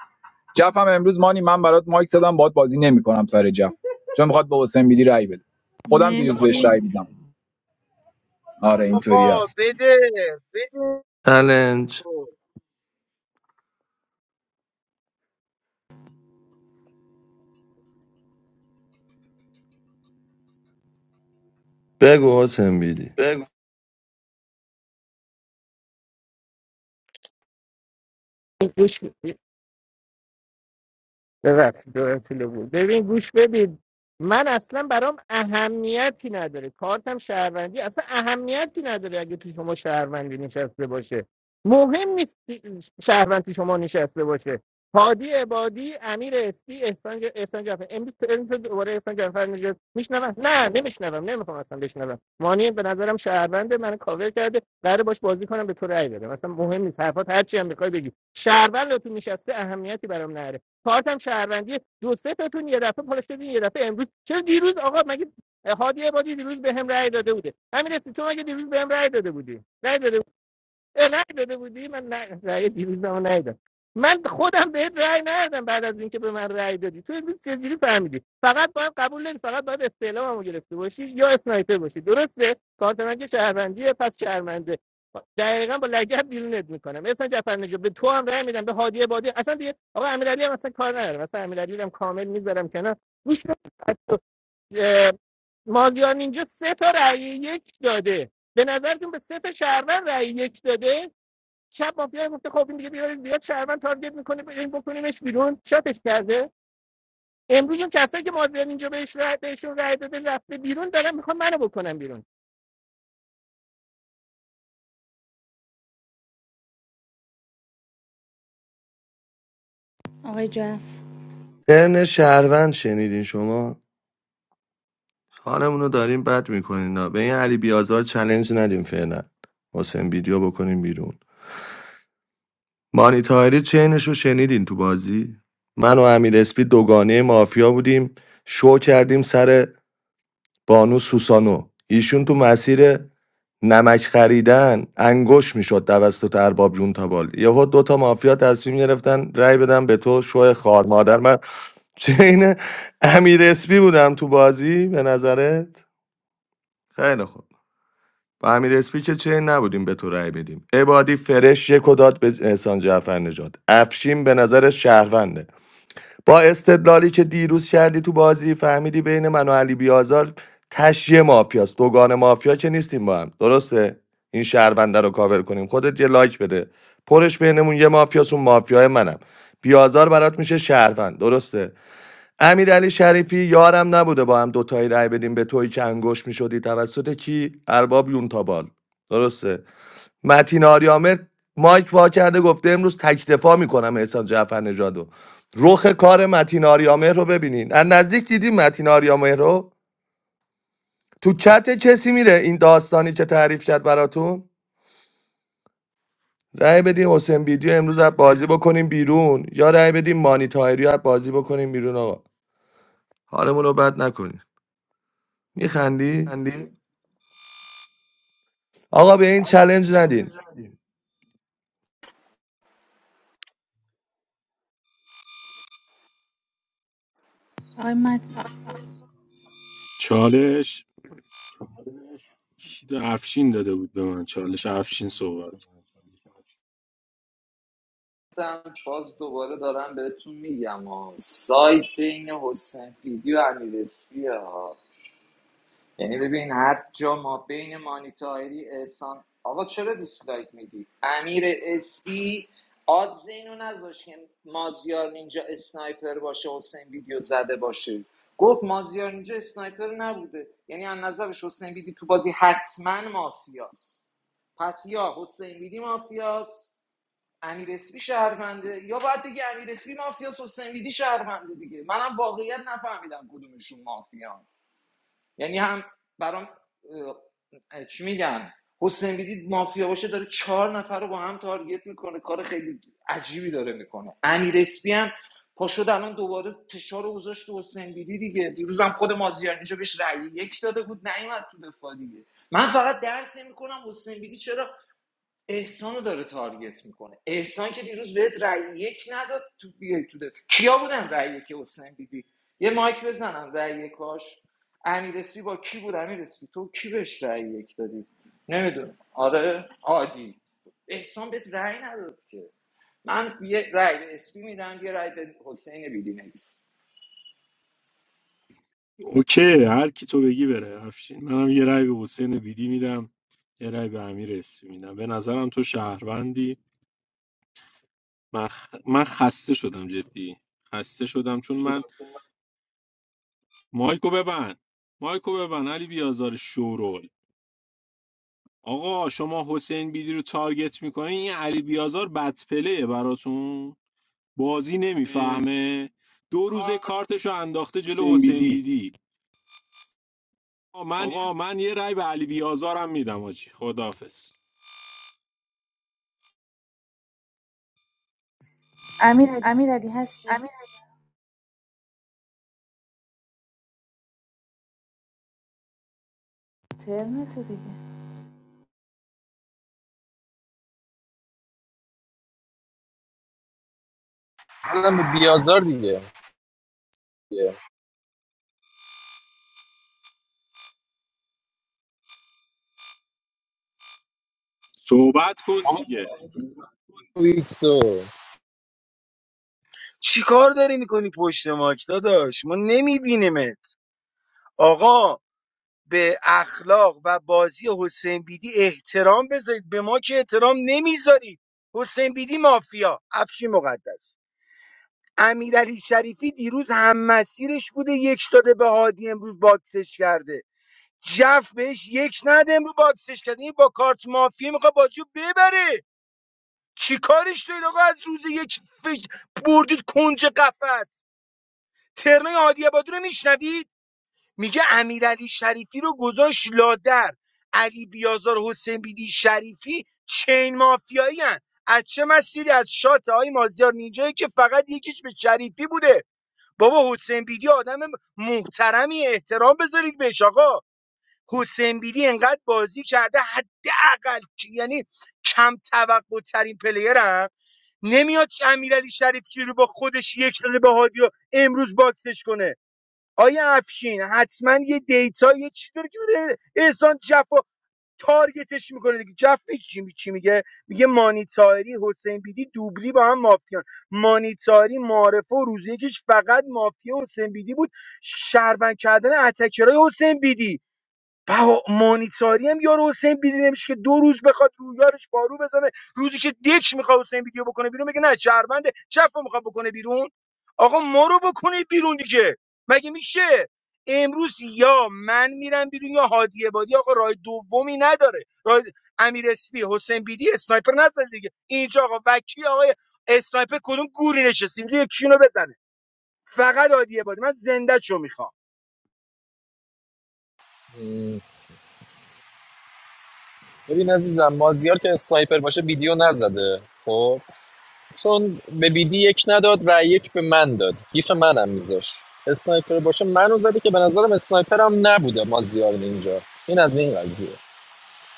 S22: جفم امروز مانی من برات مایک زدم باهات بازی نمیکنم سر جف چون میخواد به حسین بیدی رای بده خودم دیروز بهش
S19: مرسی
S22: رای دیدم آره اینطوری است
S13: بده
S9: چلنج بگو حسن بیدی
S20: ببخشید دورم طول بود ببین گوش بدید من اصلا برام اهمیتی نداره کارتم شهروندی اصلا اهمیتی نداره اگه تو شما شهروندی نشسته باشه مهم نیست کی- شهروند تو شما نشسته باشه هادی عبادی امیر اسپی احسان ج- احسان جعفر امروز تو امروز تو دوباره احسان جعفر میگه میشنوم نه نمیشنوم نمیخوام اصلا بشنوم مانی به نظرم شهرونده من کاور کرده قراره باش بازی کنم به تو رأی بدم اصلا مهم نیست حرفات هرچی هم بخوای بگی شهروند تو نشسته اهمیتی برام نداره کارتم شهروندی دو سه تاتون یه دفعه پالا شدین یه دفعه امروز چرا دیروز آقا مگه هادی عبادی دیروز به هم رأی داده بوده همین اسم تو مگه دیروز به هم رأی داده بودی رأی داده اه، داده بودی من نه رأی دیروزمو ندادم. من خودم بهت رای ندادم بعد از اینکه به من رای دادی تو امروز چجوری فهمیدی فقط باید قبول نمی فقط باید استعلاممو گرفته باشی یا اسنایپر باشی درسته کارت من که شهروندیه پس شهرمنده دقیقا با لگت بیرونت میکنم اصلا جعفر نجا به تو هم رای میدم به هادی بادی اصلا دیگه آقا امیرعلی هم اصلا کار ندارم مثلا امیرعلی رو هم کامل میذارم کنار گوش کن. اه، مازیار اینجا سه تا رأی یک داده به نظرتون به سه تا شهروند رأی یک داده شب مافیا گفته خب این دیگه دیگه زیاد شهروند تارگت میکنه این بکنیمش بیرون شاتش کرده امروز اون کسایی که مازیار اینجا بهش رای بهشون رای داده رفته بیرون دارن میخوان منو بکنن بیرون
S19: آقای جف
S9: ترن شهروند شنیدین شما حالمون رو داریم بد میکنین به این علی بیازار چلنج ندیم فعلا حسن ویدیو بکنیم بیرون مانی تاهری چینش رو شنیدین تو بازی من و امیر اسپی دوگانه مافیا بودیم شو کردیم سر بانو سوسانو ایشون تو مسیر نمک خریدن انگوش میشد توسط ارباب جون تابال یهو دو تا مافیا تصمیم گرفتن رأی بدم به تو شو خار مادر من چین امیر اسپی بودم تو بازی به نظرت خیلی خوب با امیر اسپی که چین نبودیم به تو رأی بدیم عبادی فرش یک و داد به احسان جعفر نجات افشین به نظر شهرونده با استدلالی که دیروز کردی تو بازی فهمیدی بین من و علی بیازار تشیه مافیاست دوگان مافیا که نیستیم با هم درسته این شهرونده رو کاور کنیم خودت یه لایک بده پرش بینمون یه مافیاست اون مافیای منم بیازار برات میشه شهروند درسته امیرعلی شریفی یارم نبوده با هم دوتایی رای بدیم به توی که انگوش میشدی توسط کی ارباب یونتابال درسته متین آریامر مایک وا کرده گفته امروز تکتفا میکنم احسان جعفر نژادو رخ کار متین آریامر رو ببینین از نزدیک دیدیم متین آریامر رو تو چت کسی میره این داستانی که تعریف کرد براتون رأی بدیم حسین ویدیو امروز از بازی بکنیم بیرون یا رأی بدیم مانی تایری از بازی بکنیم بیرون آقا حالمون رو بد نکنین میخندی آقا به این چلنج ندین
S19: آقای مد...
S14: چالش کی دا- افشین داده بود به من چالش افشین صحبت
S17: باز دوباره دارم بهتون میگم ها. سایت بین حسین بیدی و امیر اسپی ها یعنی ببین هر جا ما بین مانیتاری احسان آقا چرا دیسلایک میدی امیر اسپی آدز اینو نذاشت که مازیار اینجا اسنایپر باشه حسین ویدیو زده باشه گفت مازیار اینجا اسنایپر نبوده یعنی از نظرش حسین بیدی تو بازی حتما مافیاست پس یا حسین بیدی مافیاست امیر اسپی شهرونده یا باید بگی امیر اسپی مافیاست حسین بیدی شهرونده دیگه منم واقعیت نفهمیدم کدومشون مافیان یعنی هم برام اه، چی میگن حسین بیدی مافیا باشه داره چهار نفر رو با هم تارگت میکنه کار خیلی عجیبی داره میکنه امیر اسپی هم پاشد الان دوباره فشار رو گذاشت رو حسین بیدی دیگه دیروزم خود مازیار اینجا بهش رأی یک داده بود نیومد تو دفاع دیگه من فقط درک نمیکنم حسین بیدی چرا احسان داره تارگت میکنه احسان که دیروز بهت رأی یک نداد تو بیای تو ده. کیا بودن رأی یک حسین دیدی یه مایک بزنم رأی یکاش امیر اسپی با کی بود امیر اسپی تو کی بهش رأی یک دادی نمیدونم آره عادی احسان بهت رأی نداد که من یه رأی به اسپی میدم یه رأی به حسین بیدی نویس
S14: اوکی هر کی تو بگی بره افشین منم یه رای به حسین بیدی میدم یه رای به امیر اسمی میدم به نظرم تو شهروندی من, خ- من خسته شدم جدی خسته شدم چون من مایکو ببند مایکو ببند علی بیازار شورول آقا شما حسین بیدی رو تارگت میکنین این علی بیازار بدپله براتون بازی نمیفهمه دو روزه
S13: کار
S14: کارتشو انداخته جلو حسین
S13: سنبیلی
S14: بیدی
S13: آه، من
S14: آقا من یه رای به علی بیازارم میدم آجی خداحافظ
S13: امیر
S19: امیرعلی هستی امیر... ترمت دیگه
S21: الان به بیازار دیگه
S14: صحبت کن دیگه
S21: ویکسو
S13: چی کار داری میکنی پشت ماک داداش ما نمیبینیمت آقا به اخلاق و بازی حسین بیدی احترام بذارید به ما که احترام نمیذارید حسین بیدی مافیا افشی مقدس امیرعلی شریفی دیروز هم مسیرش بوده یک داده به هادی امروز باکسش کرده جف بهش یک نده امروز باکسش کرده این با کارت مافیا میخواد بازیو ببره چی کارش دارین آقا از روز یک فکر بردید کنج قفس ترنای هادی عبادی رو میشنوید میگه امیرعلی شریفی رو گذاشت لادر علی بیازار حسین بیدی شریفی چین مافیایی هن. از چه مسیری از شات های مازیار نینجایی که فقط یکیش به شریفی بوده بابا حسین بیدی آدم محترمی احترام بذارید بهش آقا حسین بیدی انقدر بازی کرده حداقل که- یعنی کم توقع ترین پلیرم نمیاد چه امیرعلی شریفچی رو با خودش یک داده به هادی و امروز باکسش کنه آیا افشین حتما یه دیتا یه چیزی داره که بره احسان جفا تارگتش میکنه دیگه جف چی می- میگه میگه مانیتاری حسین بیدی دوبلی با هم مافیان مانیتاری معارفه و روز یکیش فقط مافیا حسین بیدی بود شربن کردن اتکرای حسین بیدی بها مانیتاری هم یارو حسین بیدی نمیشه که دو روز بخواد رو یارش پارو بزنه روزی که دکش میخواد حسین بیدیو بکنه بیرون میگه نه شهرونده چپ رو میخواد بکنه بیرون آقا ما رو بکنه بیرون دیگه مگه میشه امروز یا من میرم بیرون یا هادی بادی آقا راه دومی نداره راه امیر اسپی حسین بیدی اسنایپر نزن دیگه اینجا آقا وکی آقای اسنایپر کدوم گوری نشسته اینجا یکی اینو بزنه فقط هادی بادی من زنده شو میخوام
S21: م، ببین عزیزم مازیار که اسنایپر باشه ویدیو نزده خب چون به بیدی یک نداد و یک به من داد گیف منم میذاش اسنایپر باشه منو زده که به نظرم اسنایپرم نبوده مازیار اینجا این از این قضیه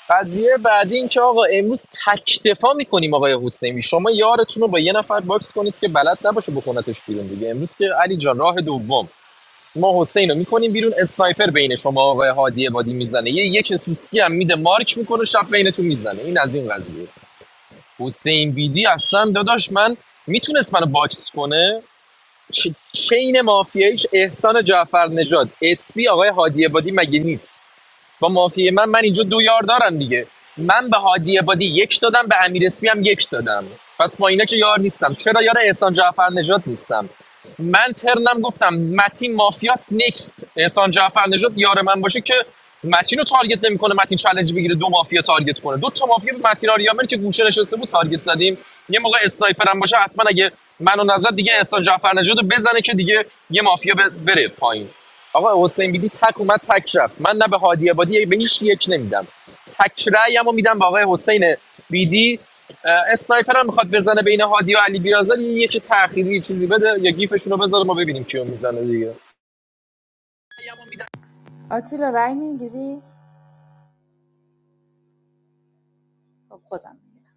S21: قضیه بعدی این که آقا امروز تکتفا میکنیم آقای حسینی شما یارتون رو با یه نفر باکس کنید که بلد نباشه بکنتش بیرون دیگه امروز که علی جان راه دوم ما حسین رو میکنیم بیرون اسنایپر بین شما آقای هادی بادی میزنه یه یک سوسکی هم میده مارک میکنه شب بینتون میزنه این از این قضیه حسین بیدی اصلا داداش من میتونست منو باکس کنه چ- چین مافیایش احسان جعفر نژاد اسپی آقای هادی عبادی مگه نیست با مافیه من من اینجا دو یار دارم دیگه من به هادی عبادی یک دادم به امیر اسمی هم یک دادم پس با اینا که یار نیستم چرا یار احسان جعفر نجات نیستم من ترنم گفتم متین مافیاس نکست احسان جعفر نجات یار من باشه که متین رو تارگت نمیکنه متین چالش بگیره دو مافیا تارگت کنه دو تا مافیا به متین آریامر که گوشه نشسته بود تارگت زدیم یه موقع اسنایپر هم باشه حتما اگه منو نظر دیگه احسان جعفر نژاد رو بزنه که دیگه یه مافیا بره پایین آقا حسین بیدی تک اومد تک رفت من نه به هادی عبادی به هیچ کی یک نمیدم تک رأیمو میدم به آقای حسین بیدی اه، اسنایپر هم میخواد بزنه بین هادی و علی بیازر یکی تأخیری یه چیزی بده یا گیفشون رو بذاره ما ببینیم کیو میزنه دیگه
S19: آتیلا رای میگیری خب خودم میگیرم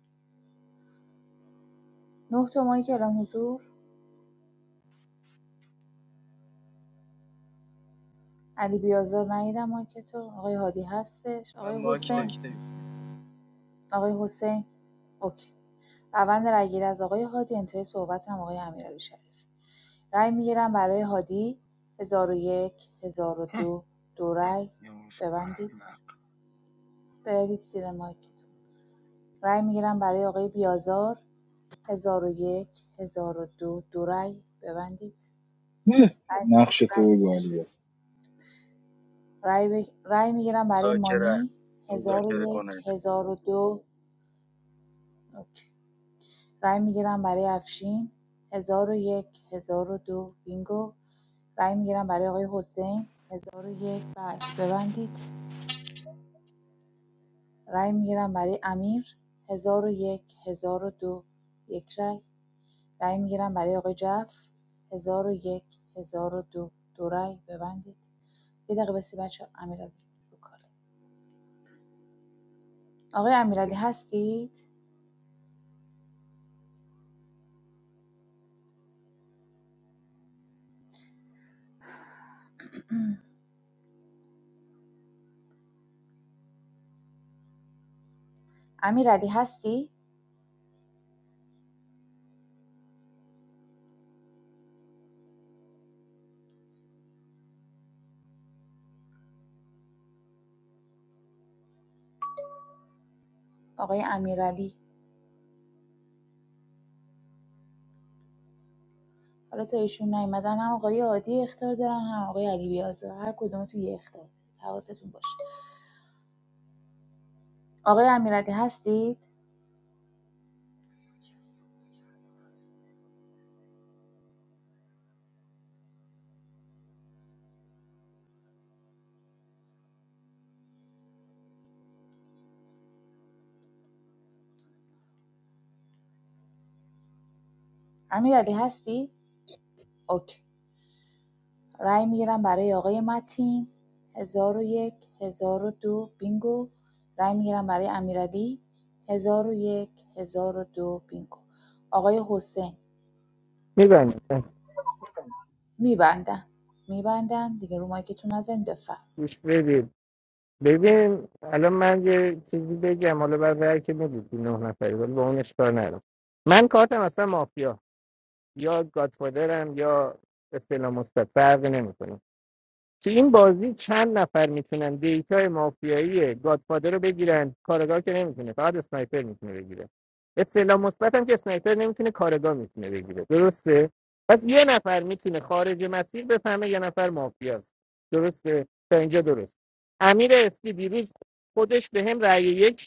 S19: نه تا مایی که اعلام حضور علی بیازار نیدم مایی که تو آقای هادی هستش
S13: من
S19: آقای
S13: ماک
S19: حسین آقای حسین اوکی روند رای گیری از آقای هادی انتهای صحبت هم آقای امیرعلی شریف رای میگیرم برای هادی 1001 1002 دو دو رای ببندید
S13: نمیتونم.
S19: برید زیر مایکتون رأی میگیرم برای آقای بیازار هزار و یک هزار و دو دو رای ببندید
S22: اه،
S19: رای
S22: نقش تو
S19: رای
S22: بگو علی بیازار.
S19: رأی, بگ- میگیرم برای
S13: مذاکره
S19: مانی هزار و
S13: مذاکره
S19: یک
S13: کننده
S19: هزار و دو رای میگیرم برای افشین هزار و یک هزار و دو بینگو رای میگیرم برای آقای حسین هزار و یک بله ببندید رأی میگیرم برای امیر هزار و یک هزار و دو یک رای رای میگیرم برای آقای جعفر 1001 1002 دو دو رای ببندید یه دقیقه بسی بچه امیرعلی رو کاله آقای امیرعلی هستید امیرعلی هستی آقای امیرعلی حالا تا ایشون نیومدن هم آقای عادی اختار دارن هم آقای علی بیازه هر کدوم تو یه اختار حواستون باشه آقای امیرعلی هستید امیرعلی هستی اوکی رای میگیرم برای آقای متین 1001 1002 بینگو رای میگیرم برای امیرعلی 1001 1002 بینگو آقای حسین
S20: میبند
S19: میبندن میبندن دیگه رو مایکتون نزن بفرم
S20: گوش بدید ببین الان من یه چیزی بگم حالا بعد رای که میدید نه نفری ولی با اون اشکار نرم من کارتم اصلا مافیا یا گادفادرم یا استعلام مثبت فرقی نمیکنه تو این بازی چند نفر میتونن دیتای مافیایی گادفادر رو بگیرن کارگاه که نمیتونه فقط اسنایپر میتونه بگیره استعلام مثبت هم که اسنایپر نمیتونه کارگاه میتونه بگیره درسته پس یه نفر میتونه خارج مسیر بفهمه یه نفر مافیاست درسته تا اینجا درست امیر اسکی دیروز خودش به هم رأی یک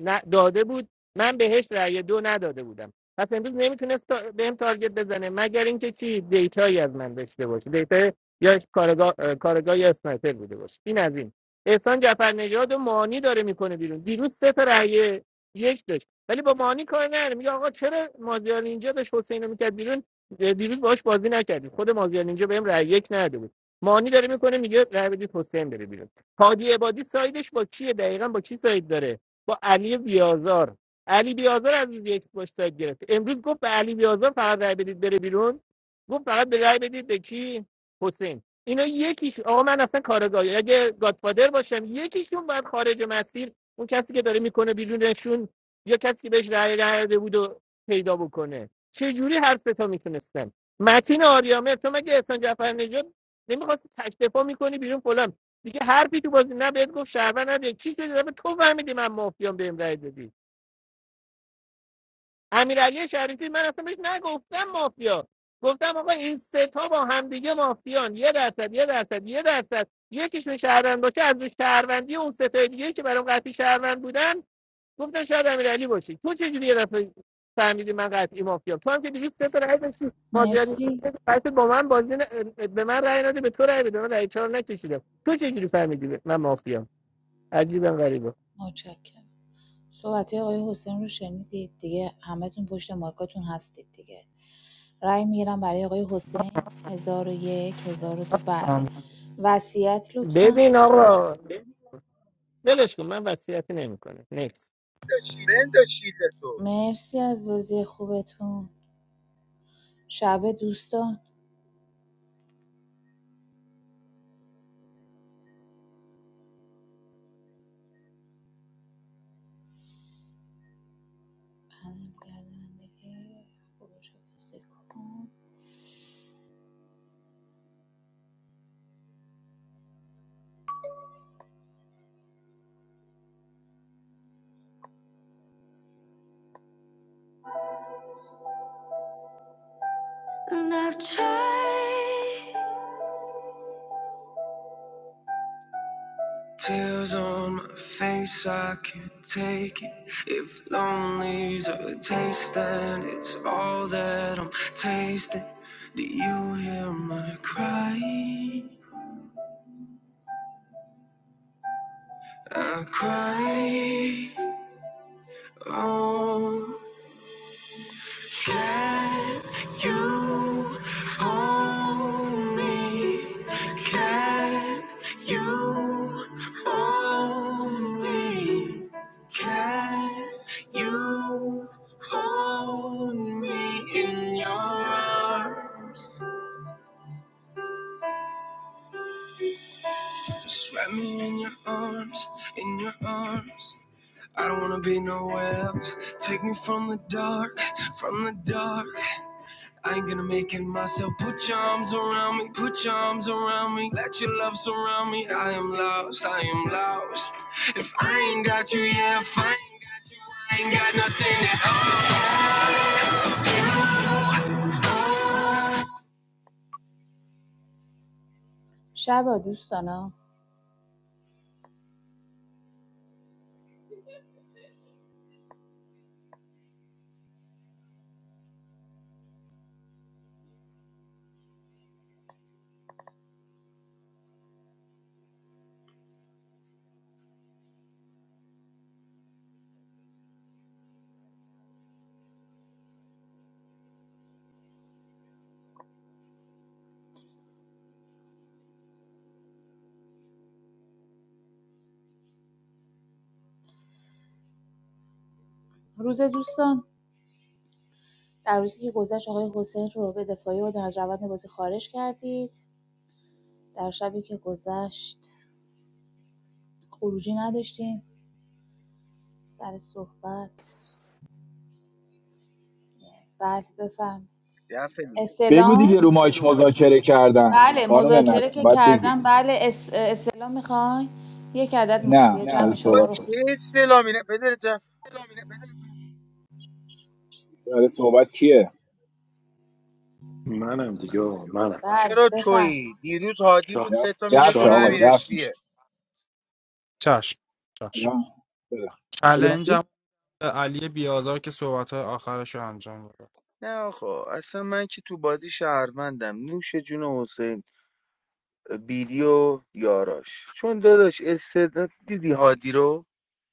S20: نه داده بود من بهش رأی دو نداده بودم پس امروز نمیتونست تا- بهم تارگت بزنه مگر اینکه چی دیتایی از من داشته باشه دیتا یا کارگاه اه، کارگاه یا اسنایپر بوده باشه این از این احسان جعفر نژاد و مانی داره میکنه بیرون دیروز سه تا رأی یک داشت ولی با مانی کار نداره میگه آقا چرا مازیار اینجا داشت حسین رو میکرد بیرون اه، دیروز باهاش بازی نکردی خود مازیار اینجا بهم رأی یک نداده بود مانی داره میکنه میگه رأی بدید حسین بره بیرون هادی عبادی سایدش با کیه دقیقا با کی ساید داره با علی بیازار علی بیازار از روز یک باش سایت گرفت امروز گفت به علی بیازار فقط رای بدید بره بیرون گفت فقط به رای بدید به کی حسین اینا یکیش آقا من اصلا کارگاهی اگه گادفادر باشم یکیشون باید خارج مسیر اون کسی که داره میکنه بیرونشون یا کسی که بهش رای نداده بود و پیدا بکنه چه جوری هر سه تا میتونستن متین آریامه تو مگه احسان جعفر نژاد نمیخواستی تک دفاع میکنی بیرون فلان دیگه حرفی تو بازی نه بهت گفت شهروند نه دیگه چی شده دفعه تو فهمیدی من مافیام بهم رأی دادی امیرعلی شریفی من اصلا بهش نگفتم مافیا گفتم آقا این سه تا با همدیگه مافیان یه درصد یه درصد یه درصد یکیشون شهروند باشه از روش شهروندی اون سه تا دیگه که برام قطعی شهروند بودن گفتن شاید امیرعلی باشی تو چه جوری یه دفعه فهمیدی من قطعی مافیام تو هم که دیگه سه تا رأی داشتی ماجرا
S19: مرسی
S20: قصد با من بازی ن- به من رأی نده به تو رأی بده من رأی چهار نکشیدم تو چه جوری فهمیدی من مافیام عجیبا غریبا
S19: متشکرم صحبت آقای حسین رو شنیدید دیگه همتون پشت مایکاتون هستید دیگه رای میگیرم برای آقای حسین 1001 1002 بله
S18: هم.
S19: وصیت لطفا
S20: ببین آقا ولش کن من وصیتی نمیکنه نکس
S13: بند شیلد تو
S19: میسی از بچه خوبه تو شابه دوست. Can you hold me? Can you hold me? Can you hold me in your arms? wrap me in your arms, in your arms. I don't wanna be nowhere else. Take me from the dark, from the dark. شب اول دوست دارم. روزه دوست دارم. در روزی که گذاشت خورشید رو به دفعه و دنهر زاویه باید خارج کردید. در شبی که گذاشت خورشید نداشتیم، سال صحبت بعد به فن.
S13: دفعه دیگه
S22: بگو
S19: اسلان
S22: دیگه رو مایک مذاکره کردن
S19: بله
S22: خانم
S19: مذاکره
S22: نسل
S19: که
S22: باید بگی
S19: کردم بله اس... اصطلاح میخوای یک عدد مافیا
S22: نه
S19: جمع نه
S22: سر
S13: با
S19: شما
S22: صحبت
S13: چه
S19: رو
S13: استعلامی نه بده جف
S22: برای صحبت کیه
S14: منم دیگه آقا، منم
S19: بله
S13: چرا
S19: بفرم
S13: تویی دیروز هادی بود
S14: چا-
S22: جف
S13: سه تا میره
S22: جفه
S13: جلو
S22: آقا
S13: امیر
S22: جف
S14: چالش
S22: میشه
S13: اسپیه
S18: چشم چشم
S22: یا بده بده من
S18: چلنجم به علی بیازار که صحبت آخرش رو انجام بده
S13: نه آقا اصلا من که تو بازی شهروندم نوش جون حسین بیلی و یاراش چون داداش استعداد دیدی هادی رو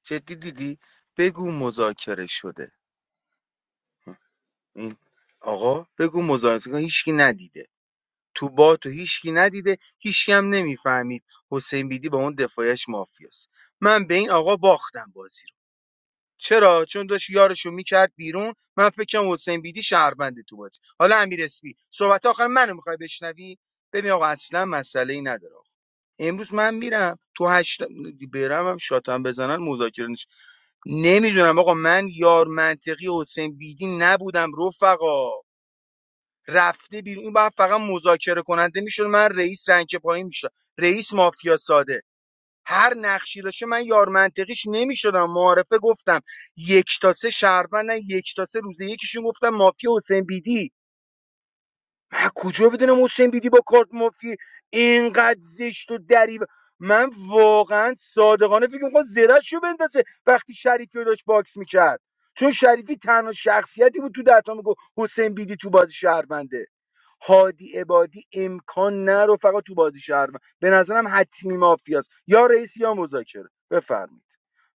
S13: جدی دیدی بگو مذاکره شده این آقا بگو مذاکره هیچکی ندیده تو باتو هیشکی ندیده هیشکی هم نمیفهمید حسین بیدی با اون دفاعش مافیاست من به این آقا باختم بازی رو چرا چون داشت یارشو میکرد بیرون من فکر کنم حسین بیدی شهربنده تو بازی حالا امیر اسپی صحبت آخر منو میخوای بشنوی ببین آقا اصلا مسئله ای نداره امروز من میرم تو هشت برم هم شاتم بزنن مذاکره نشه. نمیدونم آقا من یار منطقی حسین بیدی نبودم رفقا رفته بیرون این باید فقط مذاکره کننده میشد من رئیس رنگ پایین میشد رئیس مافیا ساده هر نقشی داشته من یار منطقیش نمیشدم معارفه گفتم یک تا سه شهروندن یک تا سه روزه یکیشون گفتم مافیا حسین بیدی من کجا بدونم حسین بیدی با کارت مافی اینقدر زشت و دری من واقعا صادقانه فکر می‌کنم زرش رو بندازه وقتی شریفی رو داشت باکس میکرد چون شریفی تنها شخصیتی بود تو دهتا میگفت حسین بیدی تو بازی شهرونده هادی عبادی امکان نه رو فقط تو بازی شهروند به نظرم حتمی مافیاست یا رئیس یا مذاکره بفرمایید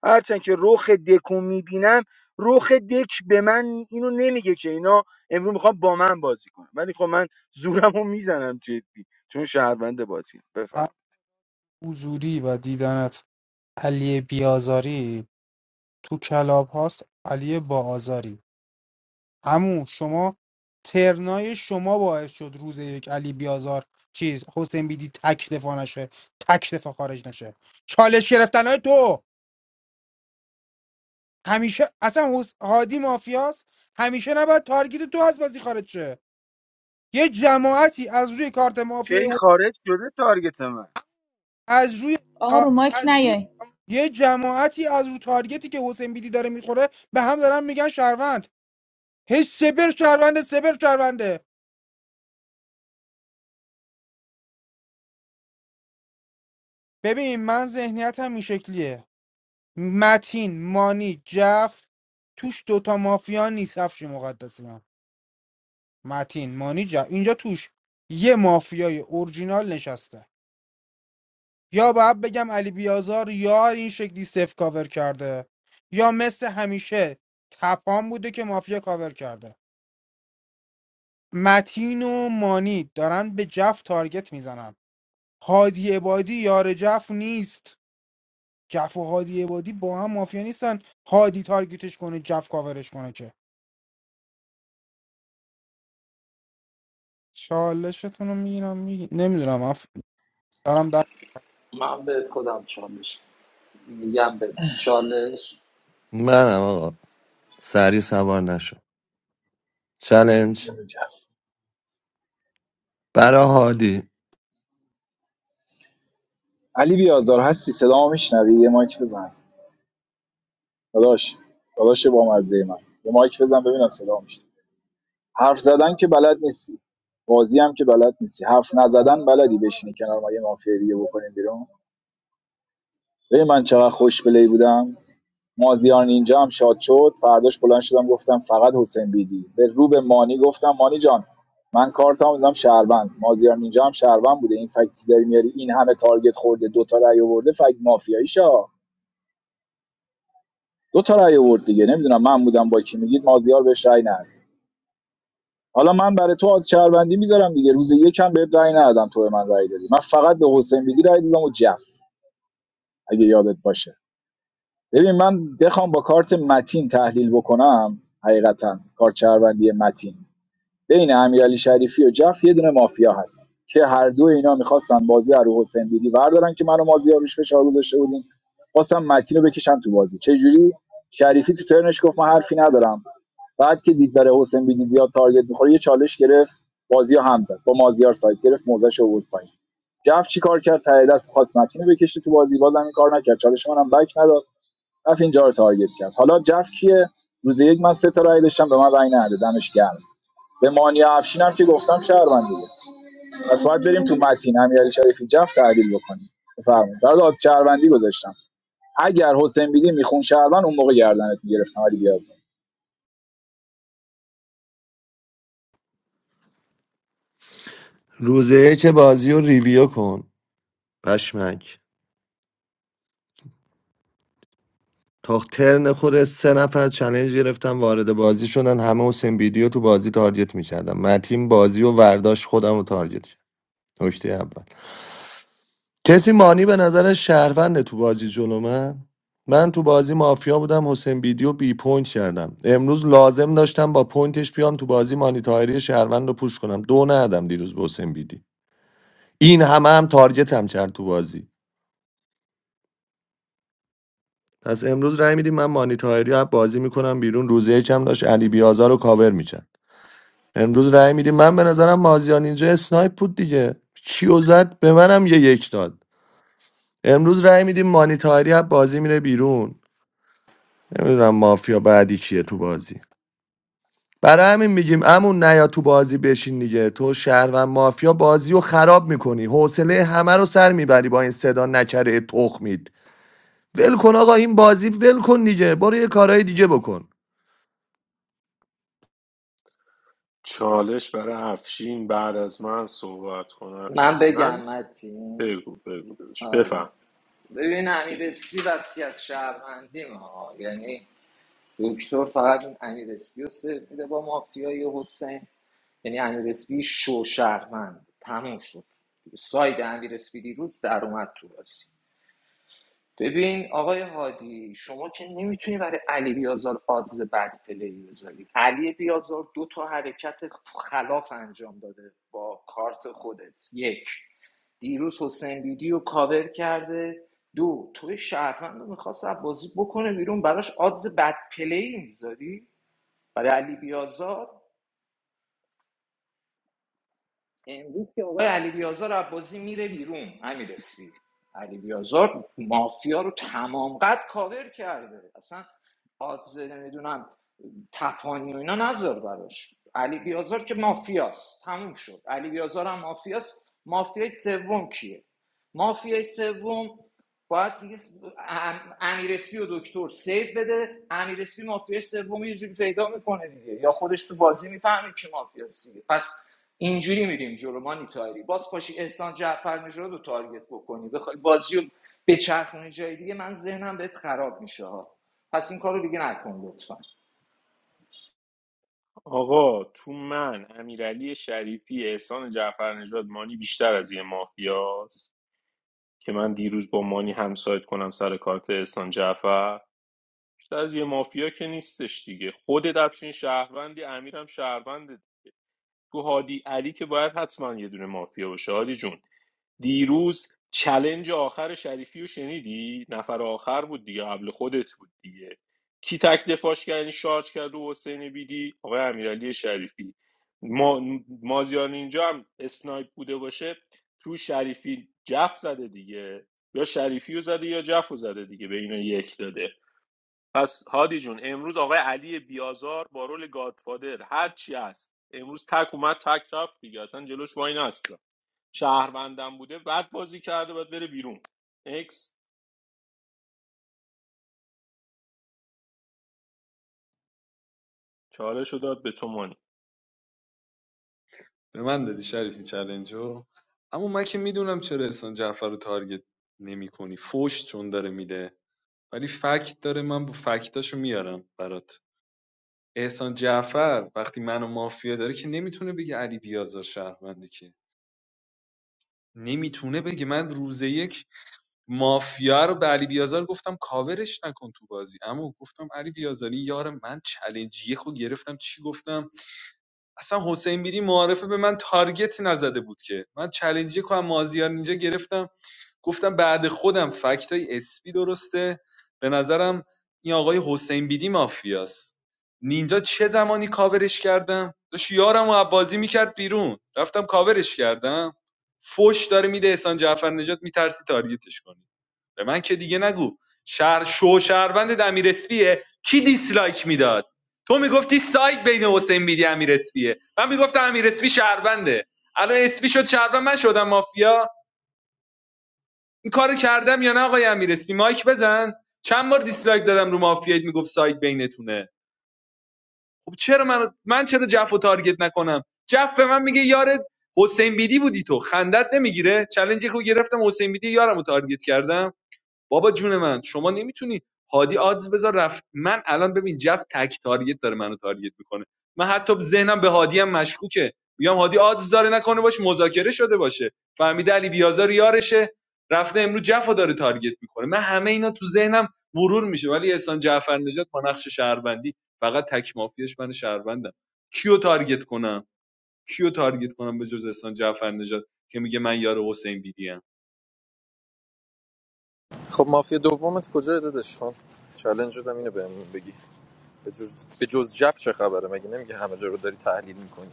S13: هرچند که رخ دکو میبینم رخ دک به من اینو نمیگه که اینا امروز میخوام با من بازی کنم ولی خب من زورم رو میزنم جدی چون شهروند بازی
S18: هر
S13: بفهم
S18: حضوری و دیدنت علی بیازاری تو کلاب هاست علی با آزاری امو شما ترنای شما باعث شد روز یک علی بیازار چیز حسین بیدی تک دفاع نشه تک دفاع خارج نشه چالش گرفتن های تو همیشه اصلا حس... هادی مافیاست همیشه نباید تارگت تو از بازی خارج شه یه جماعتی از روی کارت مافیای
S13: کی
S18: حس-
S13: خارج شده تارگت من
S18: از روی
S19: آقا
S18: آ،
S19: رو مایک نیاین
S18: یه جماعتی از رو تارگتی که حسین بیدی داره میخوره به هم دارن میگن شهروند هی سپر شهرونده سپر شهرونده ببین من ذهنیتم این شکلیه متین مانی جف توش دوتا مافیا نیست هفش مقدسی من متین مانی جف اینجا توش یه مافیای اورجینال نشسته یا باید بگم علی بیازار یا این شکلی سف کاور کرده یا مثل همیشه تپان بوده که مافیا کاور کرده متین و مانی دارن به جف تارگت میزنن هادی عبادی یار جف نیست جف و هادی عبادی با هم مافیا نیستن هادی تارگتش کنه جف کاورش کنه که چالشتون رو میگیرم میگی... نمیدونم اف... دارم در
S17: من بهت خودم چالش میگم به چالش
S9: منم آقا سری سوار نشو چلنج
S22: بده جف
S9: برای هادی
S22: علی بیازار هستی صدا میشنوی یه مایک بزن داداش داداش با مزه من یه مایک بزن ببینم صدا میشه حرف زدن که بلد نیستی بازی هم که بلد نیستی حرف نزدن بلدی بشینی کنار ما یه مافیا دیگه بکنیم بیرون ببین من چقدر خوش بلی بودم مازیار نینجا هم شاد شد فرداش بلند شدم گفتم فقط حسین بیدی به رو به مانی گفتم مانی جان من کارتام دیدم شهروند مازیار نینجا هم شهروند بوده این فکتی داری میاری این همه تارگت خورده دو تا رأی آورده فکت مافیایی شا دو تا رأی آورد دیگه نمیدونم من بودم با کی میگید مازیار بهش رأی نداد حالا من برای تو از شهروندی میذارم دیگه روز یکم بهت رأی ندادم تو به من رأی دادی من فقط به حسین بیدی رأی دادم و جف اگه یادت باشه ببین من بخوام با کارت متین تحلیل بکنم حقیقتا کارت شهروندی متین بین امیرعلی شریفی و جف یه دونه مافیا هست که هر دو اینا میخواستن بازی رو رو حسین بیدی وردارن که منو مازی روش فشار گذاشته بودیم خواستم متین رو بکشن تو بازی چه جوری شریفی تو ترنش گفت من حرفی ندارم بعد که دید داره حسین بیدی زیاد تارگت میخوره یه چالش گرفت بازی رو هم زد با مازیار سایت گرفت موزش آورد پایین جف چی کار کرد ته دست خواست متین رو بکشه تو بازی بازم این کار نکرد چالش منم بک نداد رفت اینجا رو تارگت کرد حالا جف کیه روز یک من سه تا رای داشتم به من رای نداد دمش گرم به مانیا افشین هم که گفتم شهروند دیگه پس باید بریم تو متین امیرعلی شریفی جف تعدیل بکنیم بفرمایید برای داد شهروندی گذاشتم اگر حسین بیدی میخون شهروند اون موقع گردنت میگرفتم علی بیازم
S9: روزه که بازی رو ریویو کن پشمک تا ترن خود سه نفر چلنج گرفتم وارد بازی شدن همه حسین ویدیو تو بازی تارگت میکردم من تیم بازی و ورداش خودم رو تارگت کرد نکته اول کسی مانی به نظر شهروند تو بازی جلو من من تو بازی مافیا بودم حسین ویدیو بی پوینت کردم امروز لازم داشتم با پوینتش بیام تو بازی مانی تایری شهروند رو پوش کنم دو ندم دیروز به حسین بیدی این همه هم تارگتم کرد تو بازی پس امروز رأی میدیم من مانی تاهری از بازی میکنم بیرون روزه یکم داشت علی بیازار رو کاور میکرد امروز رأی میدیم من به نظرم مازیان اینجا اسنایپ بود دیگه کیو زد به منم یه یک داد امروز رأی میدیم مانی تاهری بازی میره بیرون نمیدونم مافیا بعدی کیه تو بازی برای همین میگیم امون نیا تو بازی بشین دیگه تو شهر و مافیا بازی رو خراب میکنی حوصله همه رو سر میبری با این صدا نکره تخمید ول کن آقا این بازی ول کن دیگه برو یه کارهای دیگه بکن
S14: چالش برای افشین بعد از من صحبت کن
S17: من
S14: افشین من
S17: بگم متین
S14: بگو بگو داداش
S17: آره.
S14: بفهم
S17: ببین امیر اسپی وصیت شهروندی ما یعنی دکتر فقط این امیر اسپی رو سیو میده با مافیای حسین یعنی امیر اسپی شو شهروند تموم شد ساید امیر اسپی دیروز در اومد تو بازی ببین آقای هادی شما که نمیتونی برای علی بیازار آدز بد پلی بذاری علی بیازار دو تا حرکت خلاف انجام داده با کارت خودت یک دیروز حسین بیدی رو کاور کرده دو توی شهروند رو میخواست بازی بکنه بیرون براش آدز بد پلی میذاری برای علی بیازار امروز که آقای علی بیازار عباسی میره بیرون امیر اسپی علی بیازار مافیا رو تمام قد کاور کرده اصلا آدز نمیدونم تپانی و اینا نذار براش علی بیازار که مافیاست تموم شد علی بیازار هم مافیاست مافیای سوم کیه مافیای سوم باید دیگه ام- امیر اسپی و دکتر سیو بده امیر اسپی مافیای سوم اینجوری پیدا میکنه دیگه یا خودش تو بازی میفهمه که مافیاست دیگه پس اینجوری میریم جلو ما نیتاری باز پاشی احسان جعفر رو تارگت بکنی بخوای بازی رو بچرخونی جای دیگه من ذهنم بهت خراب میشه ها پس این کارو دیگه نکن لطفا
S14: آقا تو من امیرعلی شریفی احسان جعفر نژاد مانی بیشتر از یه مافیاست که من دیروز با مانی همسایت کنم سر کارت احسان جعفر بیشتر از یه مافیا که نیستش دیگه خودت افشین شهروندی امیرم شهروند تو هادی علی که باید حتما یه دونه مافیا باشه هادی جون دیروز چلنج آخر شریفی رو شنیدی نفر آخر بود دیگه قبل خودت بود دیگه کی تک دفاعش کرد یعنی شارژ کرد و حسین بیدی آقای امیرعلی شریفی ما مازیار اینجا هم اسنایپ بوده باشه تو شریفی جف زده دیگه یا شریفی رو زده یا جف رو زده دیگه به اینا یک داده پس هادی جون امروز آقای علی بیازار با رول گادفادر هر چی هست امروز تک اومد تک رفت دیگه اصلا جلوش وای نست شهروندم بوده بعد بازی کرده باید بره بیرون اکس چالش رو داد به تو
S16: به من دادی شریفی چلنجو اما من که میدونم چرا احسان جعفر رو تارگت نمی کنی فوش چون داره میده ولی فکت داره من با فکتاشو میارم برات احسان جعفر وقتی منو مافیا داره که نمیتونه بگه علی بیازار شهرونده که نمیتونه بگه من روز یک مافیا رو به علی بیازار گفتم کاورش نکن تو بازی اما گفتم علی بیازاری یار من چلنجیه خود گرفتم چی گفتم اصلا حسین بیدی معارفه به من تارگت نزده بود که من چلنجی که از مازیار نینجا گرفتم گفتم بعد خودم فکت های اسپی درسته به نظرم این آقای حسین بیدی مافیاست نینجا چه زمانی کاورش کردم داشت یارم و بازی میکرد بیرون رفتم کاورش کردم فش داره میده احسان جعفر نجات میترسی تارگتش کنی به من که دیگه نگو شهر شو شهروند امیر اسپیه کی دیسلایک میداد تو میگفتی سایت بین حسین بیدی امیر اسپیه من میگفتم امیر اسپی شهرونده الان اسپی شد شهروند من شدم مافیا این کارو کردم یا نه آقای امیر اسمی مایک بزن چند بار دیسلایک دادم رو مافیایت میگفت سایت بینتونه خب چرا من من چرا جف تارگت نکنم جف به من میگه یارت حسین بیدی بودی تو خندت نمیگیره چالنجی که گرفتم حسین بیدی یارم رو تارگت کردم بابا جون من شما نمیتونی هادی آدز بذار رفت من الان ببین جف تک تارگت داره منو تارگت میکنه من حتی ذهنم به هادی هم مشکوکه میگم هادی آدز داره نکنه باش مذاکره شده باشه فهمیده علی بیازار یارشه رفته امروز جفو داره تارگت میکنه من همه اینا تو ذهنم مرور میشه ولی احسان جعفر نجات با نقش شهروندی فقط تک مافیاش من شهروندم کیو تارگت کنم کیو تارگت کنم به جز احسان جعفر نجات که میگه من یار حسین بیدی ام
S21: دومت کجا دادش خان چالنج دادم اینو بهم بگی جز- به جز جف چه خبره مگه نمیگه همه جا رو داری تحلیل میکنی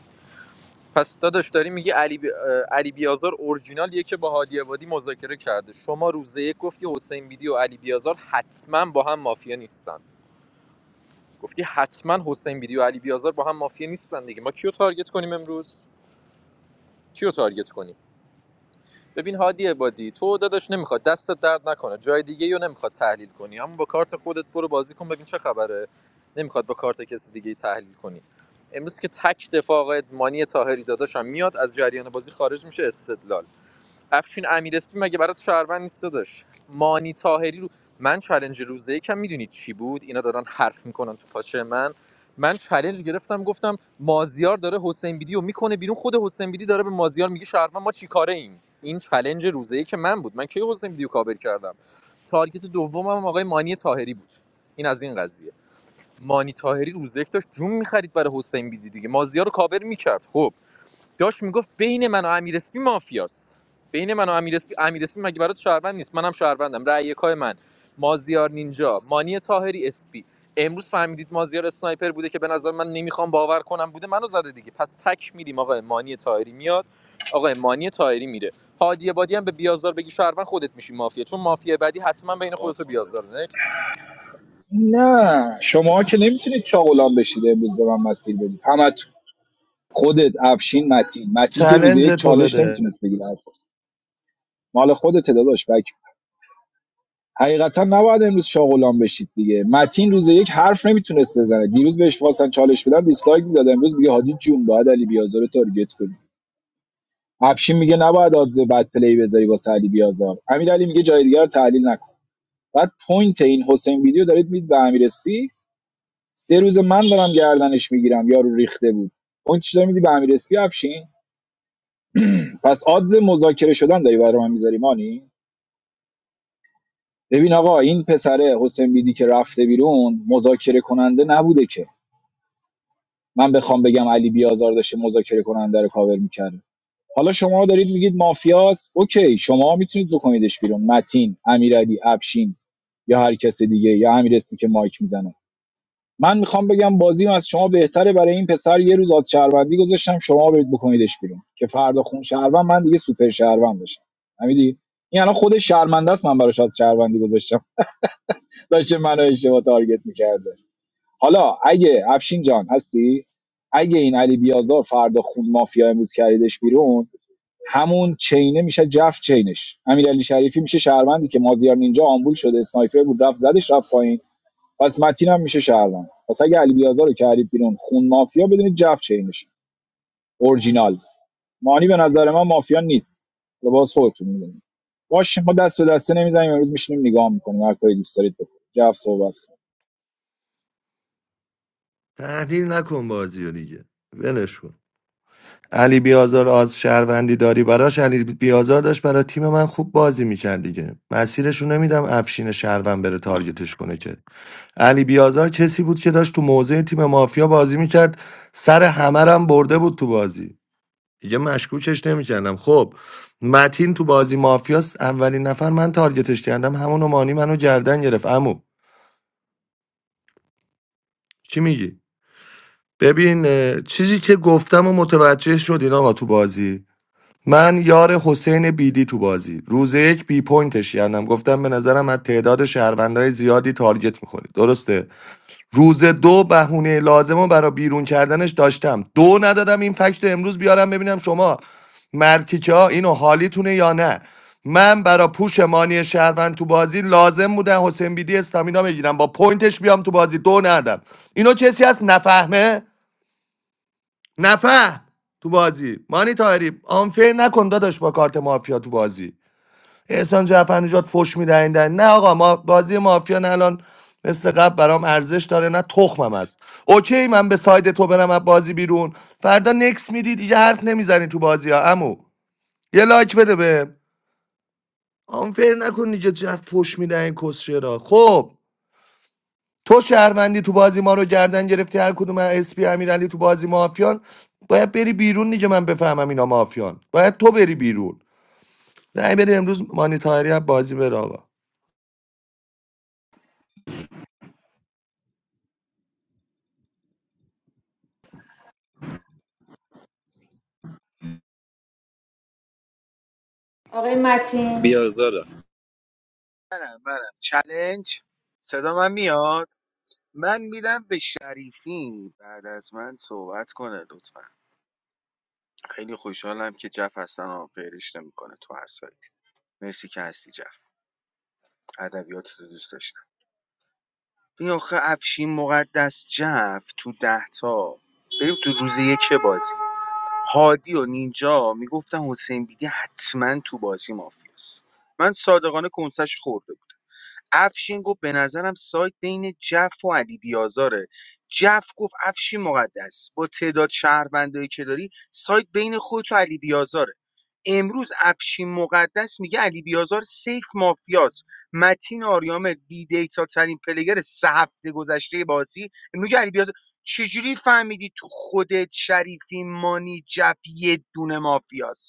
S21: پس داداش داری میگی علی, بی... اه، علی بیازار اورجینالیه که با هادی عبادی مذاکره کرده شما روز یک گفتی حسین بیدی و علی بیازار حتما با هم مافیا نیستن گفتی حتما حسین بیدی و علی بیازار با هم مافیا نیستن دیگه ما کیو تارگت کنیم امروز کیو تارگت کنیم ببین هادی عبادی تو داداش نمیخواد دستت درد نکنه جای دیگه یا نمیخواد تحلیل کنی اما با کارت خودت برو بازی کن ببین چه خبره نمیخواد با کارت کسی دیگه تحلیل کنی امروز که تک دفاع آقای مانی طاهری داداشم میاد از جریان بازی خارج میشه استدلال افشین امیرسپی مگه برات شهروند نیست داداش مانی تاهری رو من چالنج روزه یکم میدونید چی بود اینا دارن حرف میکنن تو پاچه من من چالنج گرفتم گفتم مازیار داره حسین بیدی رو میکنه بیرون خود حسین بیدی داره به مازیار میگه شهروند ما چیکاره ایم این چالنج روزه که من بود من کی حسین بیدی رو کابر کردم تارگت دومم هم آقای مانی تاهری بود این از این قضیه مانی تاهری روزه یک داشت جون میخرید برای حسین بیدی دیگه مازیار رو کابر میکرد خب داش میگفت بین من و امیر اسپی مافیاست بین من و امیر اسپی امیر اسپی مگه برات شهروند نیست منم شهروندم رأی یکای من مازیار نینجا مانی تاهری اسپی امروز فهمیدید مازیار اسنایپر بوده که به نظر من نمیخوام باور کنم بوده منو زده دیگه پس تک میدیم آقا مانی تاهری میاد آقا مانی تاهری میره هادی بادی هم به بیازار بگی شهروند خودت میشی مافیا چون مافیا بعدی حتما
S16: شوی
S21: بین
S16: خار
S21: خودت و
S16: مادر
S21: بیازار نکس
S22: نه شما که نمیتونید چاغلان بشید امروز به من مسیر بدید همتون خودت افشین متین متین که روز
S9: چلنج
S22: یک
S9: تو
S22: چالش
S9: بده
S22: نمیتونست بگیره مال خودت داداش بک حقیقتا نباید امروز شاه غلام بشید دیگه متین روز یک حرف نمیتونست بزنه دیروز بهش خواستن چالش بدن دیسلایک میداد امروز میگه هادی جون باید علی بیازار رو تارگت کنی افشین میگه نباید آدز بد پلی بذاری واسه علی بیازار امیر میگه جای دیگر رو تحلیل نکن بعد پوینت این حسین ویدیو دارید میدید به امیر اسپی سه روز من دارم گردنش میگیرم یارو ریخته بود پوینت چطور میدی به امیر اسپی افشین پس آدز مذاکره شدن داری برای من میذاری مانی ببین آقا این پسره حسین بیدی که رفته بیرون مذاکره کننده نبوده که من بخوام بگم علی بیازار داشته مذاکره کننده رو کاور میکرده حالا شما دارید میگید مافیاس اوکی شما میتونید بکنیدش بیرون متین امیرعلی افشین یا هر کس دیگه یا امیر اسمی که مایک میزنه من میخوام بگم بازیم از شما بهتره برای این پسر یه روز آد شهروندی گذاشتم شما برید بکنیدش بیرون که فردا خون شهروند من دیگه سوپر شهروند بشم فهمیدی این الان خود شرمنده است من براش از شهروندی گذاشتم داشته منو اشتباه تارگت میکرده حالا اگه افشین جان هستی اگه این علی بیازار فردا خون مافیا امروز کردش بیرون همون چینه میشه جف چینش امیرعلی شریفی میشه شهروندی که مازیار نینجا آمبول شده اسنایپر بود رفت زدش رفت پایین پس متین هم میشه شهروند پس اگه علی بیازار رو کردید بیرون خون مافیا بدونید جف چینش اورجینال مانی به نظر من مافیا نیست لباس خودتون میدونید باش ما دست به دسته نمیزنیم امروز میشینیم نگاه میکنیم هر کاری دوست دارید بکنید جف صحبت کن
S9: تحلیل نکن بازی رو دیگه ولش کن علی بیازار آز شهروندی داری براش علی بیازار داشت برای تیم من خوب بازی میکرد دیگه مسیرشو نمیدم افشین شهروند بره تارگتش کنه که علی بیازار کسی بود که داشت تو موضع تیم مافیا بازی میکرد سر همه رو هم برده بود تو بازی دیگه مشکوکش نمیکردم خب متین تو بازی مافیاس اولین نفر من تارگتش کردم همونو مانی منو گردن گرفت عمو چی میگی ببین اه، چیزی که گفتم و متوجه شدین آقا تو بازی من یار حسین بیدی تو بازی روز یک بی پوینتش کردم گفتم به نظرم از تعداد شهروندهای زیادی تارگت میخوری درسته روز دو بهونه لازم رو برای بیرون کردنش داشتم دو ندادم این فکت رو امروز بیارم ببینم شما مرتیکه ها اینو حالیتونه یا نه من برا پوش مانی شهروند تو بازی لازم بوده حسین بیدی استامینا بگیرم با پوینتش بیام تو بازی دو ندم اینو کسی هست نفهمه نفهم تو بازی مانی تایری آنفر نکن داداش با کارت مافیا تو بازی احسان جعفر نجات فش میدهیندن نه آقا ما بازی مافیا نه الان مثل قبل برام ارزش داره نه تخمم است اوکی من به ساید تو برم از بازی بیرون فردا نکس میدی دیگه حرف نمیزنی تو بازی ها امو یه لایک بده به آنفر نکن دیگه جف فش میدهین کسشه را خب تو شهروندی تو بازی ما رو گردن گرفتی هر کدوم از اسپی امیرعلی تو بازی مافیان باید بری بیرون دیگه من بفهمم اینا مافیان باید تو بری بیرون نه بری امروز مانی طاهری از بازی بره آقا
S19: آقای متین
S21: بیازارم
S13: منم منم چلنج صدا من میاد من میدم به شریفی بعد از من صحبت کنه لطفا خیلی خوشحالم که جف هستن و فیرش نمیکنه تو هر سایتی مرسی که هستی جف ادبیات دوست داشتم این آخه افشین مقدس‌جعفر تو ده تا بریم تو روز یک بازی هادی و نینجا میگفتن حسین بیدی حتما تو بازی مافیاست من صادقانه کنسش خورده افشین گفت به نظرم سایت بین جف و علی بیازاره جف گفت افشین مقدس با تعداد شهروندایی که داری سایت بین خودت و علی بیازاره امروز افشین مقدس میگه علی بیازار سیف مافیاست متین آریامه بی دیتا ترین پلگر سه هفته گذشته بازی میگه علی بیازار چجوری فهمیدی تو خودت شریفی مانی جف یه دونه مافیاست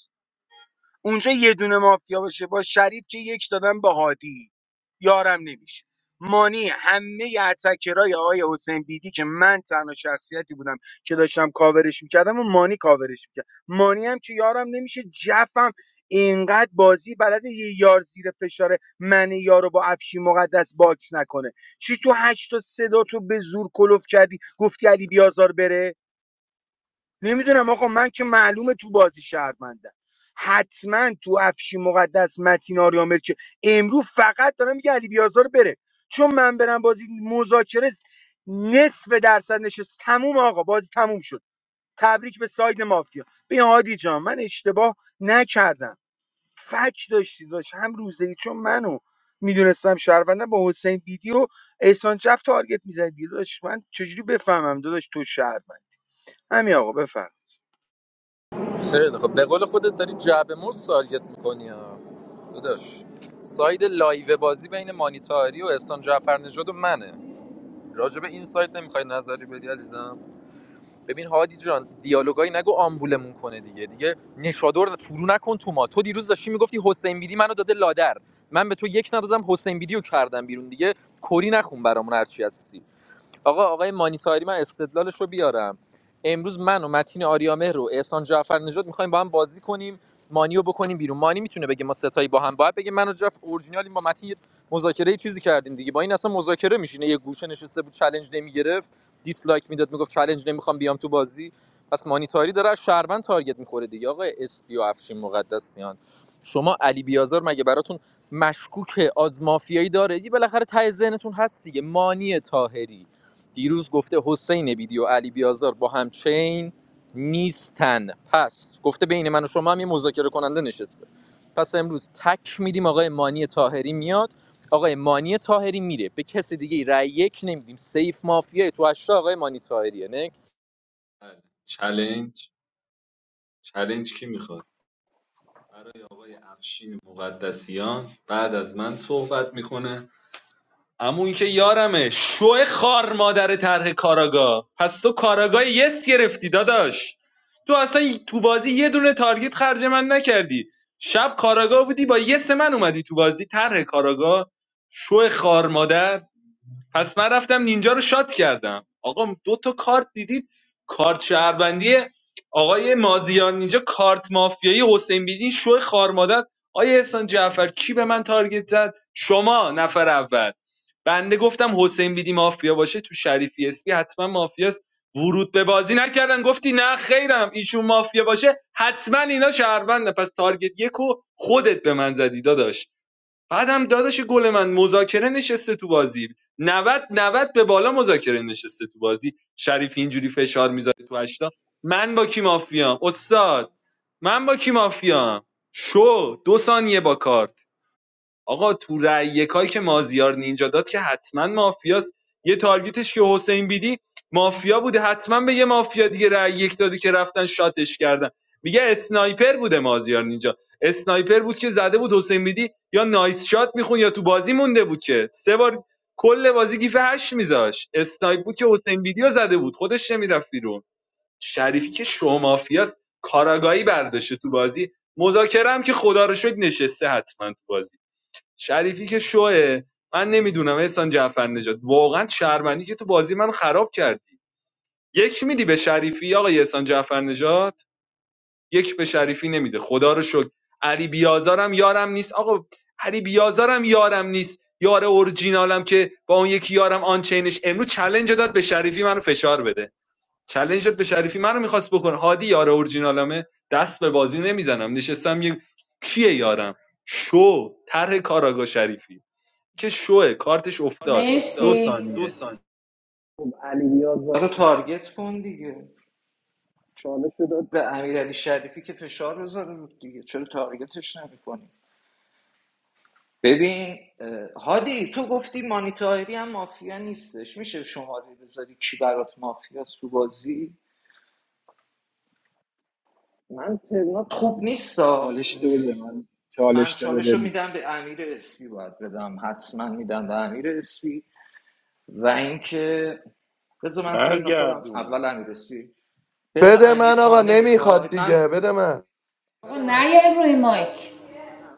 S13: اونجا یه دونه مافیا باشه با شریف که یک دادن به هادی یارم نمیشه مانی همه اتکرای آقای حسین بیدی که من تنها شخصیتی بودم که داشتم کاورش میکردم و مانی کاورش میکرد مانی هم که یارم نمیشه جفم اینقدر بازی بلد یه یار زیر فشار من یارو با افشی مقدس باکس نکنه چی تو هشت تا صدا تو به زور کلوف کردی گفتی علی بیازار بره نمیدونم آقا من که معلومه تو بازی شهرمندم حتما تو افشی مقدس متین آریامر که امروز فقط دارم میگه علی بیازار بره چون من برم بازی مذاکره نصف درصد نشست تموم آقا بازی تموم شد تبریک به ساید مافیا بیا هادی جان من اشتباه نکردم فک داشتی داشت هم روزی چون منو میدونستم شهروندم با حسین بیدی و احسان جف تارگت میزدی داشت من چجوری بفهمم داداش تو شهروند همین آقا بفهم
S21: خیلی خب به قول خودت داری جعبه موز تارگت میکنی ها. داداش ساید لایو بازی بین مانیتاری و احسان جعفر نژاد و منه راجع به این سایت نمیخوای نظری بدی عزیزم ببین هادی جان دیالوگایی نگو آمبولمون کنه دیگه دیگه نشادور فرو نکن تو ما تو دیروز داشتی میگفتی حسین بیدی منو داده لادر من به تو یک ندادم حسین بیدی رو کردم بیرون دیگه کری نخون برامون هرچی هستی آقا آقای مانیتاری من استدلالش رو بیارم امروز من و متین آریامهر رو احسان جعفر نژاد میخوایم با هم بازی کنیم مانی رو بکنیم بیرون مانی میتونه بگه ما ستایی با هم باید بگه من و جعفر اورجینالیم با متین یه مذاکره یه چیزی کردیم دیگه با این اصلا مذاکره میشینه یه گوشه نشسته بود چالش نمیگرفت دیسلایک میداد میگفت چالش نمیخوام بیام تو بازی پس مانیتاری داره از شهروند تارگت میخوره دیگه آقای اسپی و افشین مقدسیان شما علی بیازار مگه براتون مشکوک آز مافیایی داره دی بالاخره ته ذهنتون هست دیگه مانی تاهری دیروز گفته حسین بیدی و علی بیازار با هم چین نیستن پس گفته بین من و شما هم یه مذاکره کننده نشسته پس امروز تک میدیم آقای مانی تاهری میاد آقای مانی تاهری میره به کسی دیگه رأی یک نمیدیم سیف مافیای تو هشتا آقای مانی تاهریه نکس
S16: چلنج چلنج کی میخواد برای آقای افشین مقدسیان بعد از من صحبت میکنه اما اون که یارمه شو خار مادر طرح کاراگا پس تو کاراگاه یس گرفتی داداش تو اصلا تو بازی یه دونه تارگت خرج من نکردی شب کاراگاه بودی با یس من اومدی تو بازی طرح کاراگا شو خار مادر پس من رفتم نینجا رو شات کردم آقا دو تا کارت دیدید کارت شهروندی آقای مازیان نینجا کارت مافیایی حسین بیدین شو خارمادت آیا احسان جعفر کی به من تارگت زد شما نفر اول بنده گفتم حسین بیدی مافیا باشه تو شریفی اسپی حتما مافیاست ورود به بازی نکردن گفتی نه خیرم ایشون مافیا باشه حتما اینا شهرونده پس تارگت یکو خودت به من زدی داداش بعدم داداش گل من مذاکره نشسته تو بازی 90 90 به بالا مذاکره نشسته تو بازی شریف اینجوری فشار میذاره تو هشتا من با کی مافیام استاد من با کی مافیام شو دو ثانیه با کارت آقا تو رأی یکایی که مازیار نینجا داد که حتما مافیاست یه تارگتش که حسین بیدی مافیا بوده حتما به یه مافیا دیگه رأی یک داده که رفتن شاتش کردن میگه اسنایپر بوده مازیار نینجا اسنایپر بود که زده بود حسین بیدی یا نایس شات میخون یا تو بازی مونده بود که سه بار کل بازی گیف هشت میذاش اسنایپ بود که حسین بیدی رو زده بود خودش نمیرفت بیرون شریفی که شو مافیاست کاراگاهی برداشته تو بازی مذاکره هم که خدا رو شکر نشسته حتما تو بازی شریفی که شوه من نمیدونم احسان جعفر واقعا شرمندی که تو بازی من خراب کردی یک میدی به شریفی آقای احسان جعفر نژاد یک به شریفی نمیده خدا رو شکر علی بیازارم یارم نیست آقا علی بیازارم یارم نیست یار اورجینالم که با اون یکی یارم آن چینش امروز چلنج داد به شریفی منو فشار بده چلنج داد به شریفی منو میخواست بکنه هادی یار اورجینالمه دست به بازی نمیزنم نشستم یک کیه یارم شو طرح کاراگا شریفی که شوه کارتش افتاد دو
S19: مرسی
S16: ثانیه
S17: خب علی نیاز رو تارگت کن دیگه چالش داد به امیرعلی شریفی که فشار بذاره رو دیگه چرا تارگتش نمیکنی ببین اه، هادی تو گفتی مانیتاری هم مافیا نیستش میشه شماره بذاری کی برات مافیاست تو بازی من تهرانت خوب نیستا
S22: چالش بده
S17: اینجوری
S22: من
S17: من
S22: چالش
S17: چالش رو
S22: بده
S17: میدم به امیر اسپی باید بدم حتما میدم به امیر اسپی و اینکه بذار من ترن خودم
S14: برگردون
S17: اول امیر اسپی بذار
S9: بده
S17: امیر
S9: من
S17: آ
S9: آقا نمیخواد
S17: نمیخواد
S9: دیگه
S17: من
S9: بده من
S19: آقا نیاین روی مایک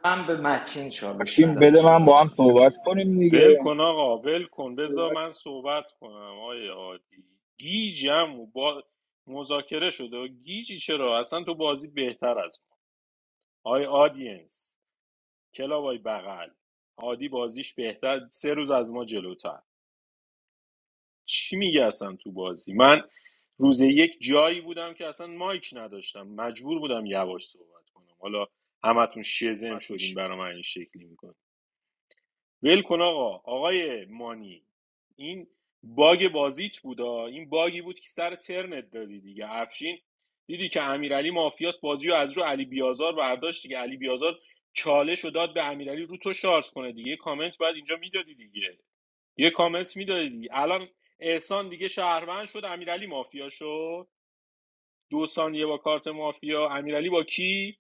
S17: من به متین چالش
S22: افشین
S17: میدم
S22: بده من با
S17: صحبت
S22: هم
S17: کنم
S22: صحبت کنیم
S14: ول
S22: دیگه
S14: کن آقا ول کن بذار
S22: صحبت
S14: من صحبت کنم آقای عادی گیجم و با مذاکره شده و گیجی چرا اصلا تو بازی بهتر از ما آقای آدینس کلاب آقای بغل عادی بازیش بهتر سه روز از ما جلوتر چی میگه اصلا تو بازی من روز یک جایی بودم که اصلا مایک نداشتم مجبور بودم یواش صحبت کنم حالا همتون شزم شدین برا من این شکلی میکنه ول کن آقا آقای مانی این باگ بازیت بودا این باگی بود که سر ترنت دادی دیگه افشین دیدی که امیرعلی مافیاس بازی رو از رو علی بیازار برداشت دیگه علی بیازار چالش رو داد به امیرعلی رو تو شارژ کنه دیگه کامنت بعد اینجا میدادی دیگه یه کامنت میدادی الان احسان دیگه شهروند شد امیرعلی مافیا شد دو ثانیه با کارت مافیا امیرعلی با کی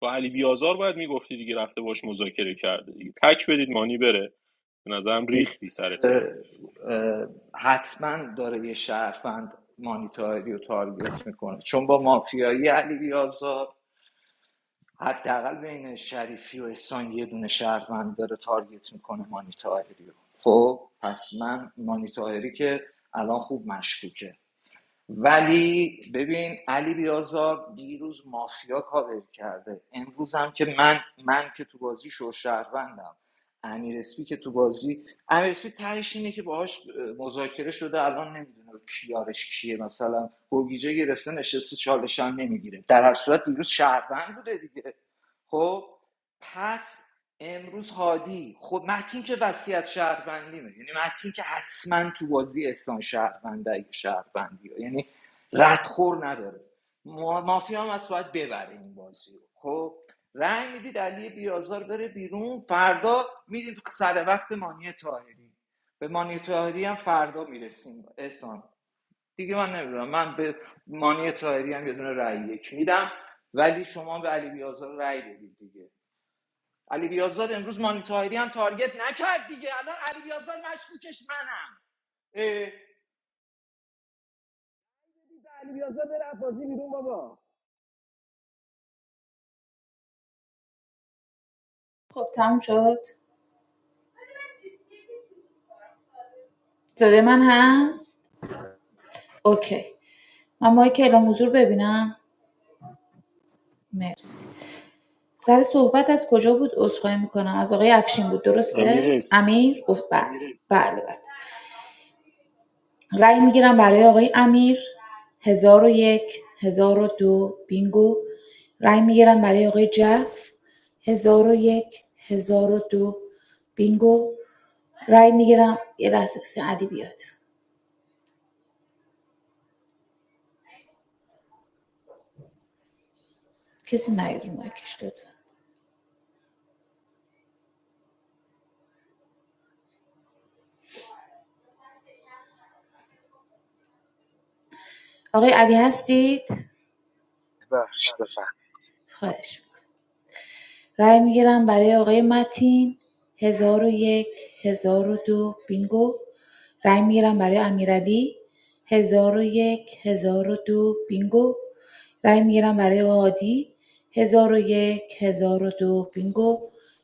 S14: با علی بیازار باید میگفتی دیگه رفته باش مذاکره کرده دیگه تک بدید مانی بره به نظرم ریختی سر ترنت
S17: حتما داره یه شهروند مانیتاری رو تارگت میکنه چون با مافیایی علی بیازار حداقل بین شریفی و احسان یه دونه شهروند داره تارگت میکنه مانیتاری رو خب پس من مانیتاری که الان خوب مشکوکه ولی ببین علی بیازار دیروز مافیا کاور کرده امروز هم که من من که تو بازی شهروندم امیر اسپی که تو بازی امیر اسپی تهش اینه که باهاش مذاکره شده الان نمیدونه کیارش کیه مثلا گوگیجه گرفته نشسته چالش هم نمیگیره در هر صورت دیروز شهروند بوده دیگه خب پس امروز هادی خب متین که وصیت شهروندیمه یعنی متین که حتما تو بازی احسان شهرونده اگه شهروندی رو. یعنی ردخور نداره ما- مافیا هم از باید ببره این بازی رو خب رأی میدید علی بیازار بره بیرون فردا میدید سر وقت مانی تاهری به مانی تاهری هم فردا میرسیم احسان دیگه من نمیدونم من به مانی تاهری هم یه دونه رأی یک میدم ولی شما به علی بیازار رأی بدید دیگه علی بیازار امروز مانی تاهری هم تارگت نکرد دیگه الان علی بیازار مشکوکش منم علی بیازار بره از بازی بیرون بابا
S19: خب تموم شد صدای من هست اوکی من مایک اعلام حضور ببینم مرسی سر صحبت از کجا بود عذرخواهی میکنم از آقای افشین بود
S14: امیر
S19: درسته
S14: اسم
S19: امیر گفت بله بله بله رای میگیرم برای آقای امیر 1001 1002 بینگو رای میگیرم برای آقای جف 1001 1002 بینگو رای میگیرم یه لحظه بس علی بیاد کسی نیاد رو مایکش لطفا آقای علی هستید؟
S13: بخش بفهم
S19: خواهش رای میگیرم برای آقای متین 1001 دو بینگو رای میگیرم برای امیرعلی 1001 دو بینگو رای میگیرم برای هادی 1001 دو بینگو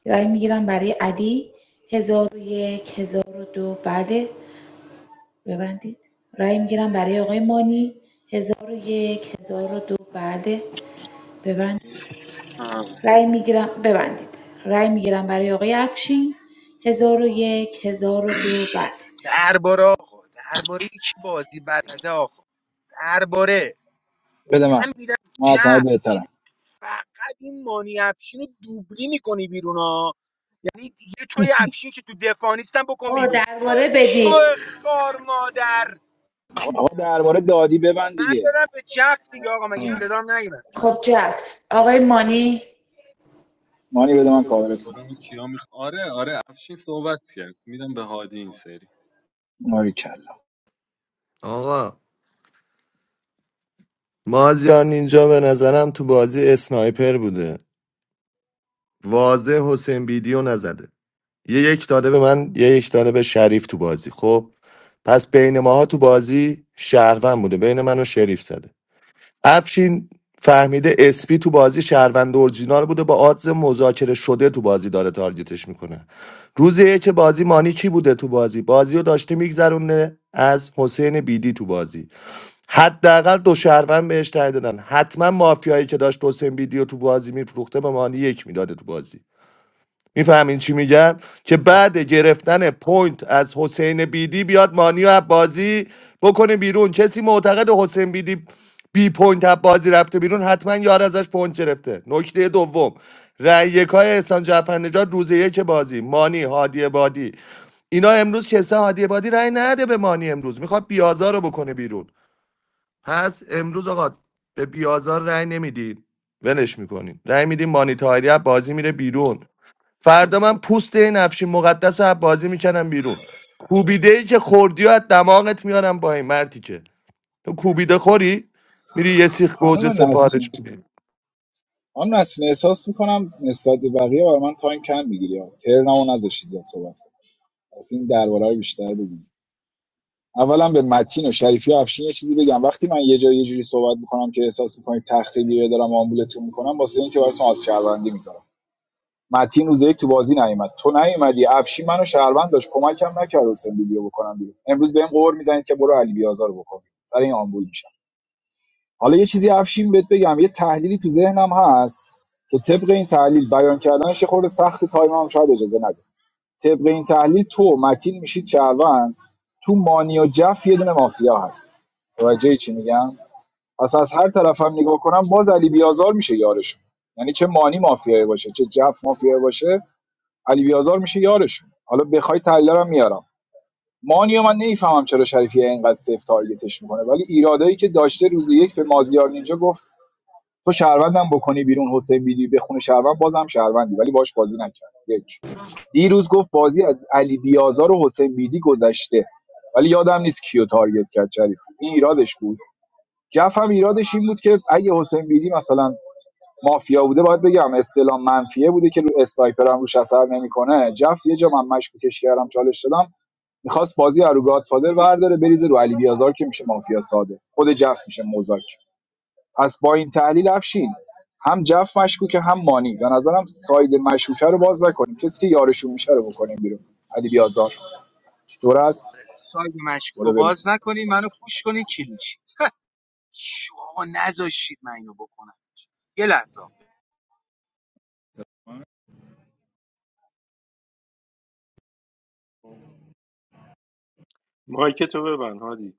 S19: رای میگیرم برای علی 1001 دو بله ببندید رای میگیرم برای آقای مانی 1001 دو بله ببندید رأی میگیرم ببندید رای میگیرم برای آقای افشین هزار و یک هزار و دو بله
S13: درباره آقا درباره کی بازی بلده آقا درباره
S22: بده من من از همه
S13: جف این
S22: بهترم
S13: فقط این مانی افشین رو دوبلی میکنی بیرون ها یعنی یه طوری افشین که تو دفاع نیستم بکن
S19: آقا
S13: بیرون
S19: درباره
S13: شو
S19: بدید
S13: خار مادر
S22: آقا درباره دادی ببند
S13: من
S22: دیگه
S13: دادم به جف دیگه آقا مگه
S17: مانی.
S13: صدام نگیرم
S19: خب جف آقای مانی
S22: مانی بده من کاورت کنم
S16: دربارم کیا میخ... آره آره افشین صحبت کرد میدم به هادی این سری
S22: ماری کلا
S9: آقا مازیار اینجا به نظرم تو بازی اسنایپر بوده واضح حسین ویدیو نزده یه یک داده به من یه یک داده به شریف تو بازی خب پس بین ماها تو بازی شهروند بوده بین من و شریف زده افشین فهمیده اسپی تو بازی شهروند اورجینال بوده با آدز مذاکره شده تو بازی داره تارگتش میکنه روز یک بازی مانی کی بوده تو بازی بازی رو داشته میگذرونه از حسین بیدی تو بازی حداقل دو شهروند بهش رای دادن حتما مافیایی که داشت حسین بیدی رو تو بازی میفروخته به مانی یک میداده تو بازی میفهمین چی میگم که بعد گرفتن پوینت از حسین بیدی بیاد مانی و بازی بکنه بیرون کسی معتقد حسین بیدی بی پوینت از بازی رفته بیرون حتما یار ازش پوینت گرفته نکته دوم رأی یکای احسان جعفر نژاد روز یک بازی مانی هادی بادی اینا امروز کسا هادی بادی رأی نده به مانی امروز میخواد بیازار رو بکنه بیرون پس امروز آقا به بیازار رأی نمیدید ولش میکنین رأی میدیم مانی طاهری بازی میره بیرون فردا من پوست این افشین مقدس رو از بازی میکنم بیرون کوبیده ای که خوردی و از دماغت میارم با این مرتی که تو کوبیده خوری میری یه سیخ گوجه
S22: خانم
S9: سفارش
S22: نسرین
S9: میدی
S22: خانم نسرین احساس میکنم نسبت به بقیه برای من تایم کم میگیری ترنمو نذاشتی زیاد صحبت کنم از این درباره رو بیشتر بگیم اولا به متین و شریفی و افشین یه چیزی بگم وقتی من یه جای یه جوری صحبت میکنم که احساس میکنید تخریبی رو دارم آمبولتون میکنم واسه اینکه براتون از شهروندی میذارم متین روز یک تو بازی نیومد تو نیومدی افشی منو شهروند داشت کمکم نکرد حسین ویدیو بکنم بیرون امروز بهم قور میزنید که برو علی بیازار بکن سر این آمبول میشم حالا یه چیزی افشین بهت بگم یه تحلیلی تو ذهنم هست که طبق این تحلیل بیان کردنش یه خورده سخت تایم هم شاید اجازه نده طبق این تحلیل تو و متین میشید شهروند تو مانی و جف یه دونه مافیا هست توجه چی میگم پس از هر طرفم هم نگاه کنم باز علی بیازار میشه یارشون یعنی چه مانی مافیایی باشه چه جف مافیایی باشه علی بیازار میشه یارشون حالا بخوای تحلیلارم میارم مانی و من نمیفهمم چرا شریفی اینقدر سیف تارگتش میکنه ولی ایرادایی که داشته روز یک به مازیار نینجا گفت تو شهروندم بکنی بیرون حسین بیلی بخونه شهروند بازم شهروندی ولی باش بازی نکرد یک دیروز گفت بازی از علی بیازار و حسین بیدی گذشته ولی یادم نیست کیو تارگت کرد شریفی این ایرادش بود جف هم ایرادش این بود که اگه حسین بیدی مثلا مافیا بوده باید بگم استلام منفیه بوده که رو استایپر هم روش اثر نمیکنه جف یه جا من مشکوکش کردم چالش دادم میخواست بازی رو گادفادر ورداره بریزه رو علی بیازار که میشه مافیا ساده خود جف میشه مزاک پس با این تحلیل افشین هم جف مشکوکه هم مانی به نظرم ساید مشکوکه رو باز نکنیم کسی که یارشون میشه رو بکنیم بیرون علی بیازار دور است
S13: ساید مشکوک رو
S22: برو بریم
S13: باز نکنی منو پوش کنی کلیشید شو آقا نذاشید من اینو بکنم یه لحظه
S14: مایک تو ببند هادی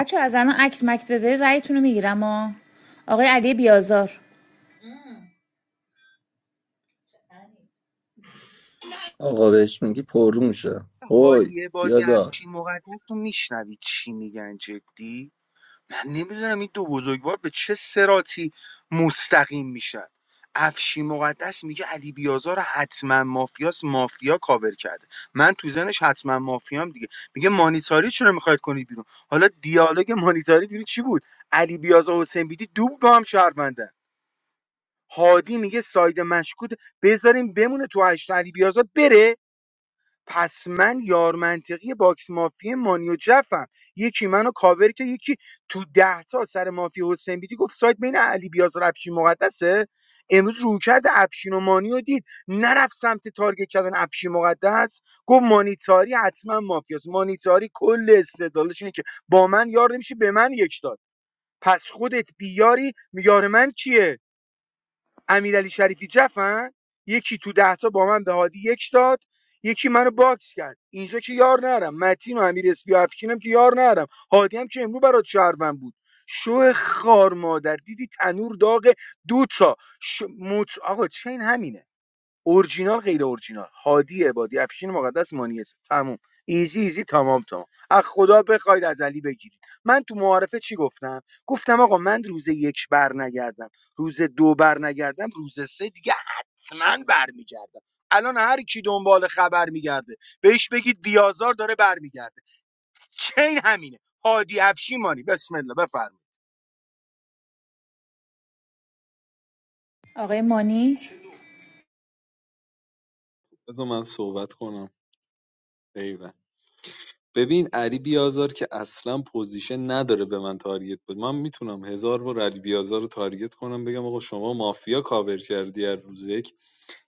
S19: بچه از الان اکت مکت بذاری رأیتون رو میگیرم آه. آقای علی بیازار
S3: Ağabey şimdi ki porsun mu ya? Oy
S13: هادی عبادی
S3: biraz daha.
S13: همچین مقدم تو میشنوی چی میگن جدی من نمیدونم این دو بزرگوار به چه سراتی مستقیم میشن افشی مقدس میگه علی بیازار حتما مافیاس مافیا کاور کرده من تو زنش حتما مافیام دیگه میگه مانیتاری چرا میخواید کنید بیرون حالا دیالوگ مانیتاری بیرون چی بود علی بیازار و حسین بیدی دوب با هم شهروندن هادی میگه ساید مشکوک بذاریم بمونه تو هشت علی بیازار بره پس من یار منطقی باکس مافی مانی و جفم یکی منو کاور که یکی تو ده تا سر مافی حسین بیدی گفت سایت بین علی بیاز و افشین مقدسه امروز رو کرده افشین و مانی رو دید نرفت سمت تارگت کردن افشین مقدس گفت مانیتاری حتما مافیاست مانیتاری کل استدلالش اینه که با من یار نمیشه به من یک داد پس خودت بیاری یار من کیه امیرعلی شریفی جفن یکی تو ده تا با من به هادی یک داد یکی منو باکس کرد اینجا که یار نرم متین و امیر اسپی و افکینم که یار نرم هادی هم که امرو برات شهروند بود شو خار مادر دیدی تنور داغ دو تا ش... مت... آقا چین همینه اورجینال غیر اورجینال هادی عبادی افشین مقدس مانی اسم تموم ایزی ایزی تمام تمام از خدا بخواید از علی بگیرید من تو معارفه چی گفتم گفتم آقا من روز یک بر نگردم روز دو بر نگردم روز سه دیگه حتما برمیگردم الان هر کی دنبال خبر میگرده بهش بگید بیازار داره برمیگرده چین همینه هادی افشین مانی بسم الله بفرمایید
S19: آقای مانی
S16: بذار من صحبت کنم ایول ببین علی بیازار که اصلا پوزیشن نداره به من تارگت بود من میتونم هزار بار علی بیازار رو تارگت کنم بگم آقا شما مافیا کاور کردی از روز یک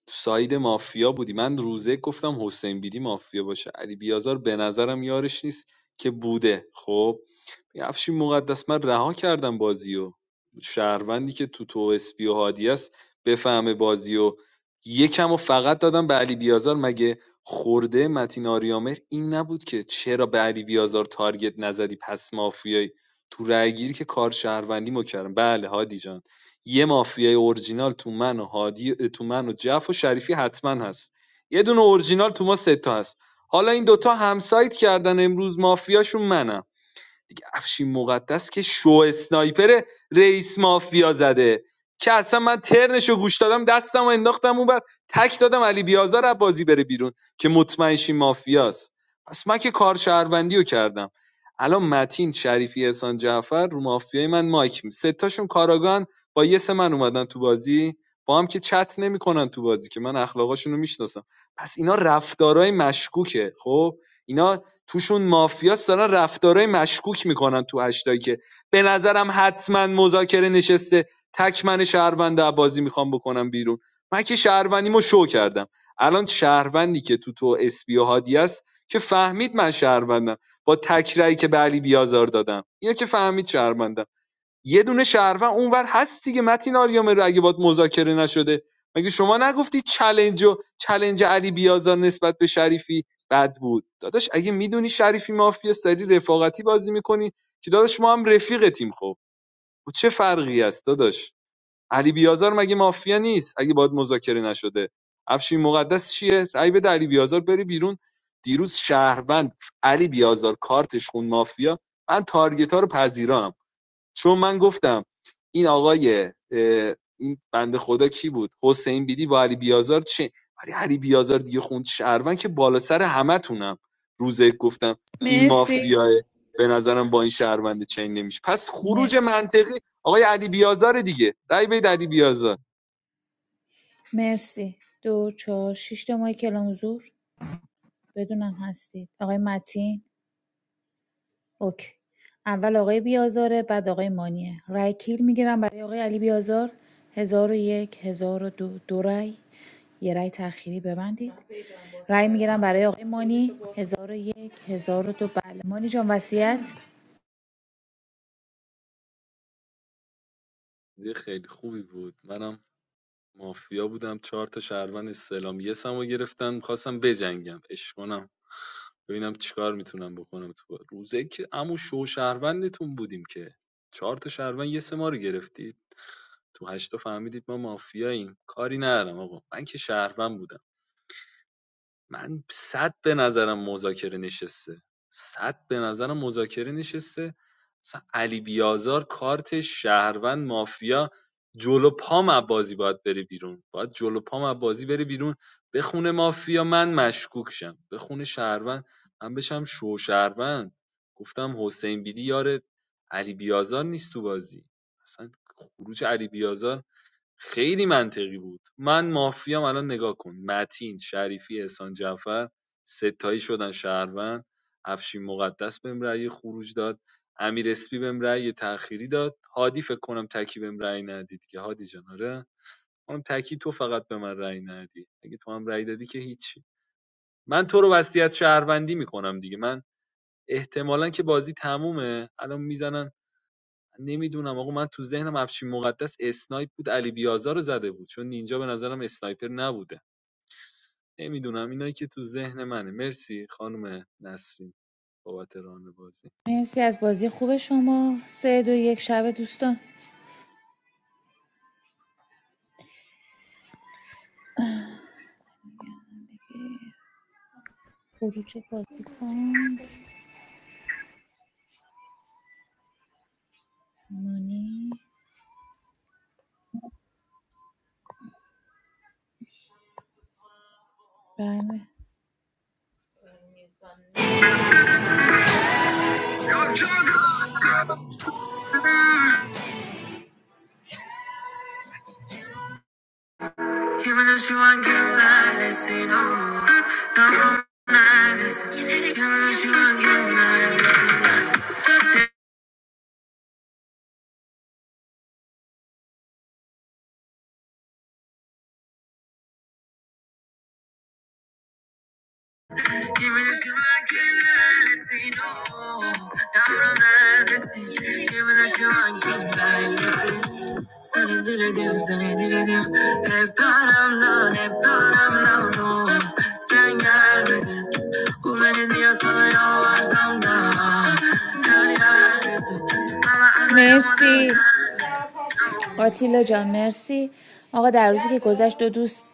S16: تو ساید مافیا بودی من روزه گفتم حسین بیدی مافیا باشه علی بیازار به نظرم یارش نیست که بوده خب افشین مقدس من رها کردم بازیو و شهروندی که تو تو اسپی و هادی است بفهمه بازیو و یکم و فقط دادم به علی بیازار مگه خورده متین آریامر این نبود که چرا به علی بیازار تارگت نزدی پس مافیای تو رأی گیری که کار شهروندی مو کردم بله هادی جان یه مافیای اورجینال تو من و هادی تو من و جف و شریفی حتما هست یه دونه اورجینال تو ما سه تا هست حالا این دوتا همسایت کردن امروز مافیاشون منم افشین مقدس که شو اسنایپر رئیس مافیا زده که اصلا من ترنشو گوش دادم دستم و انداختم اون بر تک دادم علی بیازار از بازی بره بیرون که مطمئن شی مافیاست پس من که کار شهروندی کردم الان متین شریفی احسان جعفر رو مافیای من مایک می سه تاشون کاراگان با یه سه من اومدن تو بازی با هم که چت نمیکنن تو بازی که من اخلاقاشون رو میشناسم پس اینا رفتارهای مشکوکه خب اینا توشون مافیاس دارن رفتارهای مشکوک میکنن تو هشتایی که به نظرم حتما مذاکره نشسته تک من شهروند بازی میخوام بکنم بیرون من که شهروندیمو شو کردم الان شهروندی که تو تو اسپی و هادی است که فهمید من شهروندم با تکرایی که به علی بیازار دادم اینو که فهمید شهروندم یه دونه شهروند اونور هست دیگه متین آریامر اگه باد مذاکره نشده مگه شما نگفتی چلنج و علی بیازار نسبت به شریفی بد بود داداش اگه میدونی شریفی مافیا سری رفاقتی بازی میکنی که داداش ما هم رفیقتیم خب و چه فرقی است داداش علی بیازار مگه مافیا نیست اگه باد مذاکره نشده افشین مقدس چیه رأی به علی بیازار بری بیرون دیروز شهروند علی بیازار کارتش خون مافیا من تارگت ها رو پذیرام چون من گفتم این آقای اه، این بنده خدا کی بود حسین بیدی با علی بیازار چه ولی علی بیازار دیگه خوند شهروند که بالا سر همه تونم. روزه گفتم این
S19: مرسی
S16: مافیاه به نظرم با این شهروند چین نمیشه پس خروج
S19: مرسی
S16: منطقی آقای علی بیازار دیگه رای بید علی بیازار
S19: مرسی دو چهار شش تا ماه کلام حضور بدونم هستید آقای متین اوکی اول آقای بیازاره بعد آقای مانیه رای کیل میگیرم برای آقای علی بیازار هزار و یک هزار و دو دو رای یه رای تأخیری ببندید رای میگیرم برای آقای مانی هزار و یک هزار و دو بله مانی جان وصیت
S16: بازی خیلی خوبی بود منم مافیا بودم چهار تا شهروند استعلام یه سمو گرفتم میخواستم بجنگم عشق کنم ببینم چیکار میتونم بکنم تو روزه که عمو شو شهروندتون بودیم که چهار تا شهروند یه سه ما رو گرفتید تو هشتا فهمیدید ما مافیاییم کاری ندارم آقا من که شهروند بودم من صد به نظرم مذاکره نشسته صد به نظرم مذاکره نشسته مثلا علی بیازار کارت شهروند مافیا جلو پام از بازی باید بره بیرون باید جلو پام از بازی بره بیرون بخونه مافیا من مشکوک شم بخونه شهروند من بشم شو شهروند گفتم حسین بیدی یار علی بیازار نیست تو بازی اصلا خروج علی بیازار خیلی منطقی بود من مافیام الان نگاه کن متین شریفی احسان جعفر ستایی شدن شهروند افشین مقدس بهم رأی خروج داد امیر اسپی بهم رأی تأخیری داد هادی فکر کنم تکی بهم رأی ندید که هادی جان آره اونم تکی تو فقط به من رأی ندی اگه تو هم رأی دادی که هیچی من تو رو وصیت شهروندی میکنم دیگه من احتمالا که بازی تمومه الان میزنن نمیدونم آقا من تو ذهنم افشین مقدس اسنایپ بود علی بیازار رو زده بود چون نینجا به نظرم اسنایپر نبوده نمیدونم اینایی که تو ذهن منه مرسی خانم نسرین بابت ران بازی
S19: مرسی از بازی خوب شما سه دو یک شب دوستان خروج بازی کن مانی بله مرسی آتیلا جان مرسی آقا در روزی که گذشت دو دوست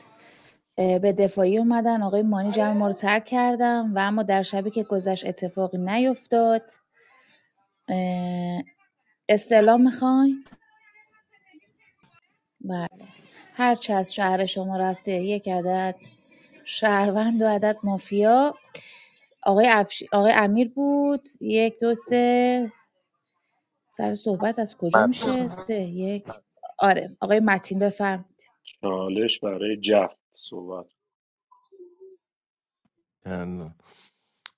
S19: اه، به دفاعی اومدن آقای مانی جمع ما رو ترک کردن و اما در شبی که گذشت اتفاقی نیفتاد اه، استعلام میخواین بله هرچه از شهر شما رفته یک عدد شهروند و عدد مافیا آقای, افش... آقای امیر بود یک دو سه سر صحبت از کجا
S21: متین
S19: میشه سه یک آره آقای متین بفرم
S14: چالش برای جف صحبت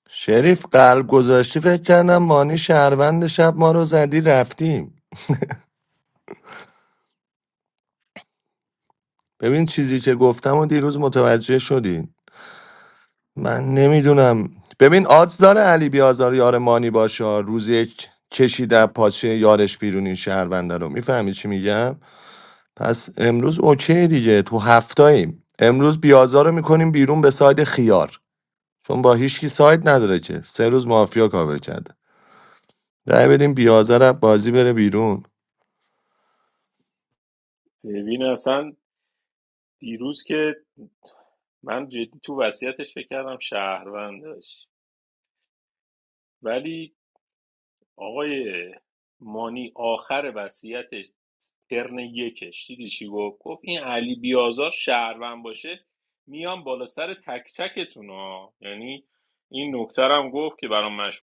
S9: شریف قلب گذاشتی فکر کردم مانی شهروند شب ما رو زدی رفتیم ببین چیزی که گفتم و دیروز متوجه شدی من نمیدونم ببین آدز داره علی بیازار یار مانی باشه روز یک کشیده پاچه یارش بیرون این شهرونده رو میفهمی چی میگم پس امروز اوکی دیگه تو هفتاییم امروز بیازا رو میکنیم بیرون به ساید خیار چون با هیچکی ساید نداره که سه روز مافیا کاور کرده رأی بدیم بیازا رو بازی بره بیرون
S14: ببین اصلا دیروز که من جدی تو وصیتش فکر کردم شهروند داشت. ولی آقای مانی آخر وصیتش ترن یکش دیدی چی گفت گفت این علی بیازار شهروند باشه میام بالا سر تک تکتون ها یعنی این نکته رو هم گفت که برام مشهور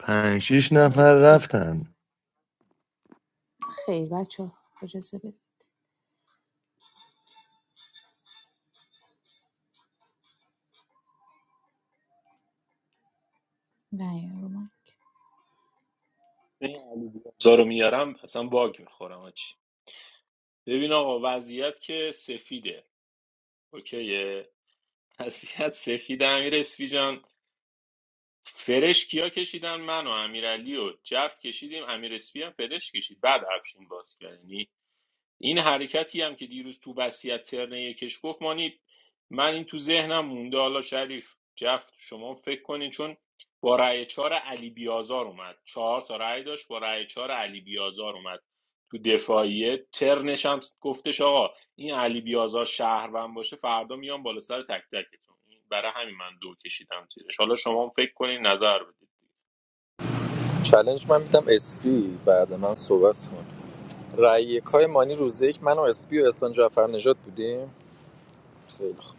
S9: پنج شیش نفر رفتن
S19: خیر بچه ها اجازه بدید نه، این رو من.
S14: این علی بیازار رو میارم اصلا باگ میخورم آجی ببین آقا وضعیت که سفیده اوکیه وضعیت سفیده امیر اسفی جان فرش کیا کشیدن من و امیرعلی و جف کشیدیم امیر اسفی هم فرش کشید بعد افشین باز کرد یعنی این حرکتی هم که دیروز تو وصیت ترنه یکش گفت مانی من این تو ذهنم مونده حالا شریف جفت شما فکر کنین چون با رأی چهار علی بیازار اومد چهار تا رأی داشت با رأی چهار علی بیازار اومد تو دفاعیه ترنش هم گفتش آقا این علی بیازار شهروند باشه فردا میام بالا سر تک تکتون برای همین من دو کشیدم زیرش حالا شما هم فکر کنین نظر بدید
S21: چالش من میدم اسپی بعد من صحبت کنم. رأی یکای مانی روز یک من و اسپی و احسان جعفرنژاد بودیم خیلی خوب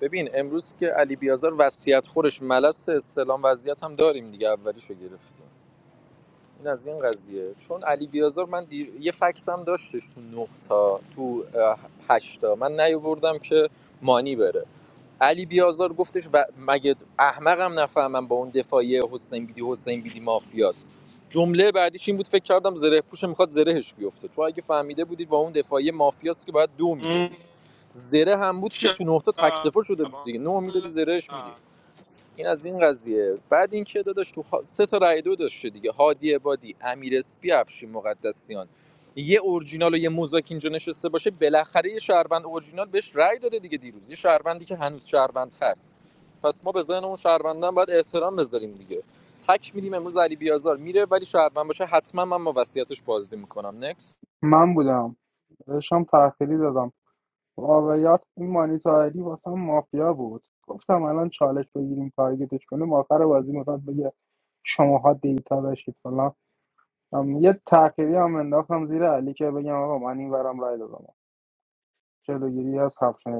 S21: ببین امروز که علی بیازار وصیت خورش ملس استلام وضعیت هم داریم دیگه اولیشو گرفتیم این از این قضیه چون علی بیازار من دیر... یه فکتم داشتش تو نقطه تو اه، هشت تا من نیاوردم که مانی بره علی بیازار گفتش و مگه احمقم نفهمم با اون دفاعی حسین بیدی حسین بیدی مافیاست جمله بعدیش این بود فکر کردم زره پوش میخواد زرهش بیفته تو اگه فهمیده بودی با اون دفاعیه مافیاست که باید دو
S14: م،
S21: میدادی زره هم بود که
S14: شب.
S21: تو نقطه تکتفا شده بود دیگه نه میدادی زرهش میدی این از این قضیه بعد اینکه داداش تو سه تا رای دو داشته دیگه هادی عبادی امیر اسپی افشین مقدسیان یه اورجینال و یه موزاک اینجا نشسته باشه بالاخره یه شهروند اورجینال بهش رای داده دیگه دیروز یه شهروندی که هنوز شهروند هست پس ما به ذهن اون شهروندان باید احترام بذاریم دیگه تک میدیم امروز علی بیازار میره ولی شهروند باشه حتما من با وصیتش بازی میکنم نکس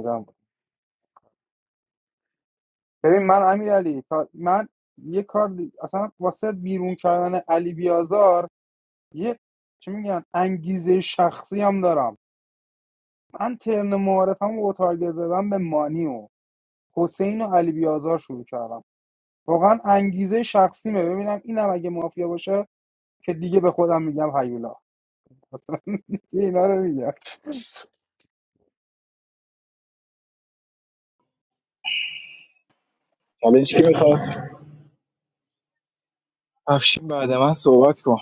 S18: شدم ببین من یار یک میگن من دارم من ترن معارفم و تارگت زدم به مانیو حسین و علی بیازار شروع کردم واقعا انگیزه ببینم اینم اگه مافیا باشه که دیگه به خودم میگم هیولا مثلا دیگه اینا رو میگم
S22: چالش کی میخواد افشین بعد من صحبت کن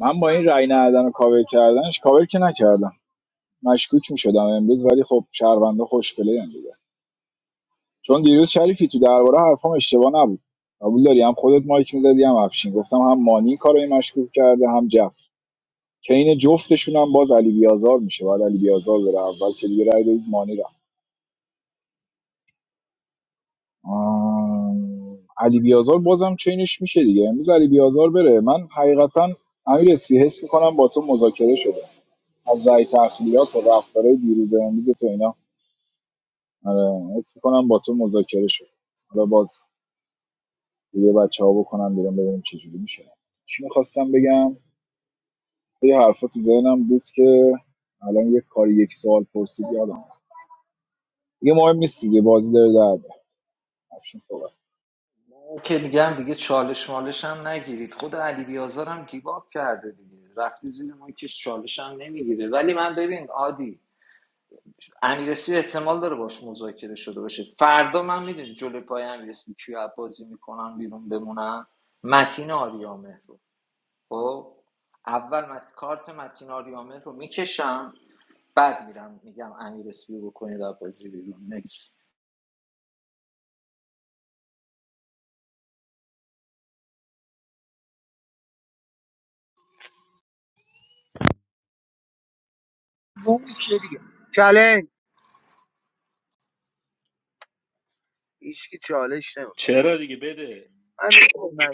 S22: من با این رای ندادن و کاور کردنش کاور که نکردم مشکوک میشدم امروز ولی خب شهروندا خوشپلی هم دیگه چون دیروز شریفی تو درباره حرفام اشتباه نبود قبول داری هم خودت مایک میزدی هم افشین گفتم هم مانی کارای مشکوک کرده هم جف که این جفتشون هم باز علی بیازار میشه بعد علی بیازار بره اول که دیگه رای دادید مانی رفت آم، علی بیازار بازم چینش میشه دیگه امروز علی بیازار بره من حقیقتا امیر اسپی حس میکنم با تو مذاکره شده از رای تخلیات و رفتارهای دیروز و امروز تو اینا آره حس کنم با تو مذاکره شد حالا باز یه بچه ها بکنم بیرون ببینیم چه جوری میشه چی میخواستم بگم یه حرفا تو ذهنم بود که الان یه کار یک سوال پرسید یادم رفت. دیگه مهم نیست دیگه بازی داره در میاد. افشین صحبت
S17: اون که میگم دیگه چالش مالش هم نگیرید خود علی بیازار هم گیباب کرده دیگه رفتی زیر مایکش چالش هم نمیگیره ولی من ببین عادی امیرسی احتمال داره باش مذاکره شده باشه فردا من میدونی جلوی پای امیرسی کیو بازی میکنم بیرون بمونم متین آریامه خب اول مت... کارت متین آریامه رو میکشم بعد میرم میگم امیر اسپی رو بکنید از بازی بیرون نکس
S13: اون چه دیگه چالش هیچکی چالش نمیخواد
S14: چرا دیگه بده
S13: من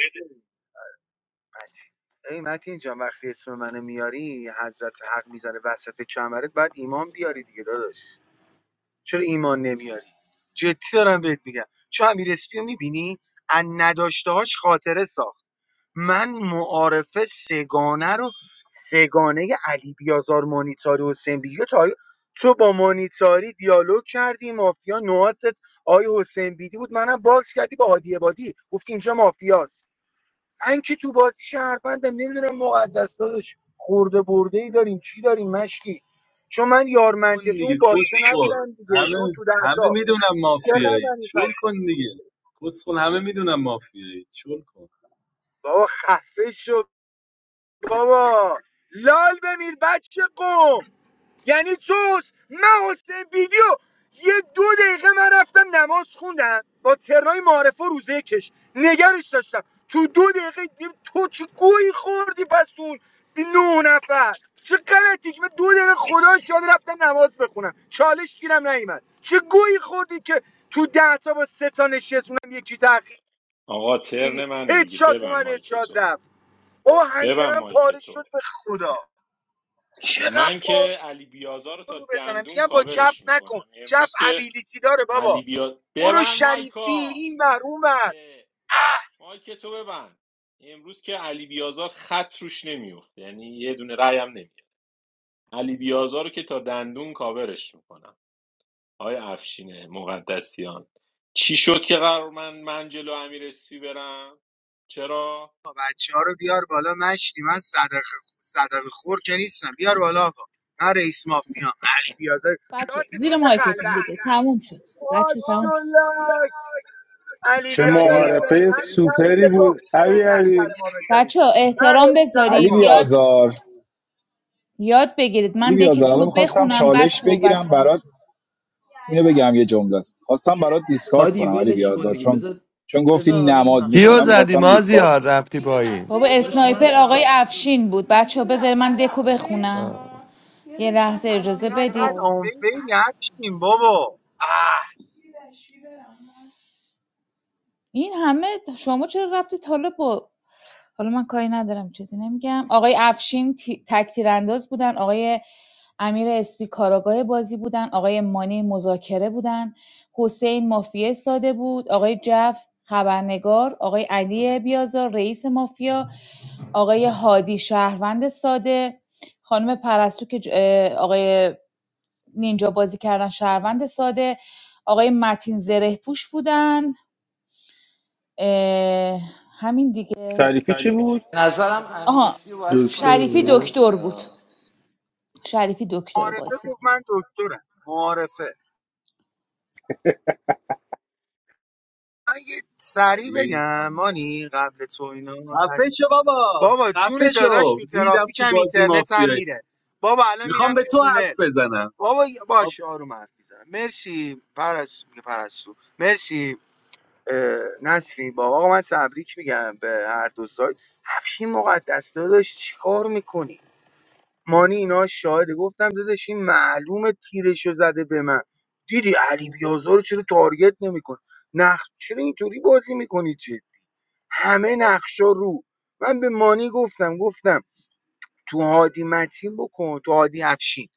S13: متین ای متین جان وقتی اسم منو میاری حضرت حق میزنه وسط کمرت بعد ایمان بیاری دیگه داداش چرا ایمان نمیاری جدی دارم بهت میگم چون امیر اسپیو میبینی از نداشتهاش خاطره ساخت من معارفه سگانه رو سگانه علی بیازار مانیتاری و حسین بیگی رو تا تو با مانیتاری دیالوگ کردی مافیا نواتت آی حسین بیدی بود منم باکس کردی با هادی بادی گفت اینجا مافیاست من که تو بازی شهروندم نمیدونم مقدس داداش خورده برده ای داریم چی داریم مشتی چون من یار
S16: کن
S13: منطقی اون
S16: دیگه کس
S13: باکسه نبودم دیگه چون
S16: همه
S13: تو
S16: همه
S13: دهتا
S16: میدونم
S13: چقدر
S16: مافیایی
S13: من این
S16: شل
S13: فکر-
S16: کن دیگه کس خود همه میدونم مافیایی شل کن
S13: بابا خفه شد بابا لال بمیر بچه قوم یعنی تو حس- من حسین ویدیو یه دو دقیقه من رفتم نماز خوندم با ترنای معارفه و روزه کش نگرش داشتم تو دو دقیقه دیدم تو چه گویی خوردی پس تو نه نفر چه غلطی که من دو دقیقه خدا شاد رفتم نماز بخونم چالش گیرم نیومد چه گویی خوردی که تو ده تا با سه تا نشستونم یکی تاخیر
S14: آقا ترن منه دیگه
S13: هدشات
S14: ببند
S13: اومد هدشات
S14: مایکتو
S13: رفت او
S14: ببند
S13: هنجرم پاره
S14: مایکتو
S13: شد به خدا چقدر
S14: من
S13: پا
S14: که علی بیازار رو تا
S13: رو بزنم
S14: دندون
S13: میگم با جف
S14: کاورش
S13: نکن
S14: میکنم
S13: جف
S14: امروز که
S13: ابیلیتی داره
S14: علی
S13: بابا
S14: بیا
S13: برو
S14: ببند
S13: شریفی
S14: مایکا
S13: این ور اون
S14: اه. مایک تو ببند امروز که علی بیازار خط روش نمیفته یعنی یه دونه رأی هم نمیاد علی بیازار رو که تا دندون کاورش میکنم آقای افشین مقدسیان چی شد که قرار من من جلو امیر اسفی برم چرا
S13: چهارو بیار بالا مشتی من صدقه صدقه خور که نیستم بیار بالا آقا من رئیس مافیا علی بیازار لاس
S19: بچه زیر
S13: کوچه
S19: مایکتون
S13: خلوت
S19: دیگه تموم شد بچه تموم
S13: ماشاءالله علی
S18: چه
S13: بیازار
S19: شد
S13: چنین
S18: معارفه
S13: همین
S18: سوپری
S13: بوده تو
S18: بود همی
S13: منت
S18: علی
S13: سر ما بذاری
S19: بچه‌ها
S13: من
S19: احترام
S13: رئیسم
S22: علی
S19: بذارید
S13: آقا
S19: یاد
S22: بیازار
S19: یاد بگیرید
S22: علی
S19: من
S22: بیازار
S19: دکتون رو
S22: الان میخواستم
S19: بخونم بعد
S22: چالش
S19: صحبت
S22: بگیرم
S19: کنم
S22: برات اینو بگم یه جمله است خواستم برات دیسکارد
S1: هادی
S22: کنم علی
S1: ولش کن
S22: بیازار
S1: دیگه
S22: چون
S1: بذار
S22: چون
S1: بذار
S22: گفتی
S1: حالا
S22: نماز
S1: نقشه رو
S9: کیو
S22: میخونم
S9: زدی
S1: بخون
S22: خواستم دیسکارد
S9: مازیار رفتی پایین
S19: بابا اسنایپر آقای افشین بود بچه ها بذارید من دکو بخونم
S9: آه.
S19: یه لحظه اجازه بدید
S13: چقدر آنفیل هستیم بابا معرفه
S19: این همه شما چرا رفتید حالا با حالا من کاری ندارم چیزی نمیگم آقای افشین تی- تکتیر انداز بودن آقای امیر اسپی کاراگاه بازی بودن آقای مانی مذاکره بودن حسین مافیه ساده بود آقای جف خبرنگار آقای علی بیازار رئیس مافیا آقای هادی شهروند ساده خانم پرستو که ج- اه، آقای نینجا بازی کردن شهروند ساده آقای متین زره پوش بودن اه، همین دیگه
S18: شریفی چی بود
S17: به نظرم امیر
S19: آها
S17: اسپی رو باید
S1: دکتر
S17: کیک
S19: شریفی
S1: بود
S17: میکردی
S19: دکتر بود
S17: یا
S19: شریفی دکتر بازی
S13: گفت من دکترم معرفه سریع
S16: سری
S13: بگم
S16: اما
S13: مانی قبل تو اینا
S16: خفه
S13: تش...
S16: شو بابا
S13: بابا جون
S16: خفه
S13: داداش
S16: شو
S13: تو
S16: ریدم
S13: ترافیک
S16: تو
S13: هم
S16: بازی
S13: اینترنت هم
S16: مافیایی
S13: میره بابا الان میرم
S16: میخوام به
S13: تو
S16: تو حرف
S13: تونل
S16: بزنم
S13: بابا ی-
S16: خب
S13: باش آروم حرف میزنم مرسی پرس میگه پرستو مرسی اه، نسرین بابا آقا من تبریک میگم به هر دو سایت هفشین مقدس داداش چیکار میکنی مانی اینا شاهده گفتم داداش این معلومه تیرشو زده به من دیدی علی بیازار رو چرا تارگت نمیکن نخ چرا اینطوری بازی میکنی چی؟ همه نقشا رو من به مانی گفتم گفتم تو هادی متین بکن تو هادی افشین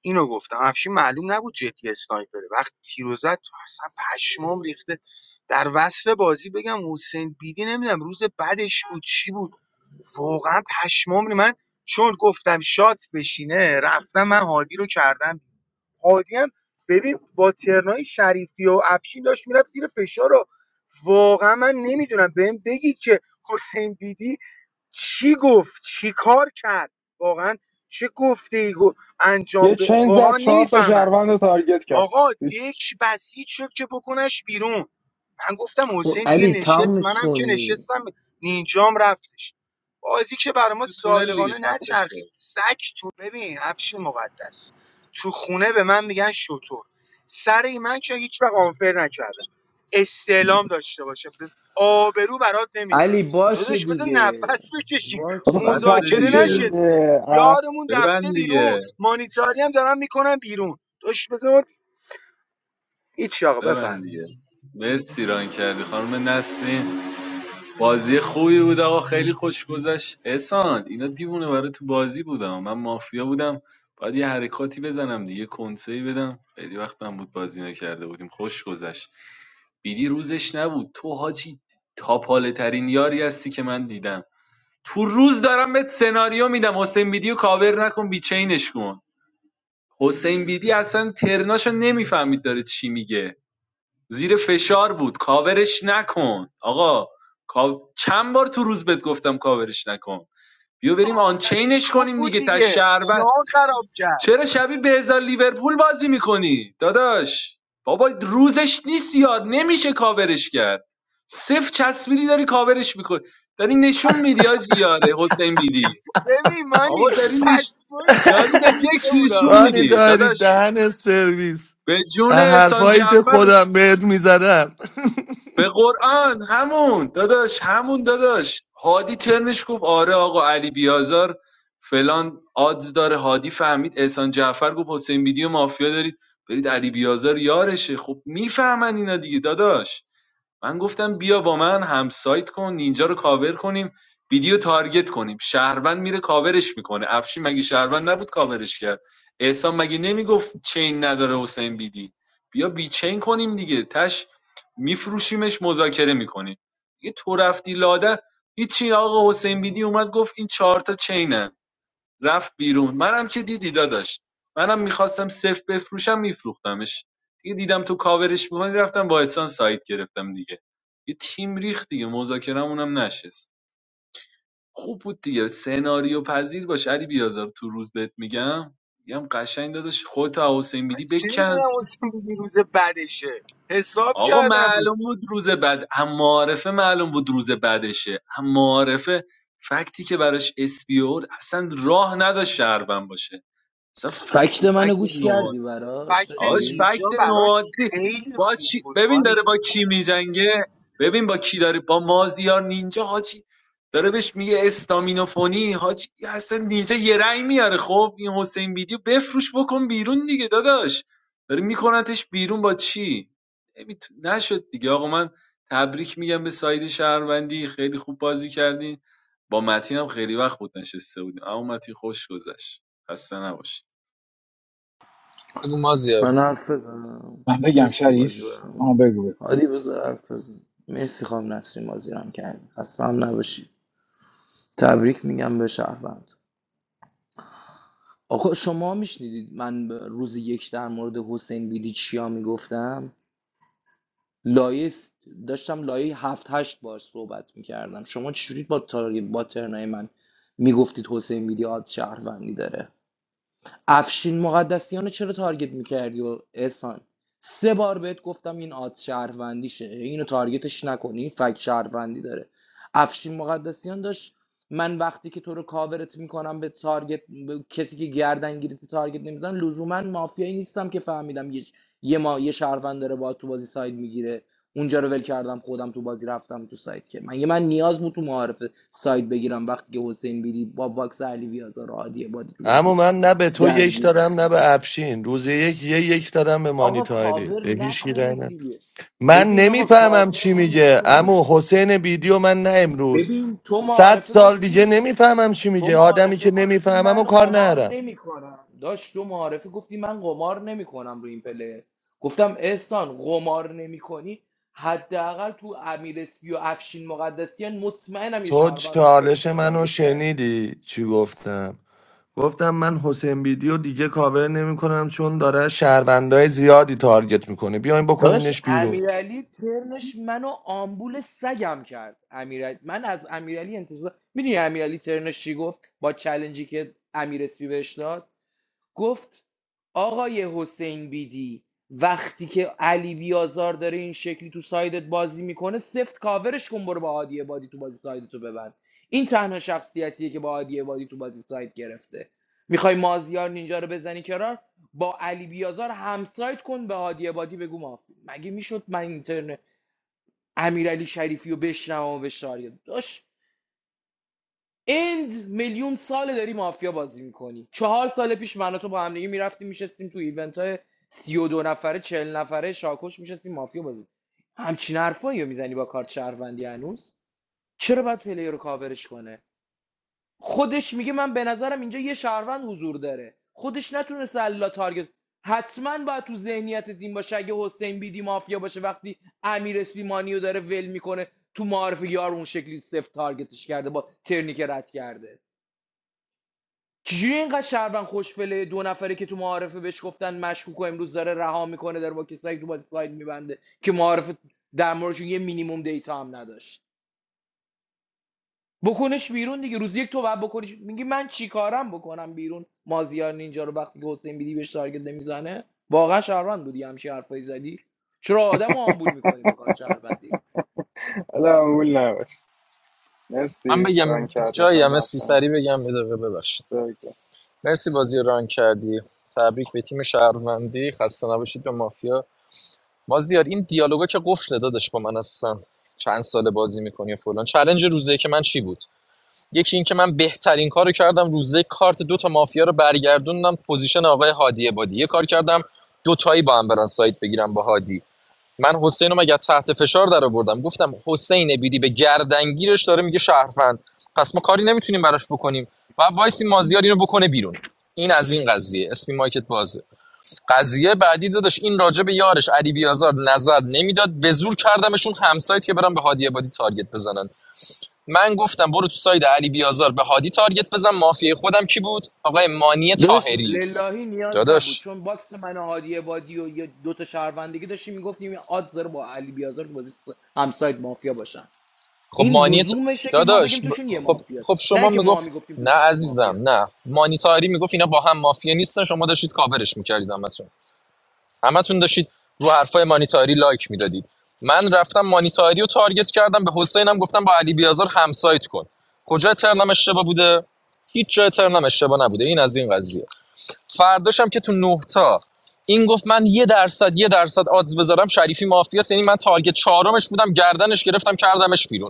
S13: اینو گفتم افشین معلوم نبود جدی اسنایپره وقتی تیرو زد اصلا پشمام ریخته در وصف بازی بگم حسین بیدی نمیدم روز بعدش بود چی بود واقعا پشمام ری- من چون گفتم شات بشینه رفتم من هادی رو کردم هادی هم ببین با ترنای شریفی و افشین داشت میرفت زیر فشار رو واقعا من نمیدونم بهم بگی که حسین بیدی چی گفت چی کار کرد واقعا چه گفته ای گفت انجام
S18: یه
S13: ب...
S18: چین
S13: واقعا
S18: زد
S13: من
S18: چهار تا
S13: نمیفهمم
S18: شهروند رو تارگت کرد
S13: آقا
S18: هیچ.
S13: دک بسیج شد که بکنش بیرون من گفتم
S1: او
S13: حسین دیگه
S1: علی
S13: نشست
S1: تمومش
S13: منم که
S1: کن دیگه
S13: نشستم نینجام رفتش بازی که برای ما
S16: تو تونل دیگه
S13: صادقانه
S16: خفه شو
S13: نچرخید سگ تو ببین افش مقدس تو خونه به من میگن شطور سر من که هیچ وقت آنفر نکردم استعلام داشته باشه آبرو برات نمیذارم
S1: علی باشه
S13: داداش بذار
S1: دیگه
S13: نفس بکشیم
S1: باشه
S18: بابا
S16: بس
S1: دیگه
S18: خفه
S13: مذاکره
S18: شد
S16: دیگه
S1: بگو
S13: نشسته
S18: دیگه اه.
S13: یارمون رفته
S16: ببند
S13: بیرون
S16: دیگه
S13: مانیتاری هم دارن میکنن بیرون داداش بذار هیچ آقا بفرم
S16: ببند دیگه مرسی ران کردی خانم نسرین بازی خوبی بود آقا خیلی خوش گذشت احسان اینا دیوونه برای تو بازی بودم من مافیا بودم باید یه حرکاتی بزنم دیگه کنسه‌ای بدم خیلی وقتم بود بازی نکرده بودیم خوش گذشت بیدی روزش نبود تو حاجی تاپاله ترین یاری هستی که من دیدم تو روز دارم بهت سناریو میدم حسین بیدی رو کاور نکن بیچینش کن حسین بیدی اصلا ترناشو نمیفهمید داره چی میگه زیر فشار بود کاورش نکن آقا کا- چند بار تو روز بهت گفتم کاورش نکن بیا بریم
S13: درش
S16: آنچینش
S13: خوب
S16: کنیم
S13: بود
S16: دیگه تا
S13: دیگه
S16: شهروند
S13: یار خراب کرد
S16: چرا شبیه به بهزار لیورپول بازی میکنی داداش بابا روزش نیست یاد نمیشه کاورش کرد صفر چسبیدی داری کاورش میکنی داری نشون میدی آجی یاره حسین بیدی
S13: ببین
S16: آقا
S13: مانی
S16: داری نش...
S13: پشمون
S16: داری
S13: شریفی
S16: به دک
S13: ریخته
S16: نشون
S13: بودا
S9: بانی
S16: میدی
S9: داری
S16: داداش
S9: دهن سرویس
S16: به جون
S9: از
S16: احسان
S9: حرفایی که
S16: جعفر
S9: خودم بهت میزدم
S16: به قرآن همون داداش همون داداش هادی ترنش گفت آره آقا علی بیازار فلان آدز داره هادی فهمید احسان جعفر گفت حسین بیدی و مافیا دارید برید علی بیازار یارشه خب میفهمن اینا دیگه داداش من گفتم بیا با من همسایت کن نینجا رو کاور کنیم ویدیو تارگت کنیم شهروند میره کاورش میکنه افشین مگه شهروند نبود کاورش کرد احسان مگه نمیگفت چین نداره حسین بیدی بیا بی چین کنیم دیگه تش میفروشیمش مذاکره میکنیم دیگه تو رفتی لاده هیچی آقا حسین بیدی اومد گفت این چهار تا چینه رفت بیرون منم که دیدی داداش منم میخواستم صفر بفروشم میفروختمش دیگه دیدم تو کاورش میکنی رفتم با احسان سایت گرفتم دیگه یه تیم ریخت دیگه مذاکرم نشست خوب بود دیگه سناریو پذیر باش علی بیازار تو روز بهت میگم میگم قشنگ داداش خودت و حسین
S13: من
S16: بیدی
S13: چه
S16: بکن
S13: میدونم حسین بیدی روز بعدشه حساب
S16: آقا
S13: کردم رو
S16: معلوم بود روز بعد هم معارفه معلوم بود روز بعدشه هم معارفه فکتی که براش اسپیور اصلا راه نداشت شهروند باشه اصلا فکت
S1: فکت منو
S16: فکت
S1: گوش
S16: نو
S1: کردی براش
S13: فکت
S16: آش
S1: نجی
S13: نینجا
S16: فکت
S13: براش
S16: نوادی
S13: خیلی
S16: با
S13: خوب
S16: چی...
S13: بود
S16: ببین
S13: مانی
S16: داره با کی میجنگه ببین با کی داره با مازیار نینجا حاجی داره بهش میگه استامینوفونی حاجی اصلا نینجا یه رأی میاره خب این حسین ویدیو بفروش بکن بیرون دیگه داداش داره میکنتش بیرون با چی نمی‌ت- نشد دیگه آقا من تبریک میگم به ساید شهروندی خیلی خوب بازی کردین با متین هم خیلی وقت بود نشسته بودیم اما متین خوش گذشت خسته نباشید
S21: بگو مازیار
S1: من حرف بزنم
S22: من بگم
S1: مرسی
S22: شریف
S1: بازی برم
S22: آه بگو بگو.
S1: حالی بذار حرف بزن مرسی خانم نسرین بازی رم کردی خسته هم نباشی تبریک میگم به شهروند آقا شما میشنیدید من ب- روز یک در مورد حسین بیدی چیا میگفتم لایه س- داشتم لایه هفت هشت بار صحبت میکردم شما چجوری با تارگت با ترنای من میگفتید حسین بیدی آد شهروندی داره افشین مقدسیان رو چرا تارگت میکردی و احسان سه بار بهت گفتم این آد شهروندیشه اینو تارگتش نکنی این فکت شهروندی داره افشین مقدسیان داشت من وقتی که تو رو کاورت میکنم به تارگت به کسی که گردن گیرت تارگت نمیزن لزوما مافیایی نیستم که فهمیدم یه یه ما یه شهروند داره با تو بازی ساید میگیره اونجا رو ول کردم خودم تو بازی رفتم تو سایت که من یه من نیاز بود تو معارفه سایت بگیرم وقتی که حسین بیری با باکس علی بیازار و هادی عبادی تو بازی
S9: اما من نه به تو یک
S1: درگیره
S9: دارم نه به افشین روز یک یه یک دارم به مانی
S1: آقا کاور
S9: به هیچ کی رأی
S1: نکنید
S9: ندادم.
S1: دیگه
S9: من
S1: ببین آقا
S9: نمیفهمم
S1: کاور
S9: چی میگه
S1: نکنید
S9: امو حسین بیدیو من نه امروز
S1: ببین تو
S9: صد
S1: معارفه
S9: سال دیگه
S1: گفتی
S9: نمیفهمم چی
S1: تو
S9: میگه آدمی
S1: معارفه
S9: که
S1: گفتی
S9: نمیفهمم و
S1: من
S9: کار
S1: قمار
S9: نرم
S1: نمیکنم داشت تو معارفه گفتی من قمار نمیکنم رو این پله گفتم احسان قمار نمیکنی حداقل تو امیر اسپی و افشین مقدسیان مطمئنم یه
S9: تو
S1: شهروند رو
S9: چالش
S1: صفر
S9: منو
S1: تارگت کردی
S9: شنیدی چی گفتم گفتم من حسین بیدیو دیگه کاور نمیکنم چون داره شهروندای زیادی تارگت میکنه بیاین
S1: داشت
S9: بکنینش بیرون
S1: امیرعلی ترنش منو آمبول سگم کرد امیرعلی من از امیرعلی انتظار میدونی امیرعلی ترنش چی گفت با چلنجی که امیر اسپی بهش داد گفت آقای حسین بیدی وقتی که علی بیازار داره این شکلی تو سایدت بازی میکنه سفت کاورش کن برو با هادی بادی تو بازی سایدتو ببند این تنها شخصیتیه که با هادی بادی تو بازی ساید گرفته میخوای مازیار نینجا رو بزنی کنار با علی بیازار همسایت کن به هادی بادی بگو مافی مگه میشد من اینترنت امیرعلی شریفی رو بشنوم و بشاریه داش اند میلیون ساله داری مافیا بازی میکنی چهار سال پیش من و تو با هم دیگه میرفتیم میشستیم تو ایونت های سی و دو نفره چهل نفره شاکش میشستیم مافیا بازی همچین حرفایی رو میزنی با کارت شهروندی هنوز چرا باید پلیر رو کاورش کنه خودش میگه من به نظرم اینجا یه شهروند حضور داره خودش نتونسته الا تارگت حتما باید تو ذهنیت دین باشه اگه حسین بیدی مافیا باشه وقتی امیر اسپی مانیو داره ول میکنه تو معارف یار اون شکلی سفت تارگتش کرده با ترنی که رد کرده چجوری اینقدر شهروند خوشبله دو نفره که تو معارفه بهش گفتن مشکوک و امروز داره رها میکنه در با کسایی که تو بازی ساید میبنده که معارفه در موردشون یه مینیمم دیتا هم نداشت بکنش بیرون دیگه روز یک تو باید بکنش میگی من چیکارم بکنم بیرون مازیار نینجا رو وقتی که حسین بیدی بهش تارگت نمیزنه واقعا شهروند بودی همچین حرفایی زدی چرا آدم رو آمبول میکنی با کار شهروندی
S18: حالا اول نباش
S21: من
S18: مرسی ران
S21: بگم
S18: کردی
S21: جایی هم
S18: خانم
S21: اسمی
S18: نسرین.
S21: سری بگم بده ببخشید
S18: خیلی
S21: مرسی بازی رو ران کردی تبریک به تیم شهروندی خسته نباشید به مافیا مازیار این دیالوگا که قفل داداش با من هستن چند سال بازی میکنی و فلان چلنج روزه که من چی بود یکی این که من بهترین کارو کردم روزه کارت دو تا مافیا رو برگردوندم پوزیشن آقای هادی بادی یه کار کردم دو تایی با هم برن سایت بگیرم با هادی من حسین رو مگر تحت فشار در آوردم گفتم حسین بیدی به گردنگیرش داره میگه شهروند پس ما کاری نمیتونیم براش بکنیم و وایسی مازیار اینو بکنه بیرون این از این قضیه اسمی مایکت بازه قضیه بعدی داداش این راجع به یارش علی بیازار نظر نمیداد به زور کردمشون همسایت که برن به هادی عبادی تارگت بزنن من گفتم برو تو ساید علی بیازار به هادی تارگت بزن مافیای خودم کی بود آقای مانی
S1: داداش
S21: تاهری
S1: للهی نیاز نبود
S21: داداش
S1: چون باکس من و هادی عبادی و یه دو تا شهروندگی داشتیم میگفتیم آد زر با علی بیازار تو بازی همسایت مافیا باشن
S21: خب
S1: این
S21: مانیت
S1: لزومشه که ما
S21: داداش
S1: بگیم توشون یه
S21: خب
S1: مافیاست
S21: خب
S1: نه
S21: شما
S1: که ما
S21: میگفت
S1: میگفتیم
S21: نه
S1: توشون دو
S21: عزیزم
S1: مافیاست
S21: نه مانیتاری میگفت اینا با هم مافیا نیستن شما داشتید کاورش میکردید همتون همتون داشتید رو حرفای مانیتاری لایک میدادید من رفتم مانیتاری رو تارگت کردم به حسینم گفتم با علی بیازار همسایت کن کجا ترنم اشتباه بوده هیچ جای ترنم اشتباه نبوده این از این قضیه فرداشم که تو نه تا این گفت من یه درصد یه درصد آدز بذارم شریفی مافیاس یعنی من تارگت چهارمش بودم گردنش گرفتم کردمش بیرون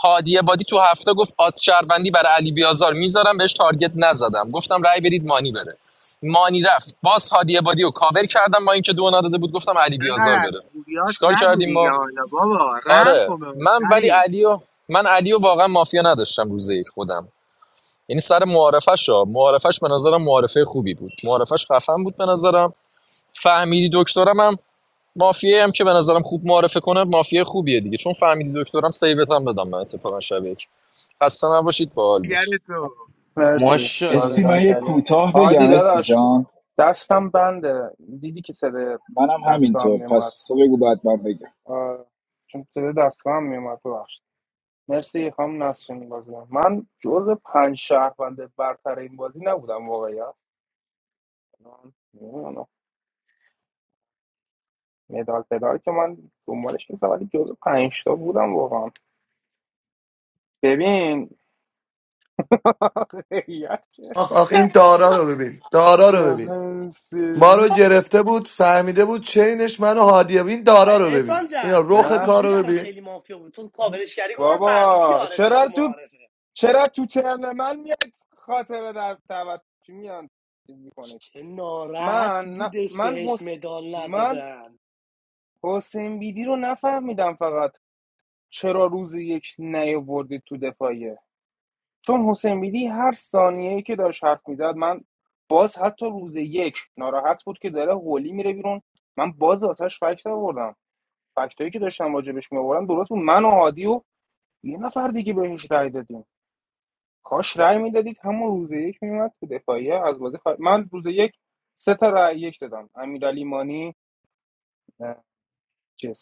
S21: هادی عبادی تو هفته گفت آت شهروندی برای علی بیازار میذارم بهش تارگت نزدم گفتم رأی بدید مانی بره مانی رفت باز هادی عبادی رو کاور کردم با اینکه دو نداده بود گفتم علی
S13: انقدر
S21: بیازار
S13: از
S21: بره
S13: خوبیات
S21: چیکار
S13: نگو
S21: کردیم
S13: دیگه
S21: ما
S13: حالا بابا رم
S21: آره
S13: کن به من
S21: من ولی
S13: پری
S21: علیو من علیو واقعا مافیا نداشتم روز خودم یعنی سر معارفش ها معارفش به نظرم معارفه خوبی بود معارفش خفن بود به نظرم فهمیدی دکترم هم مافیه هم که به نظرم خوب معرفه کنه مافیه خوبیه دیگه چون فهمیدی دکترم سیوت هم بدم من اتفاقا شبیه یک خسته نباشید باحال
S13: دیگر
S21: بود
S18: خوب.
S13: تو
S18: مرسی بازی
S22: اسپی
S1: ماشاءالله
S18: ران
S22: من یه
S1: داداش
S18: کردی
S22: کوتاه بگم
S18: هادی
S22: اسپی
S18: داداش
S22: جان
S18: دستم بنده دیدی که صدای
S22: منم
S18: دستگاه هم
S22: همینطور
S18: میومد
S22: پس تو بگو بعد من بگم
S18: آه، چون صدای دستگاه هم میومد ببخشید مرسی خانم نسرین بازی من جز پنج شهروند برتر این بازی نبودم واقعیت من نمی‌دونم. مدال پدال که من دنبالش نیستم ولی جز پنج تا بودم واقعا ببین واقعیت که
S9: آخ آخ این دارا رو ببین دارا رو ببین
S18: دهن
S9: ما رو
S18: سرویس
S9: گرفته بود فهمیده بود چینش منو هادیه این دارا رو ببین
S23: احسان
S9: اینا
S23: جف
S9: رخ
S23: من
S18: من
S9: کار
S23: بیدی
S9: رو
S23: برام
S9: ببین
S23: خیلی مافیا بود تو کاورش کردی گفتم فهمیدی
S18: بابا
S23: یارته تو
S18: چرا تو
S23: معارفه
S18: چرا تو ترم من میاد خاطره در تبد چی میان
S23: چه
S18: من
S23: ناراحت
S18: ن
S23: بودش
S18: من
S23: بهش
S18: حس...
S23: مدال
S18: من
S23: ندادن
S18: حسین بیدی رو نفهمیدم فقط چرا روز یک نیاوردید تو دفاعیه چون حسین بیدی هر ثانیه که داشت حرف میزد من باز حتی روز یک ناراحت بود که داره هولی میره بیرون من باز آتش فکت آوردم فکتایی که داشتم راجبش می آوردم درست بود من و هادی و یه نفر دیگه بهش رأی دادیم کاش رای میدادید همون روز یک میومد تو دفاعیه از بازی خارج- من روز یک سه تا رای یک دادم امیرعلی مانی جسم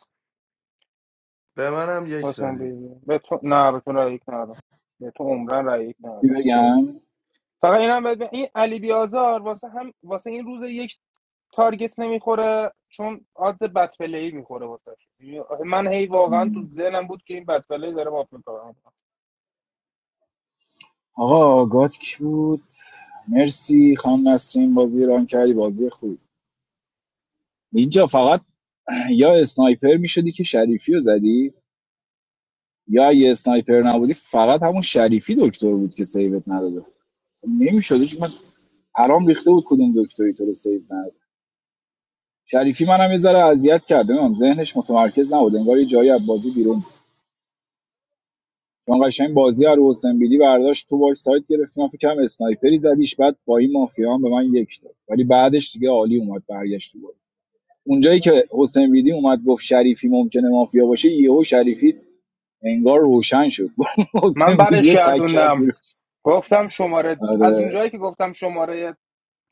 S9: به منم یک
S18: حسین
S9: دادی
S18: بیدی به تو نه به تو رأی یک ندادم به تو عمرن رأی یک
S22: چی
S18: ندادم خیر
S22: بگم
S18: فقط اینم بد... این علی بیازار واسه هم واسه این روز یک تارگت نمیخوره چون عاد بد پلی میخوره واسه من هی واقعا تو
S22: م،
S18: ذهنم بود که این بد پلی داره مافیا کار می‌کنه.
S22: آقا گاد کی بود مرسی خان نسرین بازی ران کردی بازی خوب اینجا فقط یا اسنایپر میشدی که شریفی رو زدی یا اگه اسنایپر نبودی فقط همون شریفی دکتر بود که سیوت نداده نمیشد چون من پرام ریخته بود کدوم دکتری تو رو سیو نداده شریفی منم یه ذره اذیت کرده نمیدونم ذهنش متمرکز نبود انگار یه جایی از بازی بیرون چون قشنگ بازی رو حسین بیدی برداشت تو باش سایت گرفت من فکرم اسنایپری زدیش بعد با این مافیا هم به من یک داد ولی بعدش دیگه عالی اومد برگشت تو بازی اونجایی که حسین بیدی اومد گفت شریفی ممکنه مافیا باشه یهو شریفی انگار روشن شد
S18: من
S22: حسین بیدی
S18: برش
S22: رو تک کرد
S18: گردوندم
S22: بیرون.
S18: گفتم شماره از
S22: آره
S18: اونجایی که گفتم شماره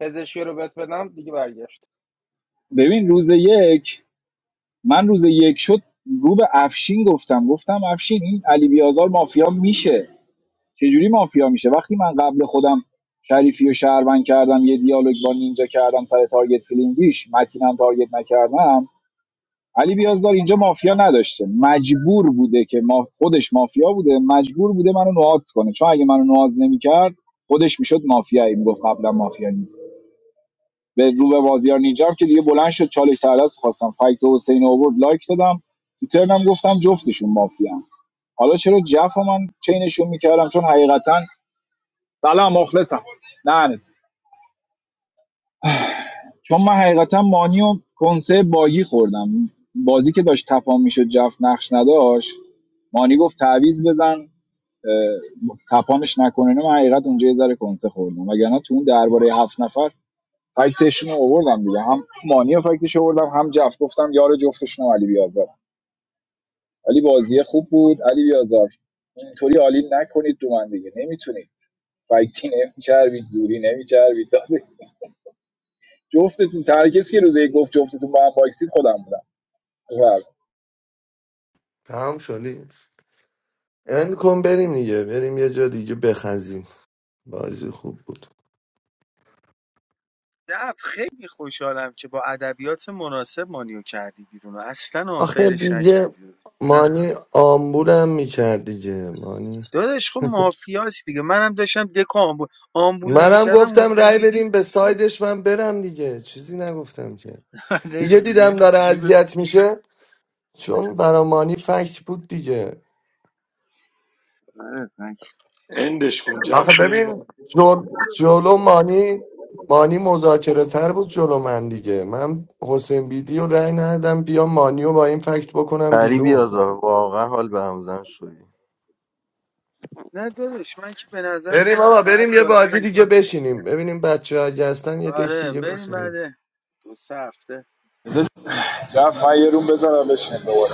S18: پزشکی رو بهت بدم دیگه برگشت
S22: ببین روز یک من روز یک شد رو به افشین گفتم گفتم افشین این علی بیازار مافیا میشه چجوری مافیا میشه وقتی من قبل خودم شریفی و شهروند کردم یه دیالوگ با نینجا کردم سر تارگت فیلینگیش متینم تارگت نکردم علی بیازدار اینجا مافیا نداشته مجبور بوده که ما خودش مافیا بوده مجبور بوده منو نوازش کنه چون اگه منو نواز نمیکرد خودش میشد مافیایی میگفت قبلا مافیا نیست به رو به بازیار نینجا که دیگه بلند شد چالش سرلاس خواستم فایت حسین اوورد لایک دادم تو ترنم گفتم جفتشون مافیا حالا چرا جف من چینشون میکردم چون حقیقتا سلام مخلصم نه نیست چون من حقیقتا مانی و کنسه باگی خوردم بازی که داشت تپان میشد جفت نقش نداشت مانی گفت تعویز بزن اه، تپانش نکنه نه من حقیقت اونجا یه ذره کنسه خوردم وگرنه تو اون درباره هفت نفر فکتشون رو آوردم دیگه هم مانی رو فکتش آوردم هم جفت گفتم یار جفتشون رو علی بیازار علی بازی خوب بود علی بیازار اینطوری عالی نکنید دو من دیگه نمیتونید فکتی نمیچربید زوری نمیچربید جفتتون تنها کسی که روز یک گفت جفتتون با هم باکسید خودم بودم بفرمایید.
S9: تمام شدی اند کن بریم دیگه بریم یه جا دیگه بخزیم بازی خوب بود
S13: دف خیلی خوشحالم که با ادبیات مناسب مانیو کردی بیرون و اصلا
S9: آخه
S13: آنفرش
S9: دیگه
S13: نکردی داداش. نه.
S9: مانی آمبولم میکرد دیگه مانی
S13: داداش خب مافیاست دیگه منم داشتم دکو آمبول آمبول
S9: منم
S13: نمیکردم
S9: گفتم
S13: حسین
S9: رأی
S13: بیدی
S9: بدیم به سایدش من برم دیگه چیزی نگفتم که دیگه
S13: داداش دیگه
S9: دیدم داره
S13: جیب
S9: اذیت میشه چون برا مانی فکت بود دیگه
S13: آره، من که-
S14: اندش کن
S9: آخه
S14: جف بیا
S9: ببین جل... جلو مانی مانی مذاکره تر بود جلو من دیگه من حسین بیدی و رأی ندادم بیا مانی رو با این فکت بکنم
S3: ای لی بیا
S9: بیرون
S3: زهره واقعاً حال به هم زدن شوی.
S13: نه داداش من که به نظر
S9: بریم
S13: خودم
S9: آقا
S13: بعد
S9: بریم یه
S13: بازی
S9: بازی
S13: نمی‌کنم.
S9: دیگه بشینیم ببینیم بچه ها اگه هستن یه دک
S13: آره
S9: دیگه
S13: بریم
S9: بشینیم
S13: بعد دو سه هفته
S22: رفت من یه روم بزنم بشین دوباره